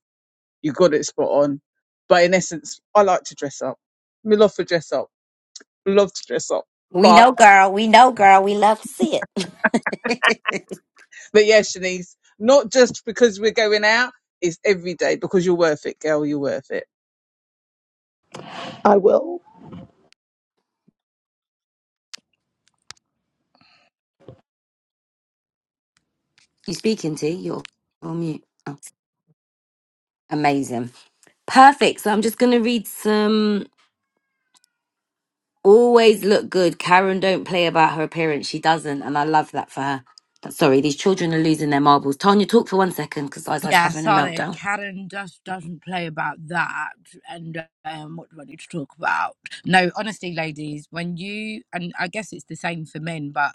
You got it spot on. But in essence, I like to dress up. We love to dress up. Love to dress up. We But. know, girl. We know, girl. We love to see it. But yes, Shanice, not just because we're going out, it's every day because you're worth it, girl. You're worth it. I will. you speaking to you're on mute Oh, amazing perfect so i'm just going to read some Always look good. Karen don't play about her appearance. She doesn't, and I love that for her. That- Sorry, these children are losing their marbles. Tanya, talk for one second because Isla's Yeah, having a sorry, meltdown. Karen just doesn't play about that. And um, what do I need to talk about? No, honestly, ladies, when you and I guess it's the same for men, but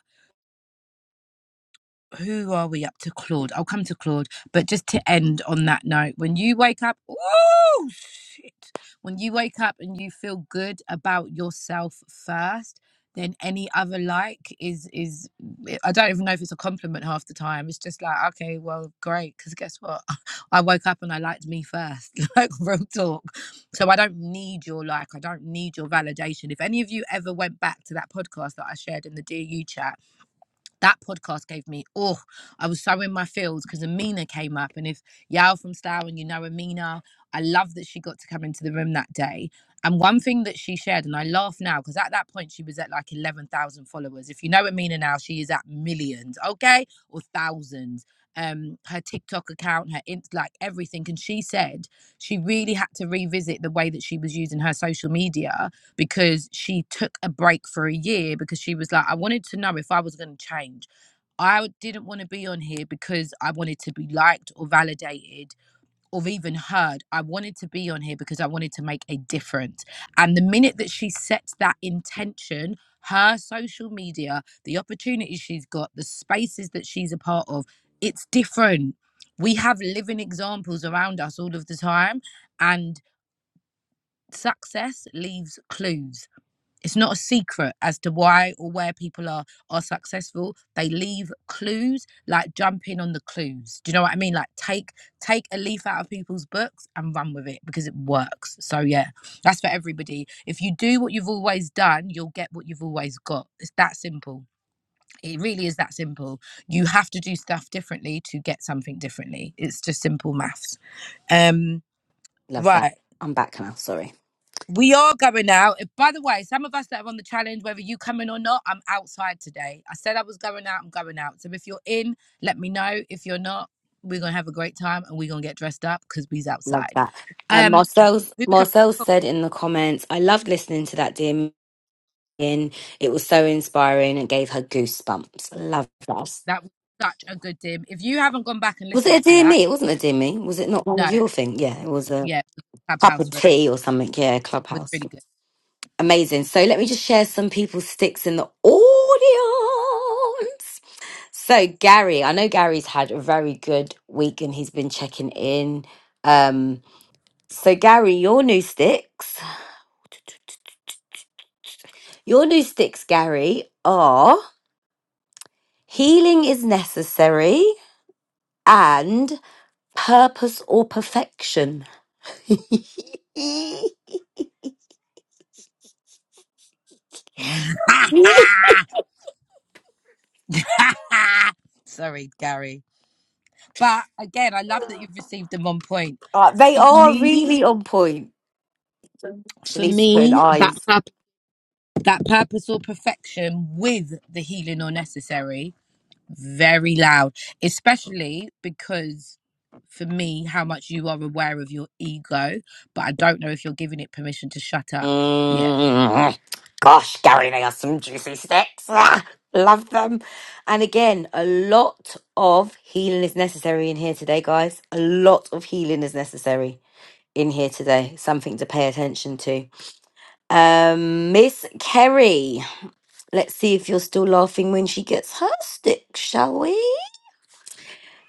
who are we up to Claude? I'll come to Claude, but just to end on that note, when you wake up, oh shit, when you wake up and you feel good about yourself first, then any other like is is I don't even know if it's a compliment half the time. It's just like okay, well, great, because guess what? I woke up and I liked me first, like real talk. So I don't need your like, I don't need your validation. If any of you ever went back to that podcast that I shared in the DU chat that podcast gave me oh i was so in my fields because amina came up and if y'all from Slough and you know amina i love that she got to come into the room that day and one thing that she shared and i laugh now because at that point she was at like 11000 followers if you know amina now she is at millions okay or thousands um her tiktok account her int like everything and she said she really had to revisit the way that she was using her social media because she took a break for a year because she was like, I wanted to know if I was going to change. I didn't want to be on here because I wanted to be liked or validated or even heard. I wanted to be on here because I wanted to make a difference. And the minute that she sets that intention, her social media, the opportunities she's got, the spaces that she's a part of, it's different. We have living examples around us all of the time, and success leaves clues it's not a secret as to why or where people are are successful. They leave clues, like jump in on the clues. Do you know what I mean? Like take take a leaf out of people's books and run with it because it works. So yeah, that's for everybody. If you do what you've always done, you'll get what you've always got. It's that simple. It really is that simple. You have to do stuff differently to get something differently. It's just simple maths. Um, Love that. right. I'm back now. Sorry. We are going out. And By the way, some of us that are on the challenge, whether you come in or not, I'm outside today. I said I was going out, I'm going out. So if you're in, let me know. If you're not, we're gonna have a great time and we're gonna get dressed up because we's Love outside. that. Um, Um, Marcel's we become Marcel cool. said in the comments, "I loved listening to that dear Megan. It was so inspiring and gave her goosebumps. Love that. That was such a good dim. If you haven't gone back and Was listened it a to dear that, me? It wasn't a dear me. Was it not one no, of your thing? Yeah, it was a yeah, cup of Clubhouse re- tea or something. Yeah, was clubhouse. really good. Amazing. So let me just share some people's sticks in the audience. So Gary, I know Gary's had a very good week and he's been checking in. Um, so Gary, your new sticks, your new sticks, Gary, are healing is necessary and purpose or perfection. Sorry, Gary. But again, I love that you've received them on point. Uh, they For are me, really on point. She for needs to put in me, eyes. that that purpose or perfection with the healing or necessary very loud especially because for me how much you are aware of your ego but i don't know if you're giving it permission to shut up yet Mm, Gosh, Gary, they are some juicy sticks. Ah, Love them. And again, a lot of healing is necessary in here today, guys. A lot of healing is necessary in here today. Something to pay attention to. Um, Miss Kerry, let's see if you're still laughing when she gets her stick, shall we?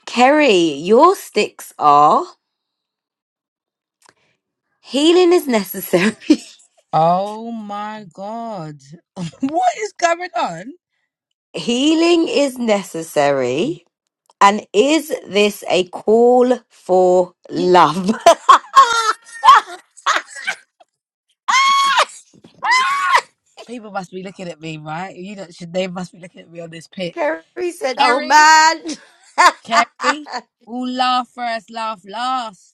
Kerry, your sticks are healing is necessary. oh my god what is going on healing is necessary And is this a call for Ye- love? people must be looking at me right you know should they must be looking at me on this pitch Kerry said, Oh kerry man. kerry all laugh first laugh last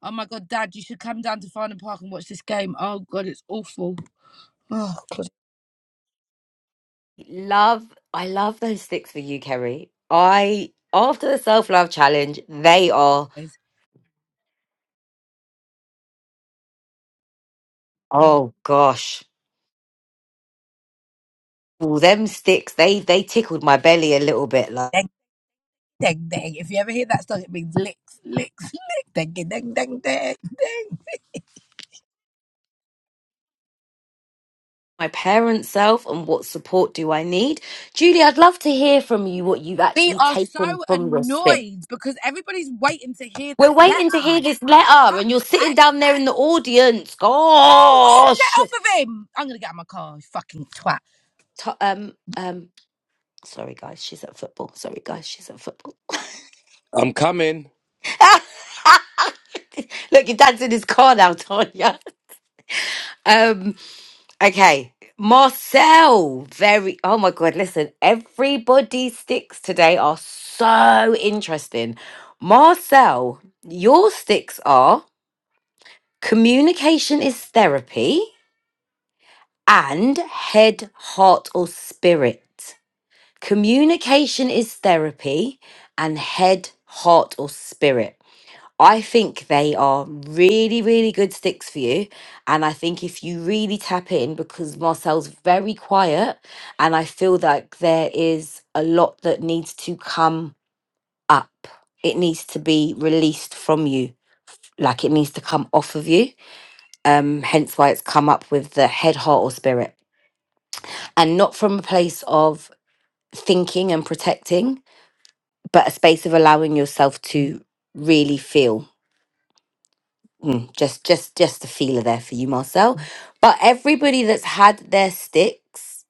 Oh my god, Dad, you should come down to Farnham Park and watch this game. Oh god, it's awful. Oh god, love, I love those sticks for you, Kerry. I, after the self love challenge, they are, it is. oh gosh. all them sticks, they, they tickled my belly a little bit. Like Dang, dang, dang. If you ever hear that song, it means licks, licks, licks. Dang, dang, dang, dang. my parent self and what support do I need? Julie, I'd love to hear from you what you've We actually are so taken from your stick. annoyed because everybody's waiting to hear that We're waiting to hear letter. this letter, and you're Fuck's sitting sake. down there in the audience. Oh, oh, get Gosh, off of him! I'm gonna get out of my car, you fucking twat. T- um, um, sorry guys, she's at football. Sorry guys, she's at football. I'm coming. Look, your dad's in his car now, Tanya. Um, okay, Marcel. Very. Oh my god, listen, everybody's sticks today are so interesting. Marcel, your sticks are communication is therapy. and head, heart, or spirit. Communication is therapy and head, heart, or spirit. I think they are really, really good sticks for you. And I think if you really tap in, because Marcel's very quiet, and I feel like there is a lot that needs to come up, it needs to be released from you, like it needs to come off of you. Um, hence why it's come up with the head, heart, or spirit and not from a place of thinking and protecting, but a space of allowing yourself to really feel. Mm, just, just, just a feeler there for you, Marcel. Mm. But everybody that's had their sticks,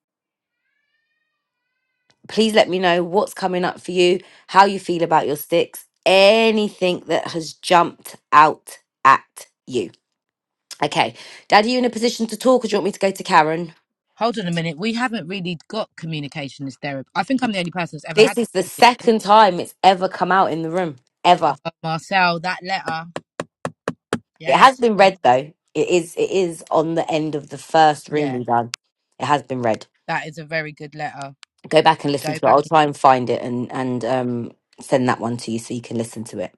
please let me know what's coming up for you, how you feel about your sticks, anything that has jumped out at you. Okay, Dad, are you in a position to talk, or do you want me to go to Karen? Hold on a minute. We haven't really got communication as therapy. I think I'm the only person that's ever This had is the second time it's ever come out in the room, ever. that. Uh, Marcel, that letter. It has Yes. been Oh, read though. It is it is on the end of the first room yeah. we done. It has been read. That is a very good letter. Go back and listen go to it. back I'll and try and find it and and um send that one to you so you can listen to it.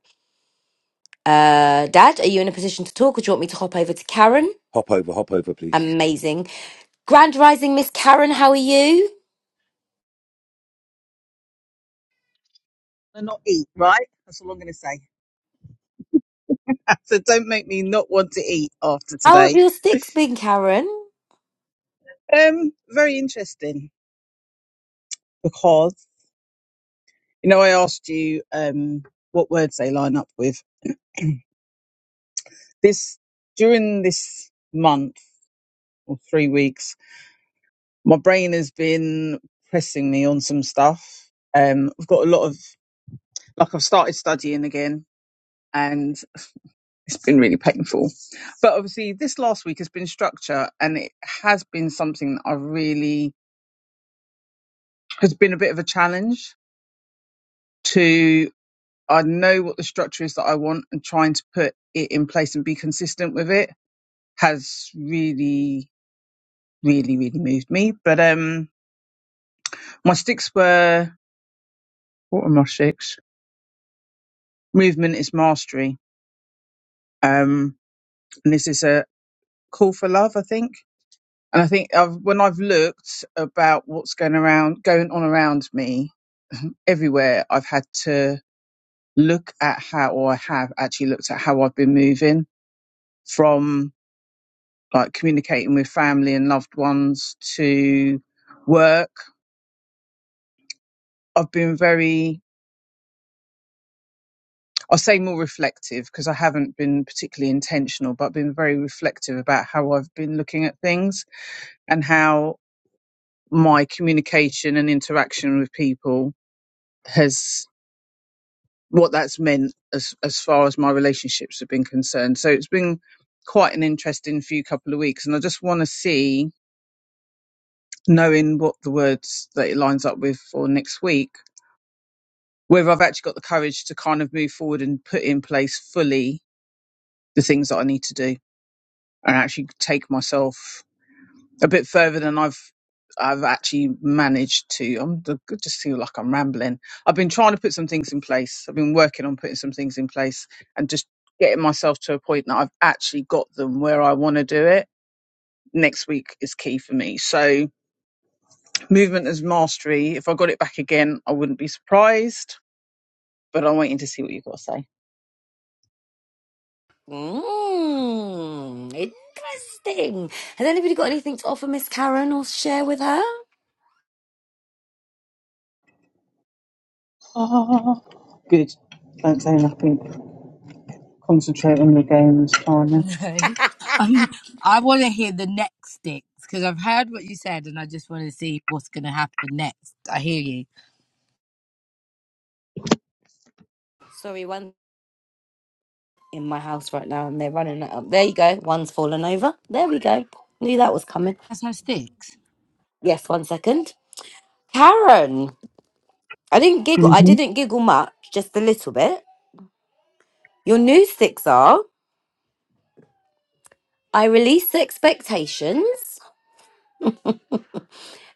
Uh Dad, are you in a position to talk or do you want me to hop over to Karen? Hop over, hop over, please. Amazing. Grand rising Miss Karen, how are you? And not eat, right? That's all I'm going to say. So don't make me not want to eat after How have today. your sticks been, Karen? Um, very interesting because you know I asked you um what words they line up with, this during this month or three weeks, my brain has been pressing me on some stuff. Um, I've got a lot of like I've started studying again, and it's been really painful. But obviously, this last week has been structure, and it has been something that I really has been a bit of a challenge to. I know what the structure is that I want, and trying to put it in place and be consistent with it has really, really, really moved me. But um, my sticks were what were my sticks? Movement is mastery. Um, and this is a call for love, I think. And I think I've, when I've looked about what's going around, going on around me everywhere, I've had to look at how, or I have actually looked at how I've been moving from like communicating with family and loved ones to work. I've been very I'll say more reflective because I haven't been particularly intentional, but been very reflective about how I've been looking at things and how my communication and interaction with people has what that's meant as as far as my relationships have been concerned. So it's been quite an interesting few couple of weeks, and I just want to see, knowing what the words that it lines up with for next week, whether I've actually got the courage to kind of move forward and put in place fully the things that I need to do and actually take myself a bit further than I've I've actually managed to. I'm I just feel like I'm rambling. I've been trying to put some things in place. I've been working on putting some things in place and just getting myself to a point that I've actually got them where I want to do it. Next week is key for me. So movement as mastery. If I got it back again, I wouldn't be surprised. But I'm waiting to see what you've got to say. Mm, Interesting. Has anybody got anything to offer Miss Karen or share with her? Oh, good. Don't say nothing. Concentrate on your game this time. I'm, I want to hear the next sticks because I've heard what you said and I just want to see what's going to happen next. I hear you. Sorry, one in my house right now and they're running it up. There you go. One's fallen over. There we go. Knew that was coming. That's no sticks. Yes, one second. Karen, I didn't giggle. I Mm-hmm. didn't giggle much, just a little bit. Your new sticks are I release expectations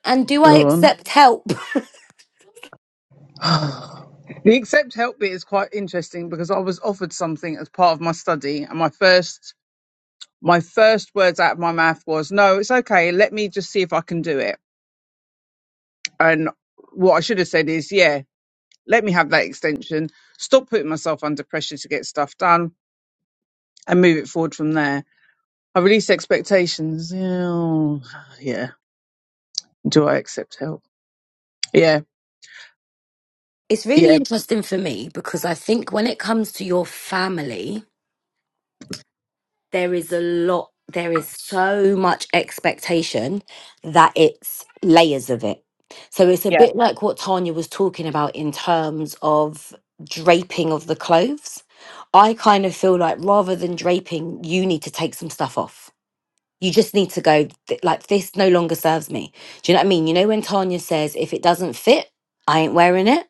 and do I Go on. accept help? The accept help bit is quite interesting because I was offered something as part of my study, and my first my first words out of my mouth was, "No, it's okay. Let me just see if I can do it." And what I should have said is, "Yeah, let me have that extension. Stop putting myself under pressure to get stuff done, and move it forward from there." I release expectations. Yeah, yeah. Do I accept help? Yeah, It's really yeah, interesting for me because I think when it comes to your family, there is a lot there is so much expectation that it's layers of it so it's a yeah. bit like what tanya was talking about in terms of draping of the clothes i kind of feel like rather than draping you need to take some stuff off you just need to go th- like this no longer serves me do you know what i mean you know when tanya says if it doesn't fit i ain't wearing it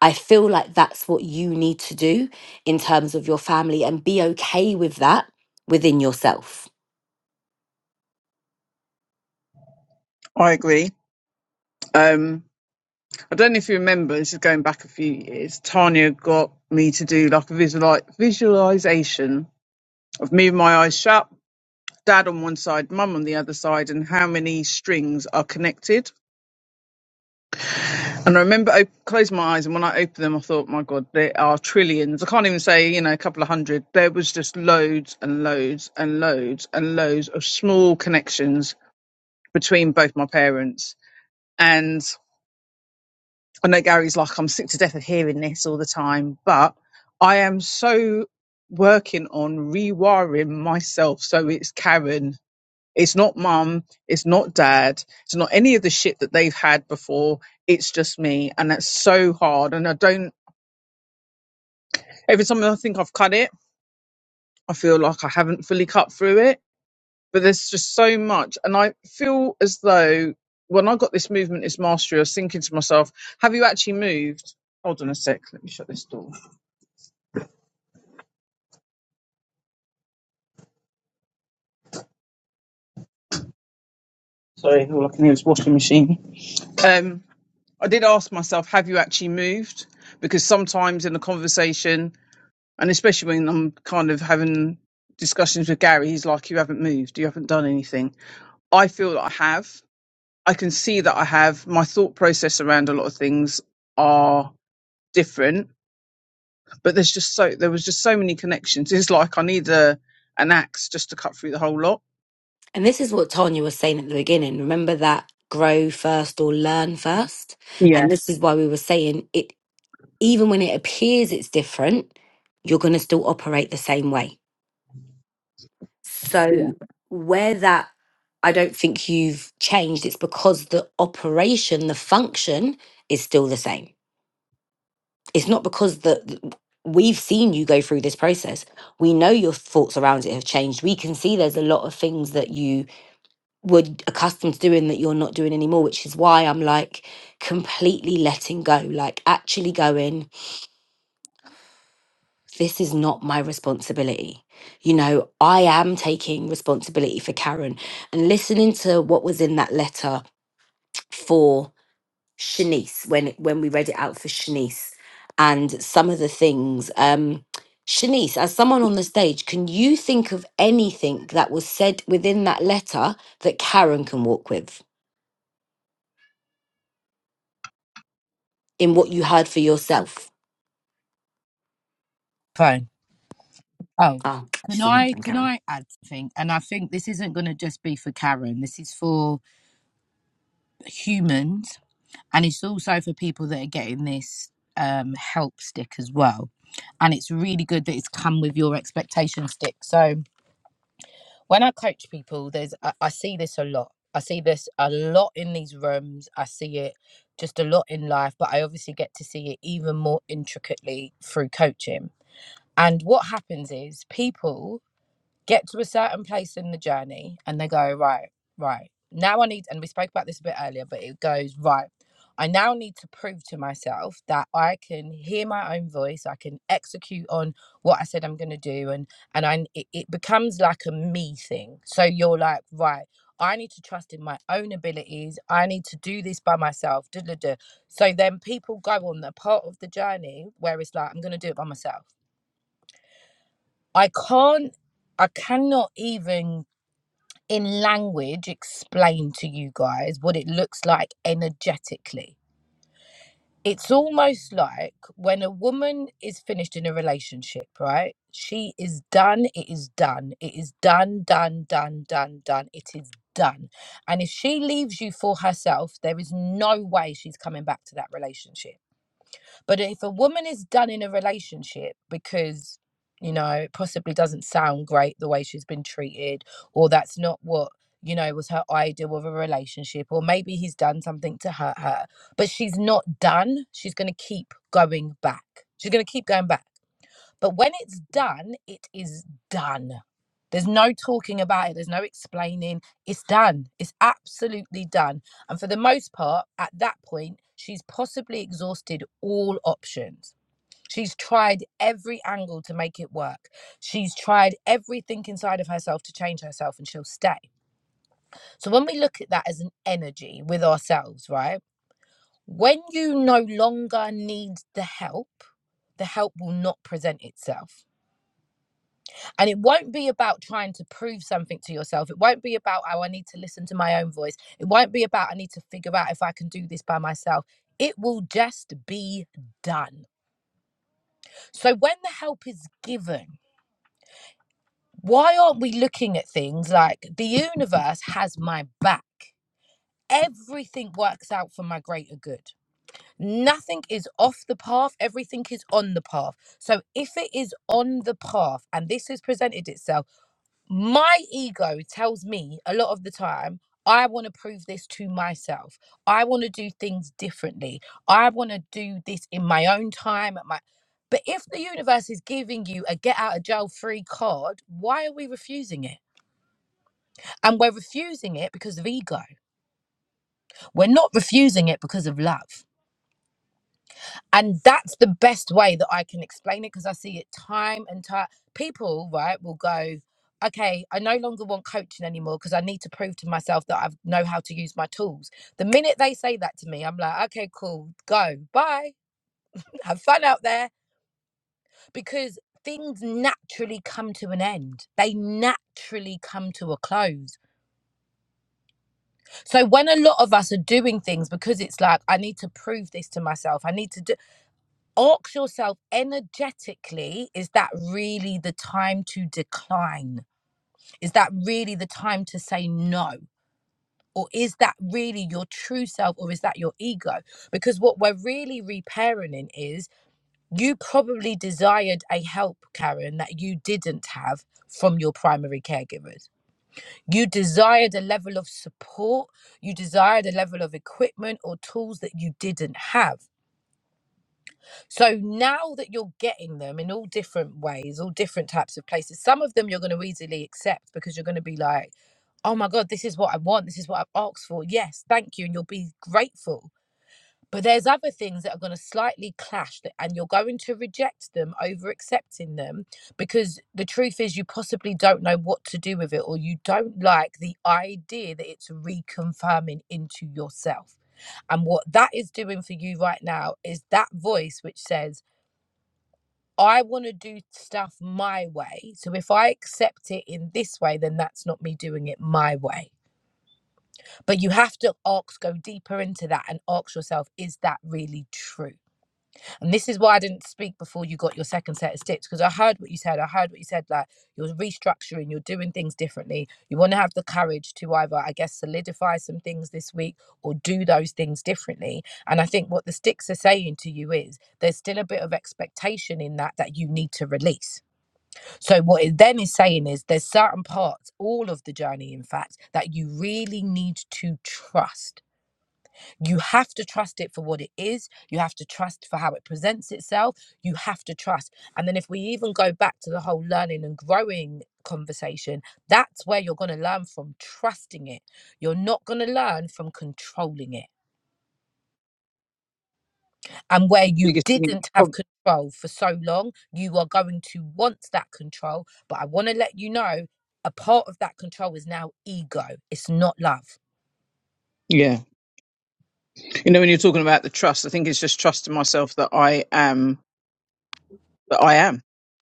i feel like that's what you need to do in terms of your family and be okay with that within yourself I agree. Um, I don't know if you remember, this is going back a few years. Tanya got me to do like a visual visualization of me with my eyes shut, dad on one side, mum on the other side, and how many strings are connected. And I remember I closed my eyes, and when I opened them, I thought, my God, there are trillions. I can't even say, you know, a couple of hundred. There was just loads and loads and loads and loads of small connections between both my parents. and. I know Gary's like, I'm sick to death of hearing this all the time, but I am so working on rewiring myself so it's Karen. It's not mum. It's not dad. It's not any of the shit that they've had before. It's just me. And that's so hard. And I don't, every time I think I've cut it, I feel like I haven't fully cut through it. But there's just so much. And I feel as though when I got this movement, this mastery, I was thinking to myself, have you actually moved? Hold on a sec. Let me shut this door. Sorry, all I can hear is washing machine. Um, I did ask myself, have you actually moved? Because sometimes in a conversation, and especially when I'm kind of having discussions with Gary, he's like, you haven't moved, you haven't done anything. I feel that I have. I can see that I have. My thought process around a lot of things are different, but there's just so there was just so many connections. It's like I need a an axe just to cut through the whole lot. and this is what tanya was saying at the beginning remember that grow first or learn first Yeah, and this is why we were saying it even when it appears it's different you're going to still operate the same way yeah, So where that I don't think you've changed, it's because the operation, the function is still the same. It's not because the we've seen you go through this process. We know your thoughts around it have changed. We can see there's a lot of things that you were accustomed to doing that you're not doing anymore, which is why I'm like completely letting go, like actually going. this is not my responsibility. You know, I am taking responsibility for Karen and listening to what was in that letter for Shanice when when we read it out for Shanice and some of the things. Um, Shanice, as someone on the stage, can you think of anything that was said within that letter that Karen can walk with in what you heard for yourself? Fine. Oh, Oh, can she's on the I phone, can Karen. I add something? And I think this isn't going to just be for Karen. This is for humans, and it's also for people that are getting this um, help stick as well. And it's really good that it's come with your expectation stick. So when I coach people, there's I, I see this a lot. I see this a lot in these rooms. I see it just a lot in life, but I obviously get to see it even more intricately through coaching. And what happens is people get to a certain place in the journey and they go right right now i need and we spoke about this a bit earlier but it goes right i now need to prove to myself that i can hear my own voice i can execute on what i said i'm going to do and and i it, it becomes like a me thing so you're like right i need to trust in my own abilities i need to do this by myself duh, duh, duh. so then people go on the part of the journey where it's like i'm going to do it by myself i can't I cannot even in language explain to you guys what it looks like energetically. It's almost like when a woman is finished in a relationship, right? She is done, it is done, it is done, done, done, done, done, it is done. And if she leaves you for herself, there is no way she's coming back to that relationship but if a woman is done in a relationship because, you know, it possibly doesn't sound great the way she's been treated, or that's not what, you know, was her ideal of a relationship, or maybe he's done something to hurt her, but she's not done, she's going to keep going back. She's going to keep going back but when it's done, it is done. There's no talking about it, there's no explaining. It's done. It's absolutely done. And for the most part, at that point, she's possibly exhausted all options. She's tried every angle to make it work. She's tried everything inside of herself to change herself, and she'll stay. So, when we look at that as an energy with ourselves, right? When you no longer need the help, the help will not present itself And it won't be about trying to prove something to yourself. It won't be about, oh, I need to listen to my own voice. It won't be about, I need to figure out if I can do this by myself. It will just be done. So when the help is given, why aren't we looking at things like the universe has my back? Everything works out for my greater good. Nothing is off the path, everything is on the path. So if it is on the path and this has presented itself, my ego tells me a lot of the time I want to prove this to myself. I want to do things differently. I want to do this in my own time at my but if the universe is giving you a get out of jail free card, why are we refusing it? And we're refusing it because of ego. We're not refusing it because of love. and that's the best way that I can explain it because I see it time and time. People, right, will go, okay, I no longer want coaching anymore because I need to prove to myself that I know how to use my tools. The minute they say that to me, I'm like, okay, cool, go, bye, have fun out there because things naturally come to an end, they naturally come to a close. So when a lot of us are doing things because it's like, I need to prove this to myself, I need to do ask yourself energetically is that really the time to decline is that really the time to say no or is that really your true self or is that your ego because what we're really reparenting is you probably desired a help karen that you didn't have from your primary caregivers you desired a level of support you desired a level of equipment or tools that you didn't have So now that you're getting them in all different ways, all different types of places, some of them you're going to easily accept because you're going to be like, oh my God, this is what I want. This is what I've asked for. Yes, thank you. And you'll be grateful. But there's other things that are going to slightly clash that, and you're going to reject them over accepting them because the truth is you possibly don't know what to do with it or you don't like the idea that it's reconfirming into yourself. And what that is doing for you right now is that voice which says, I want to do stuff my way. So if I accept it in this way, then that's not me doing it my way. But you have to ask, go deeper into that and ask yourself, is that really true? And this is why I didn't speak before you got your second set of steps because I heard what you said. I heard what you said like you're restructuring, you're doing things differently. You want to have the courage to either, I guess, solidify some things this week or do those things differently. And I think what the sticks are saying to you is there's still a bit of expectation in that that you need to release so what it then is saying is there's certain parts, all of the journey, in fact, that you really need to trust. You have to trust it for what it is. You have to trust for how it presents itself. You have to trust. And then if we even go back to the whole learning and growing conversation, that's where you're going to learn from trusting it. You're not going to learn from controlling it. and where you Biggest thing. didn't have prob- control for so long, you are going to want that control. But I want to let you know a part of that control is now ego, it's not love. Yeah. You know, when you're talking about the trust, I think it's just trusting myself that I am that I am,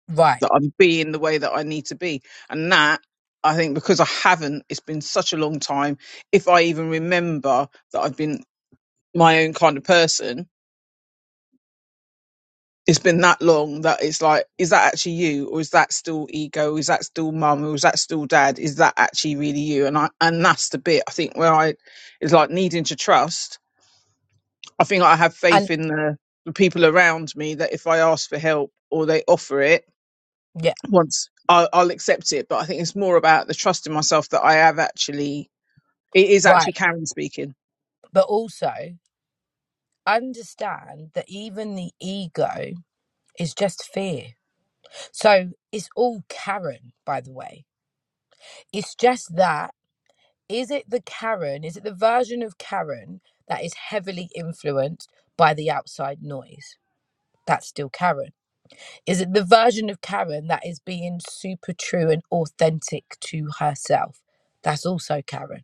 Right. that I'm being the way that I need to be. And that I think because I haven't, it's been such a long time. If I even remember that I've been my own kind of person, it's been that long that it's like, is that actually you? Or is that still ego? Is that still mum? Or is that still dad? Is that actually really you? And I and that's the bit I think where I is like needing to trust I think I have And faith in the, the people around me that if I ask for help or they offer it, yeah, once I'll, I'll accept it. But I think it's more about the trust in myself that I have actually. It is actually right. Karen speaking. But also understand that even the ego is just fear. So it's all Karen, by the way. It's just that is it the Karen, is it the version of Karen that is heavily influenced by the outside noise? That's still Karen Is it the version of Karen that is being super true and authentic to herself? That's also Karen.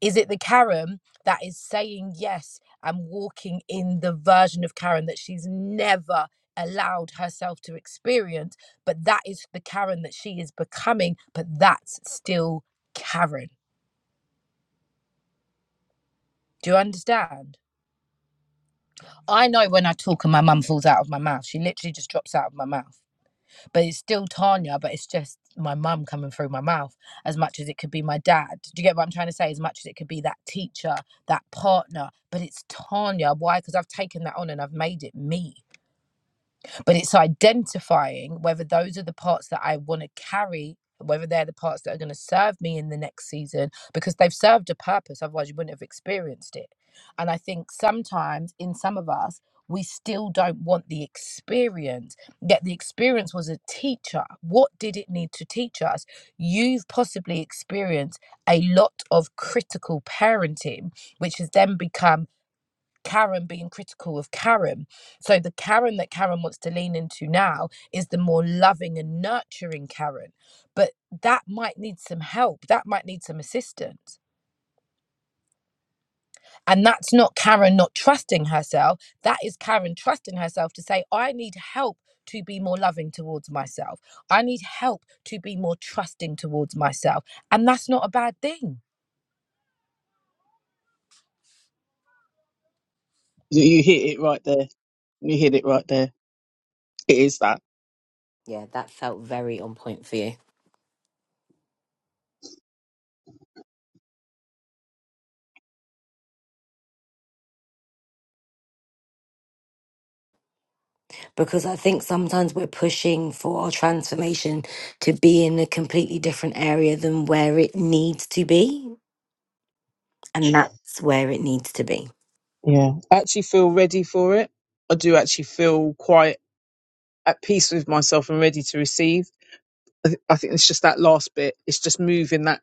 Is it the Karen that is saying yes and walking in the version of Karen that she's never allowed herself to experience? But that is the Karen that she is becoming, but that's still Karen. Do you understand? I know when I talk and my mum falls out of my mouth. She literally just drops out of my mouth. but it's still Tanya, but it's just my mum coming through my mouth as much as it could be my dad. Do you get what I'm trying to say? As much as it could be that teacher, that partner, but it's Tanya. Why? Because I've taken that on and I've made it me but it's identifying whether those are the parts that I want to carry, whether they're the parts that are going to serve me in the next season, because they've served a purpose. Otherwise, you wouldn't have experienced it. And I think sometimes in some of us, we still don't want the experience, yet the experience was a teacher. What did it need to teach us? You've possibly experienced a lot of critical parenting, which has then become Karen being critical of Karen. So the Karen that Karen wants to lean into now is the more loving and nurturing Karen. But that might need some help. That might need some assistance. And that's not Karen not trusting herself. That is Karen trusting herself to say, I need help to be more loving towards myself. I need help to be more trusting towards myself. And that's not a bad thing. You you hit it right there. You hit it right there. It is that. Yeah, that felt very on point for you. because I think sometimes we're pushing for our transformation to be in a completely different area than where it needs to be. And that's where it needs to be. Yeah. I actually feel ready for it. I do actually feel quite at peace with myself and ready to receive. I, th- I think it's just that last bit. It's just moving that,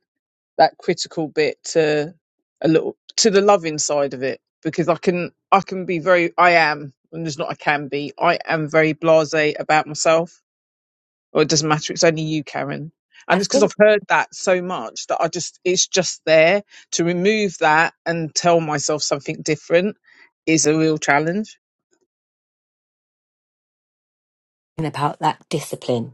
that critical bit to a little, to the loving side of it because I can, I can be very, I am, and there's not I can be, I am very blase about myself. or it doesn't matter. It's only you, Karen. I And it's because think I've heard that so much that I just, it's just there to remove that and tell myself something different is a real challenge. about that discipline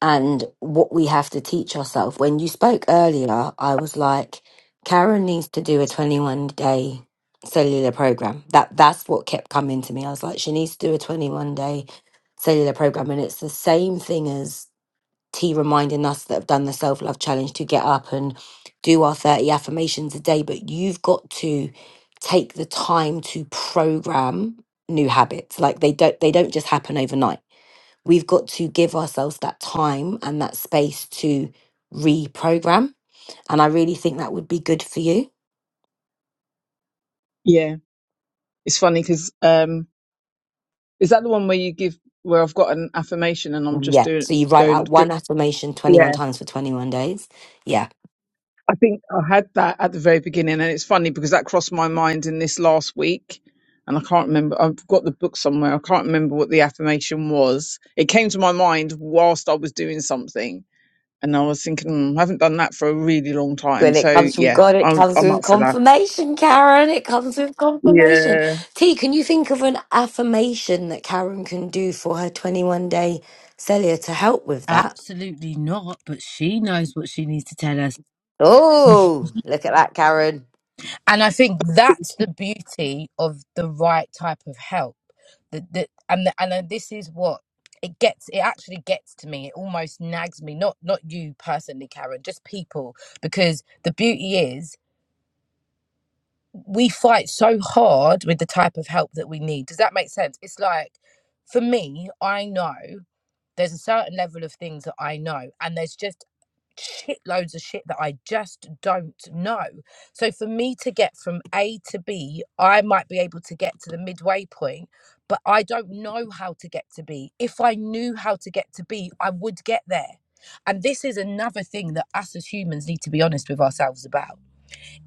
and what we have to teach ourselves. When you spoke earlier, I was like, Karen needs to do a 21 day cellular program. That that's what kept coming to me. I was like, she needs to do a 21 day cellular program, and it's the same thing as T reminding us that have done the self love challenge to get up and do our 30 affirmations a day. But you've got to take the time to program new habits. Like they don't they don't just happen overnight we've got to give ourselves that time and that space to reprogram. And I really think that would be good for you. Yeah. It's funny because, um, is that the one where you give, where I've got an affirmation and I'm just Yeah. So doing, you write going, out Go, one affirmation Yeah. 21 times for 21 days. Yeah. I think I had that at the very beginning, and it's funny because that crossed my mind in this last week, and I can't remember. I've got the book somewhere. I can't remember what the affirmation was. It came to my mind whilst I was doing something, and I was thinking, "Hmm, I haven't done that for a really long time. When it So comes from yeah, God, it I'm comes I'm with up for that. confirmation, Karen. It comes with confirmation. Yeah, T, can you think of an affirmation that Karen can do for her 21 day cellier to help with that? Absolutely not. But she knows what she needs to tell herself. Oh, look at that, Karen. And I think that's the beauty of the right type of help. The, the, and the, and then this is what it gets. It actually gets to me. It almost nags me. Not not you personally, Karen. Just people. Because the beauty is we fight so hard with the type of help that we need. Does that make sense? It's like for me, I know. There's a certain level of things that I know, and there's just shitloads of shit that I just don't know. So for me to get from A to B, I might be able to get to the midway point, but I don't know how to get to B. If I knew how to get to B, I would get there. And this is another thing that us as humans need to be honest with ourselves about.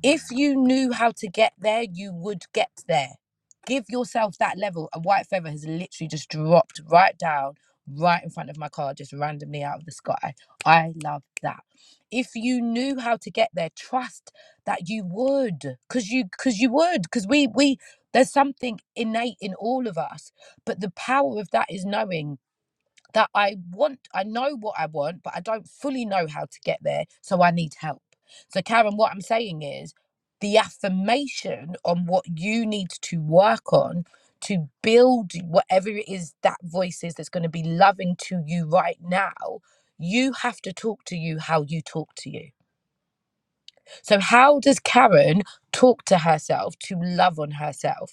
If you knew how to get there, you would get there. Give yourself that level. A white feather has literally just dropped right down, right in front of my car, just randomly out of the sky. I love that. If you knew how to get there, trust that you would, because you, because you would, because we, we. There's something innate in all of us, but the power of that is knowing that I want, I know what I want, but I don't fully know how to get there. So I need help. So, Karen, what I'm saying is the affirmation on what you need to work on to build whatever it is that voice is that's going to be loving to you right now. You have to talk to you how you talk to you. So, how does Karen talk to herself to love on herself?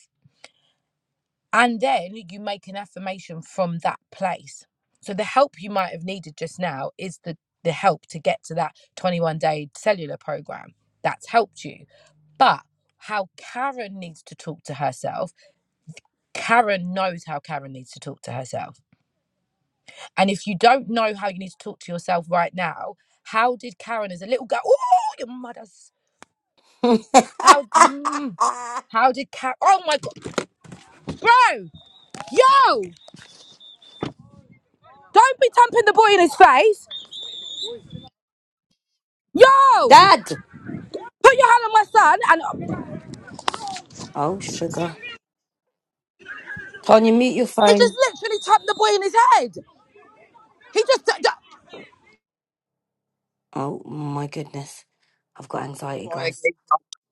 and then you make an affirmation from that place so the help you might have needed just now is the the help to get to that 21 day cellular program that's helped you but how Karen needs to talk to herself. Karen knows how Karen needs to talk to herself. And if you don't know how you need to talk to yourself right now, how did Karen as a little girl? Oh, your mother's. How mm, how did Karen? Oh my God, bro, yo, don't be thumping the boy in his face, yo. Dad. Put your hand on my son, and Oh, sugar. Tanya, mute your he just phone. literally tapped the boy in his head. He just. d- d- Oh my goodness, I've got anxiety, why I guys. gave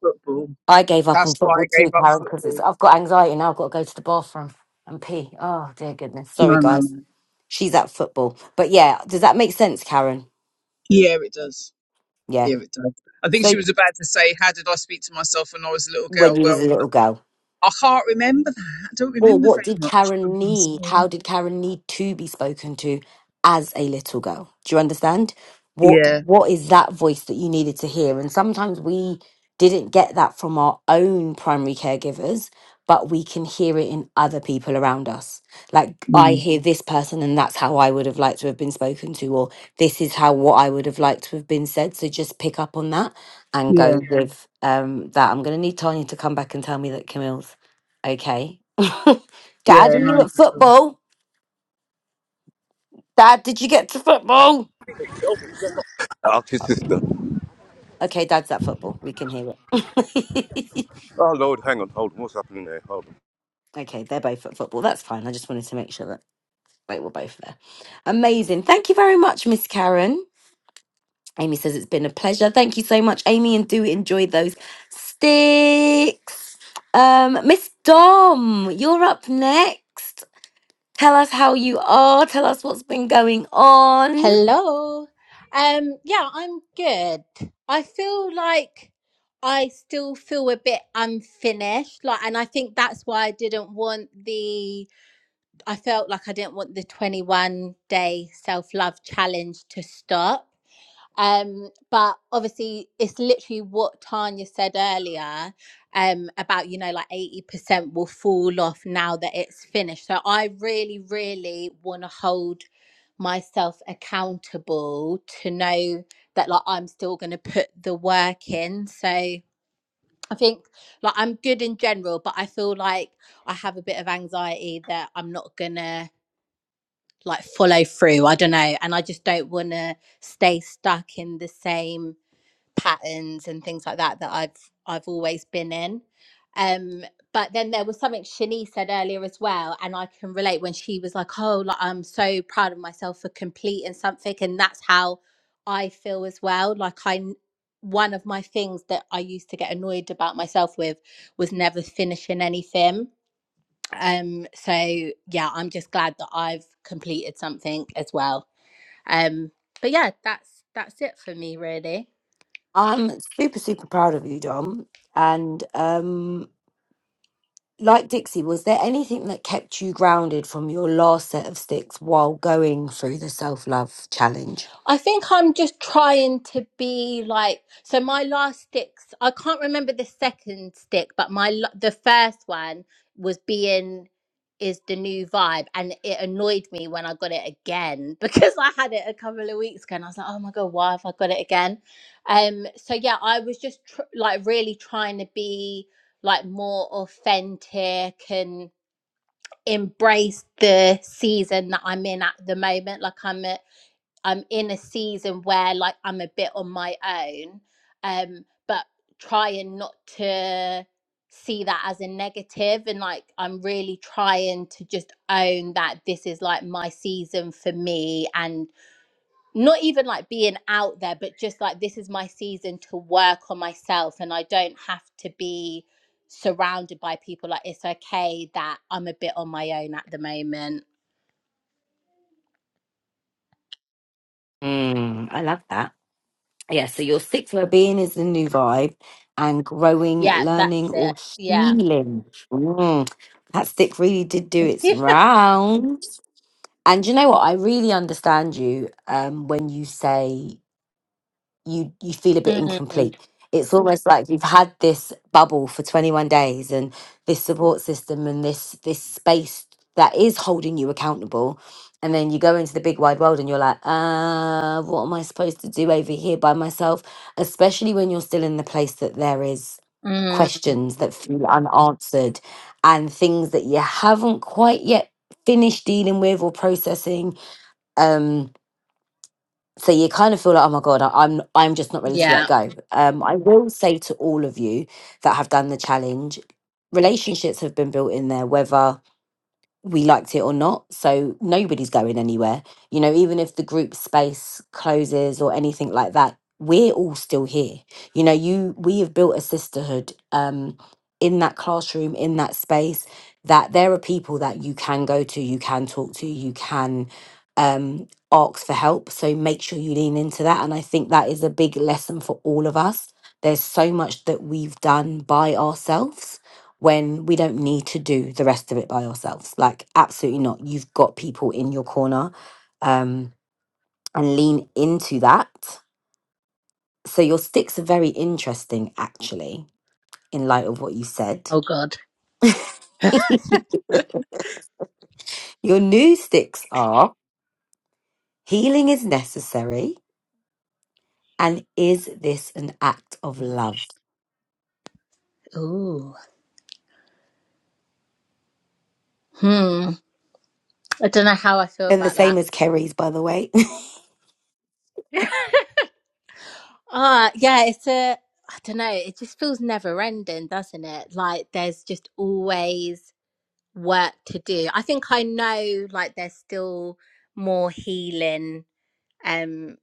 up football. I gave up on That's why football I gave too, up Karen, because it's football. I've got anxiety now. I've got to go to the bathroom and pee. Oh dear goodness. Sorry, No, no, guys. no. She's at football, but yeah, does that make sense, Karen? Yeah, it does. Yeah. Yeah, it does. I think So she was about to say, "How did I speak to myself when I was a little when girl?" you was a Well, little girl. I can't remember that. I don't Or remember what very did much from Karen being need? small. How did Karen need to be spoken to as a little girl? Do you understand? What Yeah, what is that voice that you needed to hear? And sometimes we didn't get that from our own primary caregivers, but we can hear it in other people around us. Like I mm, hear this person and that's how I would have liked to have been spoken to, or this is how what I would have liked to have been said. So just pick up on that and go yeah, Yeah. with um that. I'm gonna need Tanya to come back and tell me that Camille's okay Dad, yeah. are you Nice. at at all. football? Dad, did you get to football? Ask your Oh, sister. Okay, Dad's at football. We can hear it. Oh, Lord, hang on, hold on. What's happening there? Hold on. okay, they're both at football. That's fine. I just wanted to make sure that they were both there. Amazing. Thank you very much, Miss Karen. Amy says it's been a pleasure. Thank you so much, Amy, and do enjoy those sticks. Um, Miss Dom, you're up next. Tell us how you are. Tell us what's been going on. Hello. Um. Yeah, I'm good. I feel like I still feel a bit unfinished. Like, and I think that's why I didn't want the. I felt like I didn't want the 21 day self love challenge to stop Um, but obviously, it's literally what Tanya said earlier um, about, you know, like 80% will fall off now that it's finished. So I really, really want to hold myself accountable to know that, like, I'm still going to put the work in. So I think, like, I'm good in general, but I feel like I have a bit of anxiety that I'm not going to, like, follow through. I don't know. And I just don't want to stay stuck in the same patterns and things like that that I've I've always been in. Um, but then there was something Shani said earlier as well, and I can relate when she was like, "Oh, like, I'm so proud of myself for completing something," and that's how I feel as well. Like I, one of my things that I used to get annoyed about myself with was never finishing anything. Um, so yeah, I'm just glad that I've completed something as well. Um, but yeah, that's that's it for me really. I'm super, super proud of you, Dom. And um, like Dixie, was there anything that kept you grounded from your last set of sticks while going through the self love challenge? I think I'm just trying to be like so my last sticks I can't remember the second stick but my l- the first one was being is the new vibe and it annoyed me when I got it again because I had it a couple of weeks ago and I was like oh my god why have I got it again um so yeah I was just tr- like really trying to be like more authentic and embrace the season that I'm in at the moment like I'm I'm in a season where like I'm a bit on my own, um, but trying not to see that as a negative and like I'm really trying to just own that this is like my season for me and not even like being out there, but just like this is my season to work on myself and I don't have to be surrounded by people. Like it's okay that I'm a bit on my own at the moment. Mm, I love that. Yeah, so your sixth well being is the new vibe and growing, Yeah, that's learning, or it. Yeah. healing. Mm, that stick really did do its rounds. And you know what? I really understand you um, when you say you you feel a bit Mm. incomplete. It's almost like you've had this bubble for 21 days and this support system and this this space that is holding you accountable. And then you go into the big wide world and you're like, uh, what am I supposed to do over here by myself? Especially when you're still in the place that there is Mm, questions that feel unanswered and things that you haven't quite yet finished dealing with or processing um so you kind of feel like oh my god I- i'm i'm just not ready to let yeah. go um i will say to all of you that have done the challenge relationships have been built in there whether we liked it or not. So nobody's going anywhere. You know, even if the group space closes or anything like that, we're all still here. You know, you we have built a sisterhood um in that classroom, in that space, that there are people that you can go to, you can talk to, you can um ask for help. So make sure you lean into that. And I think that is a big lesson for all of us. There's so much that we've done by ourselves when we don't need to do the rest of it by ourselves. Like, absolutely not. You've got people in your corner um, and lean into that. So, your sticks are very interesting, actually, in light of what you said. Oh God. your new sticks are healing is necessary, and is this an act of love? Ooh. Hmm. I don't know how I feel They're the about same that. as Kerry's, by the way. Ah, yeah. It's a. I don't know. It just feels never ending, doesn't it? Like there's just always work to do. I think I know. Like there's still more healing um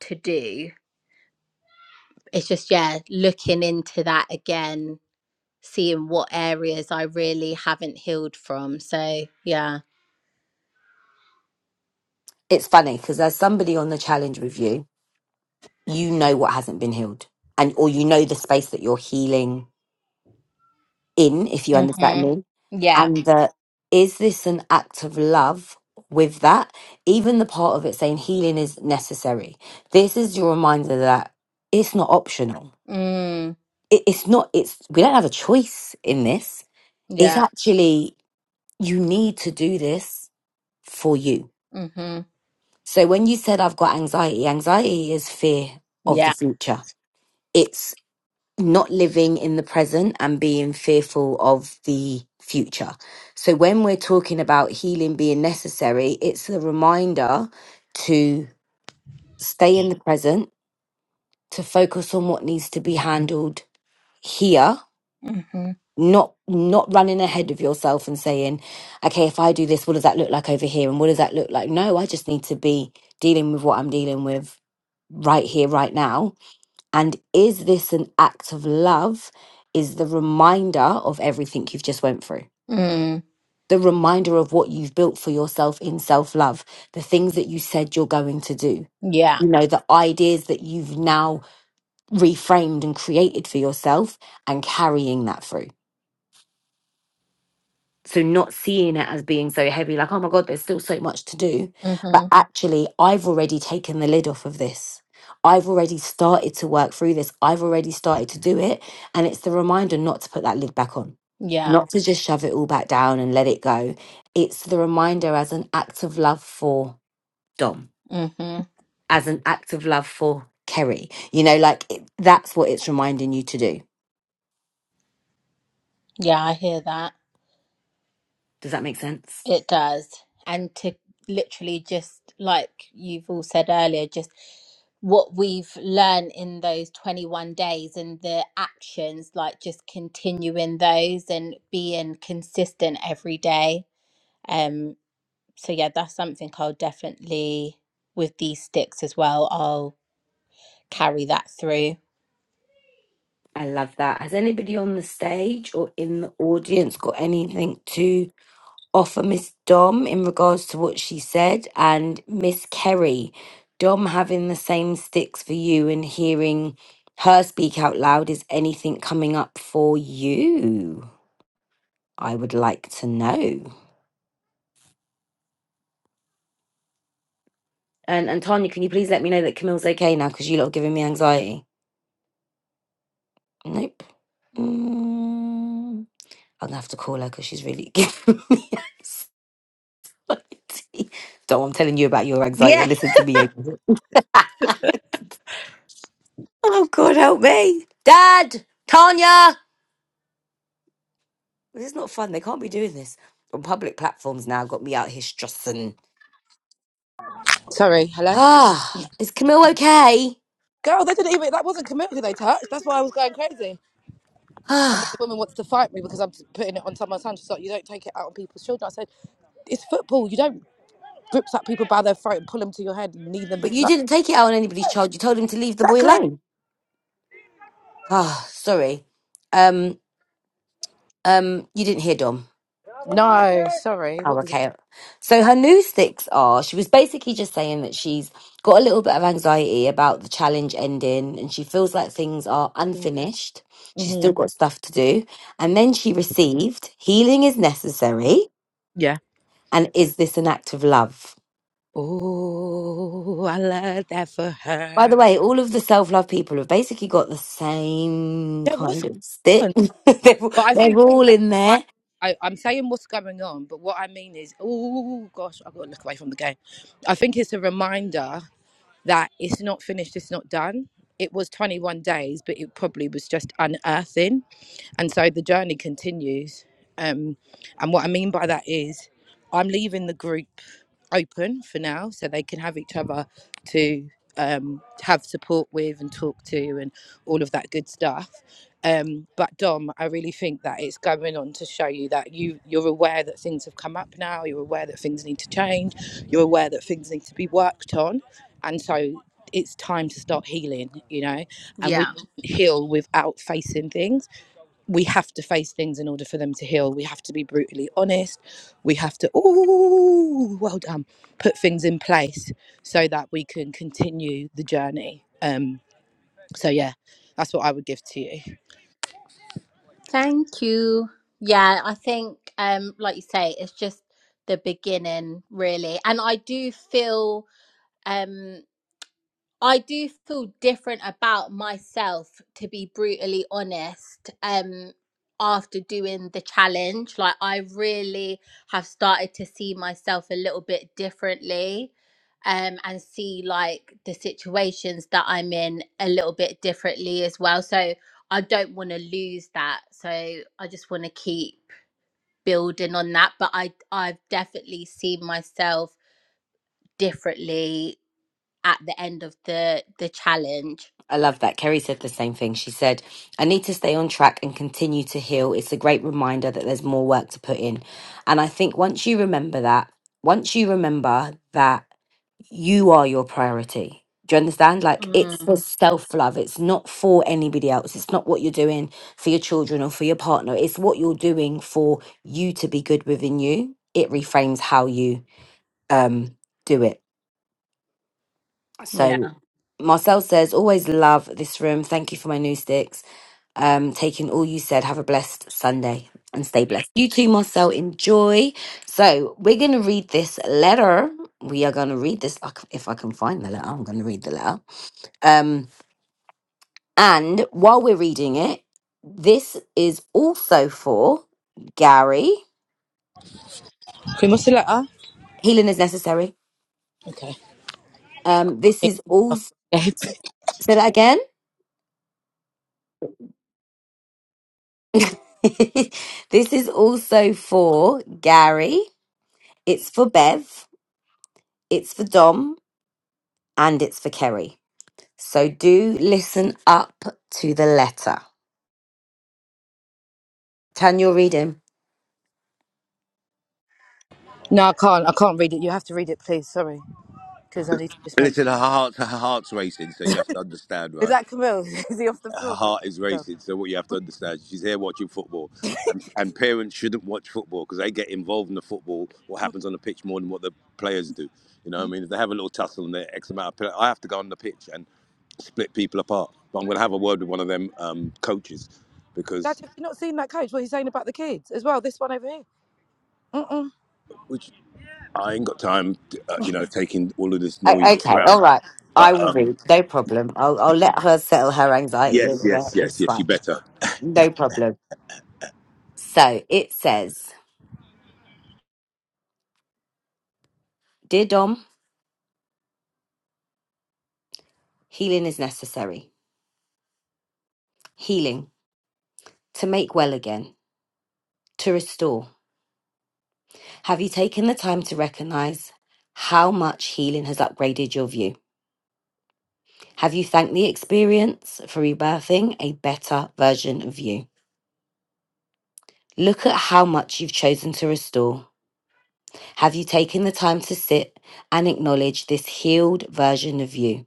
to do. It's just yeah, looking into that again, seeing what areas I really haven't healed from. So yeah. it's funny because as somebody on the challenge with you, you know what hasn't been healed, and or you know the space that you're healing in, if you understand Mm-hmm. me, Yeah. and that is this an act of love with that? Even the part of it saying healing is necessary. This is your reminder that it's not optional. Mm. It, it's not, it's, we don't have a choice in this. It's Yeah. actually, you need to do this for you. Mhm. So when you said, I've got anxiety, anxiety is fear of the Yeah. future. It's. not living in the present and being fearful of the future. So when we're talking about healing being necessary, it's the reminder to stay in the present, to focus on what needs to be handled here, Mhm. not not running ahead of yourself and saying, okay, if I do this, what does that look like over here and what does that look like? No, I just need to be dealing with what I'm dealing with right here right now And is this an act of love? Is the reminder of everything you've just went through. Mm. The reminder of what you've built for yourself in self love, the things that you said you're going to do, Yeah. you know, the ideas that you've now reframed and created for yourself and carrying that through. So not seeing it as being so heavy, like, oh my God, there's still so much to do. But Mhm. actually, I've already taken the lid off of this. I've already started to work through this. I've already started to do it. And it's the reminder not to put that lid back on, Yeah. not to just shove it all back down and let it go. It's the reminder as an act of love for Dom, Mhm. as an act of love for Kerry. You know, like it, that's what it's reminding you to do. Yeah, I hear that. Does that make sense? It does. And to literally just like you've all said earlier, just what we've learned in those 21 days and the actions, like just continuing those and being consistent every day. Um, so yeah, that's something I'll definitely with these sticks as well, I'll carry that through. I love that. Has anybody on the stage or in the audience got anything to offer Miss Dom in regards to what she said? And Miss Kerry, Dom having the same sticks for you and hearing her speak out loud, is anything coming up for you? I would like to know. And, and Tanya, can you please let me know that Camille's okay now because you lot are giving me anxiety? Nope. Mm, I'm going to have to call her because she's really giving me anxiety. anxiety. So I'm telling you about your anxiety. Listen to me. Amy. Oh God, help me, Dad, Tanya. This is not fun. They can't be doing this on public platforms now. Got me out here stressing. Sorry, hello? Ah, is Camille okay? Girl, they didn't even. That wasn't committed, they touched. That's why I was going crazy. And then the Ah, woman wants to fight me because I'm putting it on some of my son. She's like, you don't take it out on people's children. I said, it's football. You don't grip up people by their throat and pull them to your head and leave them but you like. didn't take it out on anybody's child. You told him to leave the boy Exactly. alone. Ah, sorry. Um, um, you didn't hear Dom. No, sorry. Oh, What was okay. So her new sticks are she was basically just saying that she's got a little bit of anxiety about the challenge ending and she feels like things are it? unfinished. She's hmm still got stuff to do. And then she received healing is necessary. Yeah. And is this an act of love? Oh, I love that for By the her. way, all of the self love people have basically got the same Yeah, what's kind of stick. going on? they're, But I they're think all in there. I, I, I'm saying what's going on, but what I mean is, oh gosh, I've got to look away from the game. I think it's a reminder that it's not finished, it's not done. It was 21 days, but it probably was just unearthing. And so the journey continues. Um, and what I mean by that is I'm leaving the group open for now so they can have each other to um, have support with and talk to and all of that good stuff. Um, but Dom, I really think that it's going on to show you that you you're aware that things have come up now. You're aware that things need to change. You're aware that things need to be worked on, and so it's time to start healing. You know, and we Yeah. can't heal without facing things we have to face things in order for them to heal. We have to be brutally honest. We have to, ooh, well done, put things in place so that we can continue the journey. Um, so yeah, that's what I would give to you. Thank you. Yeah, I think, um, like you say, it's just the beginning, really. And I do feel. um, I do feel different about myself, to be brutally honest. Um, after doing the challenge, like I really have started to see myself a little bit differently, um, and see like the situations that I'm in a little bit differently as well. So I don't want to lose that. So I just want to keep building on that. But I I've definitely seen myself differently at the end of the the challenge. I love that. Kerry said the same thing. She said, I need to stay on track and continue to heal. It's a great reminder that there's more work to put in. And I think once you remember that, once you remember that you are your priority. Do you understand? Like it's Mm, for self love. It's not for anybody else. It's not what you're doing for your children or for your partner. It's what you're doing for you to be good within you. It reframes how you um do it. yeah. So Marcel says, always love this room. Thank you for my new sticks um, taking all you said. Have a blessed Sunday and stay blessed. You too, Marcel. Enjoy. So we're going to read this letter. We are going to read this. I c- If I can find the letter, I'm going to read the letter. Um, and while we're reading it, this is also for Gary. Can We what's the letter? Healing is necessary. Okay. Um, this is also, say that again. this is also for Gary. It's for Bev. It's for Dom. And it's for Kerry. So do listen up to the letter. Can you read him? No, I can't. I can't read it. You have to read it, please. Sorry, because I need to just make sure. Listen, her heart's, her heart's racing, so you have to understand, Is right? that Camille? Is he off the her floor? That's heart is Camille. racing. So what you have to understand, she's here watching football, and, and parents shouldn't watch football because they get involved in the football, what happens on the pitch more than what the players do. You know, what I mean, if they have a little tussle and they're X amount of players, I have to go on the pitch and split people apart. But I'm going to have a word with one of them um, coaches Dad, because have you not seen that coach? What he's saying about the kids as well? This one over here. Mm-mm. which I ain't got time, to, uh, you know, taking all of this O- noise okay, around. all right. I But will um, read. No problem. I'll, I'll let her settle her anxiety yes, over there. yes, yes, It's yes, fine. you better. No problem. So it says Dear Dom, healing is necessary. Healing, to make well again, to restore. Have you taken the time to recognize how much healing has upgraded your view? Have you thanked the experience for rebirthing a better version of you? Look at how much you've chosen to restore. Have you taken the time to sit and acknowledge this healed version of you?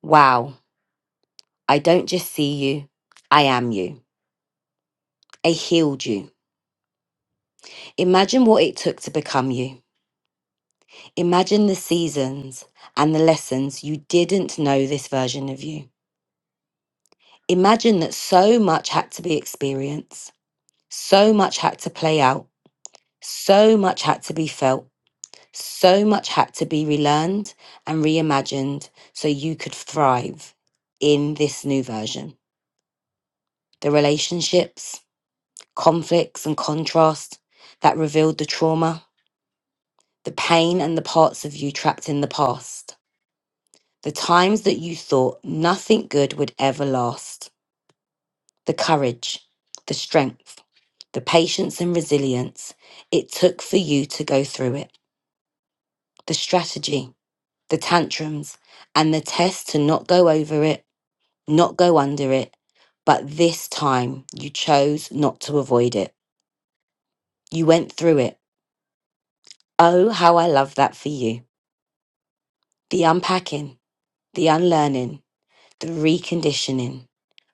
Wow, I don't just see you, I am you. I healed you. Imagine what it took to become you. Imagine the seasons and the lessons you didn't know this version of you. Imagine that so much had to be experienced, so much had to play out, so much had to be felt So much had to be relearned and reimagined so you could thrive in this new version. The relationships, conflicts, and contrast that revealed the trauma, the pain, and the parts of you trapped in the past. The times that you thought nothing good would ever last. The courage, the strength, the patience, and resilience it took for you to go through it. The strategy, the tantrums, and the test to not go over it not go under it. But this time you chose not to avoid it. You went through it. Oh, how I love that for you. The unpacking, the unlearning, the reconditioning.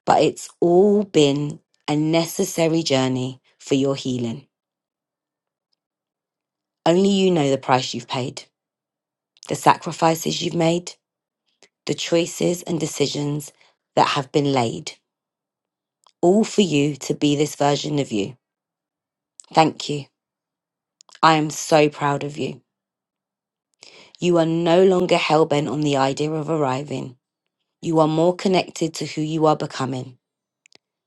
But it's all been a necessary journey for your healing. Only you know the price you've paid, the sacrifices you've made, the choices and decisions that have been laid, all for you to be this version of you. Thank you. I am so proud of you. You are no longer hellbent on the idea of arriving. You are more connected to who you are becoming.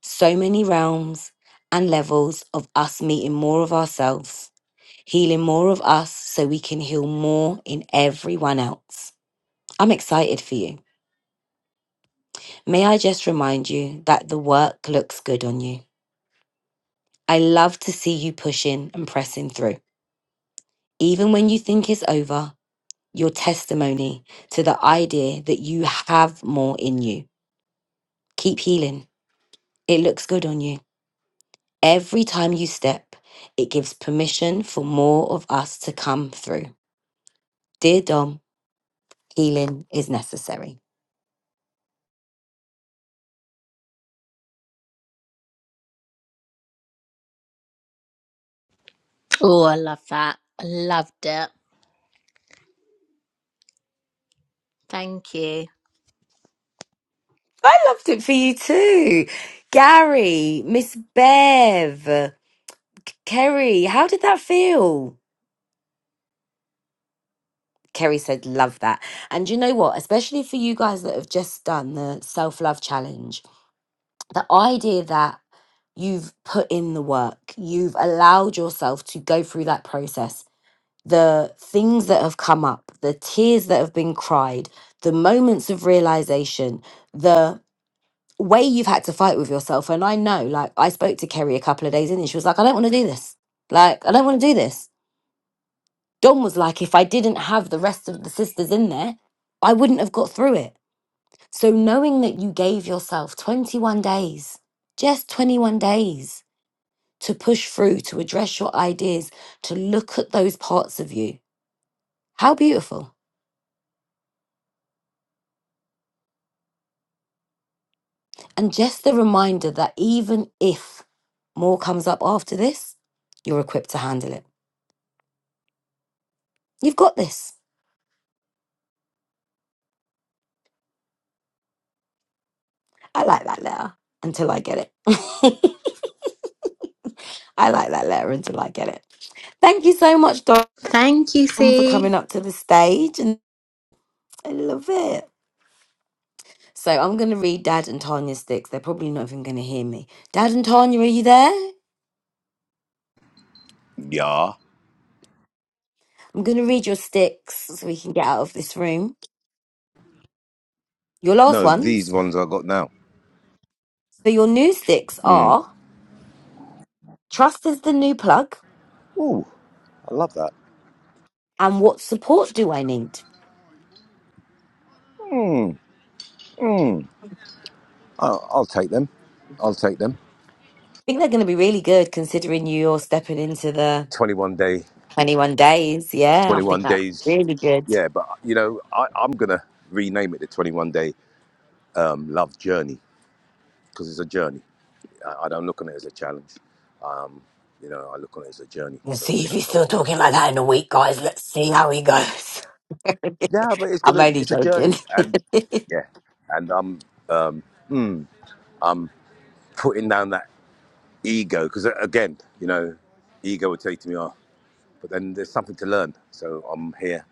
So many realms and levels of us meeting more of ourselves, healing more of us so we can heal more in everyone else. I'm excited for you. May I just remind you that the work looks good on you. I love to see you pushing and pressing through. Even when you think it's over, your testimony to the idea that you have more in you. Keep healing It looks good on you. Every time you step, it gives permission for more of us to come through. Dear Dom, healing is necessary. Oh, I love that. I loved it. Thank you. I loved it for you too. Gary, Miss Bev, K- Kerry, how did that feel? Kerry said, Love that. And you know what? Especially for you guys that have just done the self love challenge, the idea that you've put in the work, you've allowed yourself to go through that process the things that have come up, the tears that have been cried, the moments of realization, the way you've had to fight with yourself. And I know, like, I spoke to Kerry a couple of days in, and she was like, I don't want to do this. Like, I don't want to do this. Don was like, if I didn't have the rest of the sisters in there, I wouldn't have got through it. So, knowing that you gave yourself 21 days, just 21 days to push through, to address your ideas, to look at those parts of you, how beautiful. And just the reminder that even if more comes up after this, you're equipped to handle it. You've got this. I like that letter until I get it. I like that letter until I get it. Thank you so much, Dom, Thank you, for coming C. up to the stage. And I love it. So I'm going to read Dad and Tanya's sticks. They're probably not even going to hear me. Dad and Tanya, are you there? Yeah. I'm going to read your sticks so we can get out of this room. Your last No, these ones. ones I got now. So your new sticks are trust is the new plug. Ooh, I love that. and what support do I need? I I'll, I'll take them. I'll take them. think they're going to be really good considering you're stepping into the 21 day, 21 days. Yeah, I think 21 that's days. really good. Yeah, but you know, I, I'm gonna rename it the 21 day um, love journey because it's a journey. I, I don't look on it as a challenge. Um, you know, I look on it as a journey. We'll So see if that's he's how still I'm gonna talking name like it. that in a week, guys. Let's see how he goes. Yeah, but it's I'm gonna, only it's a joking. journey, and yeah, and I'm putting down that ego because again, you know, ego would take me, off. but then there's something to learn." So I'm here.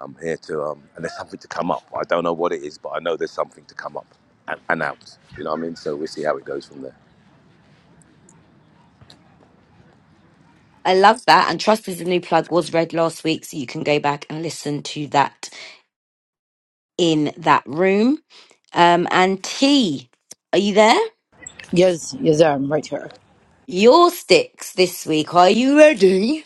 I'm here to, um, and there's something to come up. I don't know what it is, but I know there's something to come up and, and out. You know what I mean? So we'll see how it goes from there. I love that. And Trust is a new plug was read last week, so you can go back and listen to that in that room. Um, and T, are you there? Yes, yes, um, right here. Your sticks this week. Are you ready?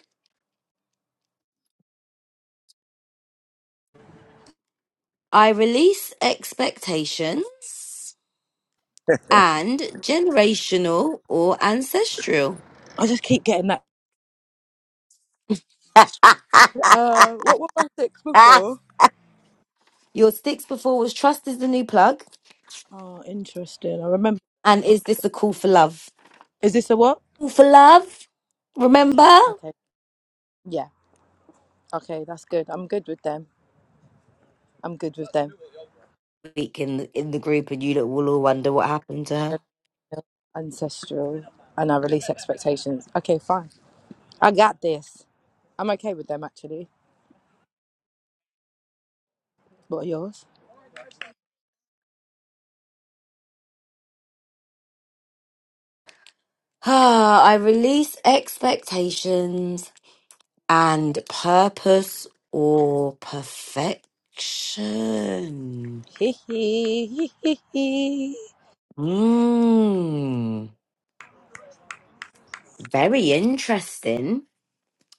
I release expectations. and generational or ancestral. I just keep getting that Uh, what were my six before? Your sticks before was trust is the new plug, Oh, interesting. I remember. and is this a call for love? Is this a what? Call for love, remember? Okay. Yeah. Okay, that's good. I'm good with them. I'm good with them. Week in the, in the group, and you lot will all wonder what happened to her. They're Ancestral, and I release expectations. Okay, fine. I got this. I'm okay with them actually. What are yours? Ah, I release expectations and purpose or perfection. Mmm, very interesting.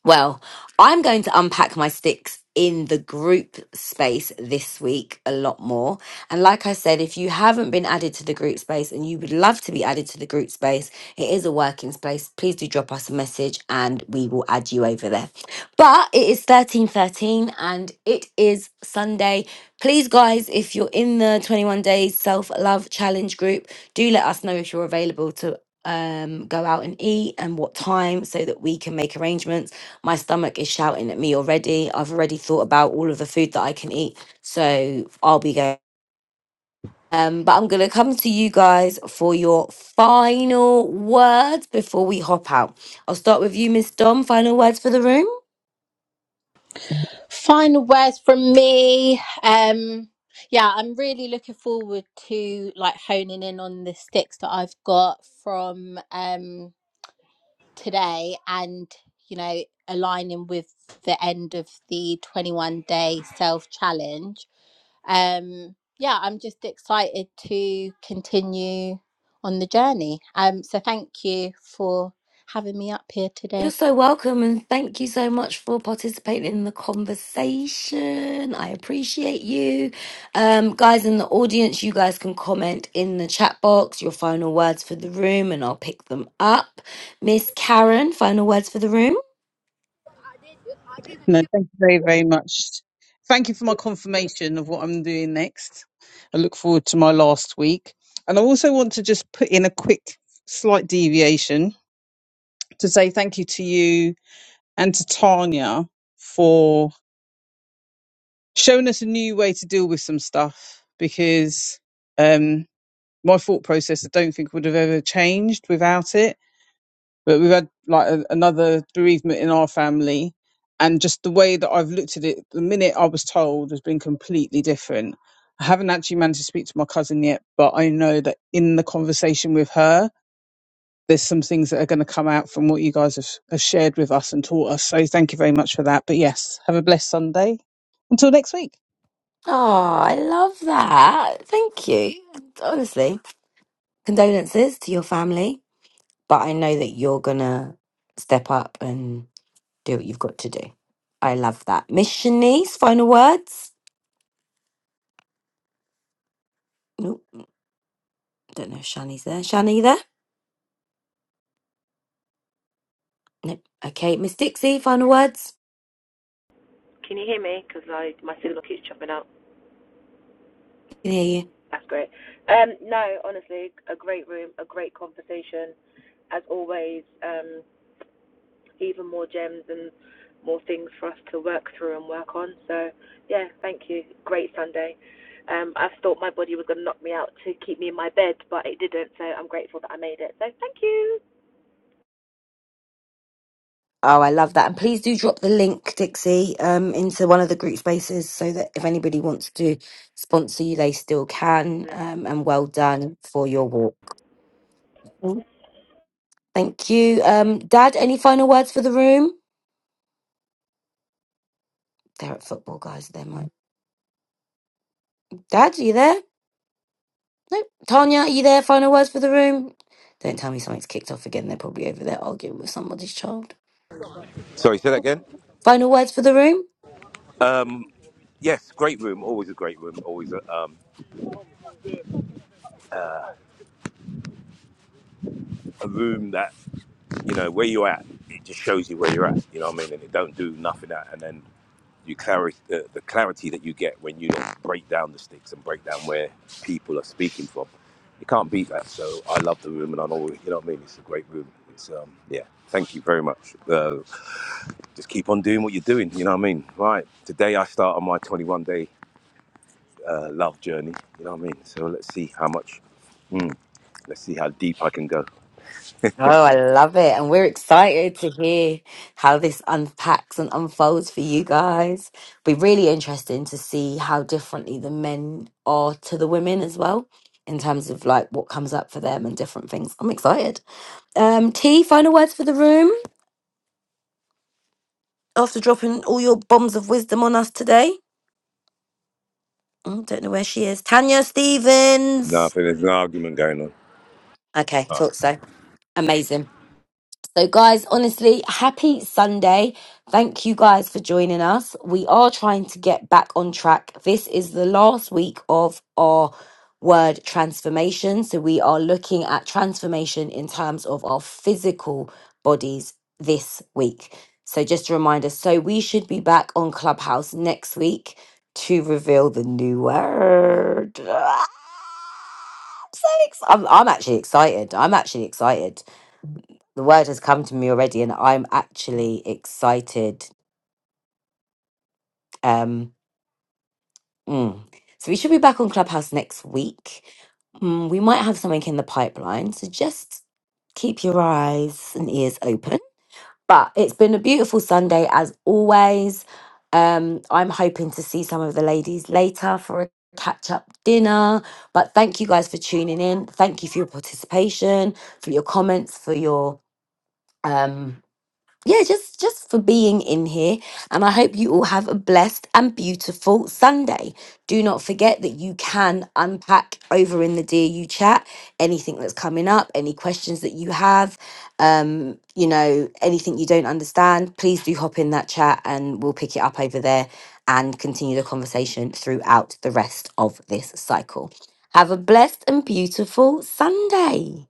Well, I'm going to unpack my sticks in the group space this week a lot more. And like I said, if you haven't been added to the group space and you would love to be added to the group space, it is a working space. Please do drop us a message and we will add you over there. But it is 1313 and it is Sunday. Please guys, if you're in the 21 days self-love challenge group, do let us know if you're available to um go out and eat and what time so that we can make arrangements my stomach is shouting at me already. I've already thought about all of the food that I can eat. So I'll be going. Um, but I'm going to come to you guys for your final words before we hop out. I'll start with you, Miss Dom. Final words for the room. Final words from me. Um, yeah, I'm really looking forward to like honing in on the sticks that I've got from um today and you know aligning with the end of the 21 day self challenge um yeah i'm just excited to continue on the journey um so thank you for having me up here You're today so welcome, and thank you so much for participating in the conversation. I appreciate you. Um, guys in the audience, you guys can comment in the chat box your final words for the room, and I'll pick them up. Miss Karen, final words for the room. No, thank you very, very much. Thank you for my confirmation of what I'm doing next. I look forward to my last week, and I also want to just put in a quick, slight deviation to say thank you to you and to Tanya for showing us a new way to deal with some stuff because um, my thought process I don't think would have ever changed without it but we've had like a, another bereavement in our family and just the way that i've looked at it the minute i was told has been completely different i haven't actually managed to speak to my cousin yet but i know that in the conversation with her there's some things that are going to come out from what you guys have, have shared with us and taught us. So thank you very much for that. But yes, have a blessed Sunday. Until next week. Oh, I love that. Thank you. Honestly, condolences to your family, but I know that you're gonna step up and do what you've got to do. I love that. Miss Shanice, final words. Don't know if Shani's there. Shani, you there? Nope. Okay, Miss Dixie, final words. Can you hear me? Because I my signal keeps chopping out. Can hear you. That's great. Um, no, honestly, a great room, a great conversation, as always. Um, even more gems and more things for us to work through and work on. So, yeah, thank you. Great Sunday. Um, I thought my body was going to knock me out to keep me in my bed, but it didn't. So I'm grateful that I made it. So thank you. Oh, I love that. And please do drop the link, Dixie, um, into one of the group spaces so that if anybody wants to sponsor you, they still can. Um, and well done for your walk. Mm, Thank you. Um, Dad, any final words for the room? They're at football, guys. They might. Dad, are you there? Nope. Tanya, are you there? Final words for the room? Don't tell me something's kicked off again. They're probably over there arguing with somebody's child. Sorry, say that again. Final words for the room? Um, yes, great room. Always a great room. Always a, um, a room that, you know, where you're at, it just shows you where you're at. You know what I mean? And it don't do nothing out. And then you clarity, the, the clarity that you get when you then break down the sticks and break down where people are speaking from. You can't beat that. So I love the room and I always, you know what I mean? It's a great room. It's, um, yeah, thank you very much. Uh, just keep on doing what you're doing. You know what I mean? Right. Today I start on my 21 day uh, love journey. You know what I mean? So let's see how much. Mm, let's see how deep I can go. Oh, I love it. And we're excited to hear how this unpacks and unfolds for you guys. Be really interesting to see how differently the men are to the women as well, in terms of like what comes up for them and different things. I'm excited. Um, T, final words for the room after dropping all your bombs of wisdom on us today. Mm, don't know where she is. Tanya No, I Stevens. think there's an argument going on. Okay, All right. thought so. Amazing. So, guys, honestly, happy Sunday. Thank you guys for joining us. We are trying to get back on track. This is the last week of our word transformation. So, we are looking at transformation in terms of our physical bodies this week. So, just a reminder so, we should be back on Clubhouse next week to reveal the new word. I'm so ex- I'm, I'm actually excited. I'm actually excited the word has come to me already and I'm actually excited. Um, mm. So we should be back on Clubhouse next week. Mm, we might have something in the pipeline. So just keep your eyes and ears open. But it's been a beautiful Sunday as always. Um, I'm hoping to see some of the ladies later for a catch up dinner. But thank you guys for tuning in. Thank you for your participation, for your comments, for your. Um, yeah, just just for being in here. And I hope you all have a blessed and beautiful Sunday. Do not forget that you can unpack over in the dear you chat anything that's coming up, any questions that you have, um, you know, anything you don't understand, please do hop in that chat and we'll pick it up over there and continue the conversation throughout the rest of this cycle. Have a blessed and beautiful Sunday.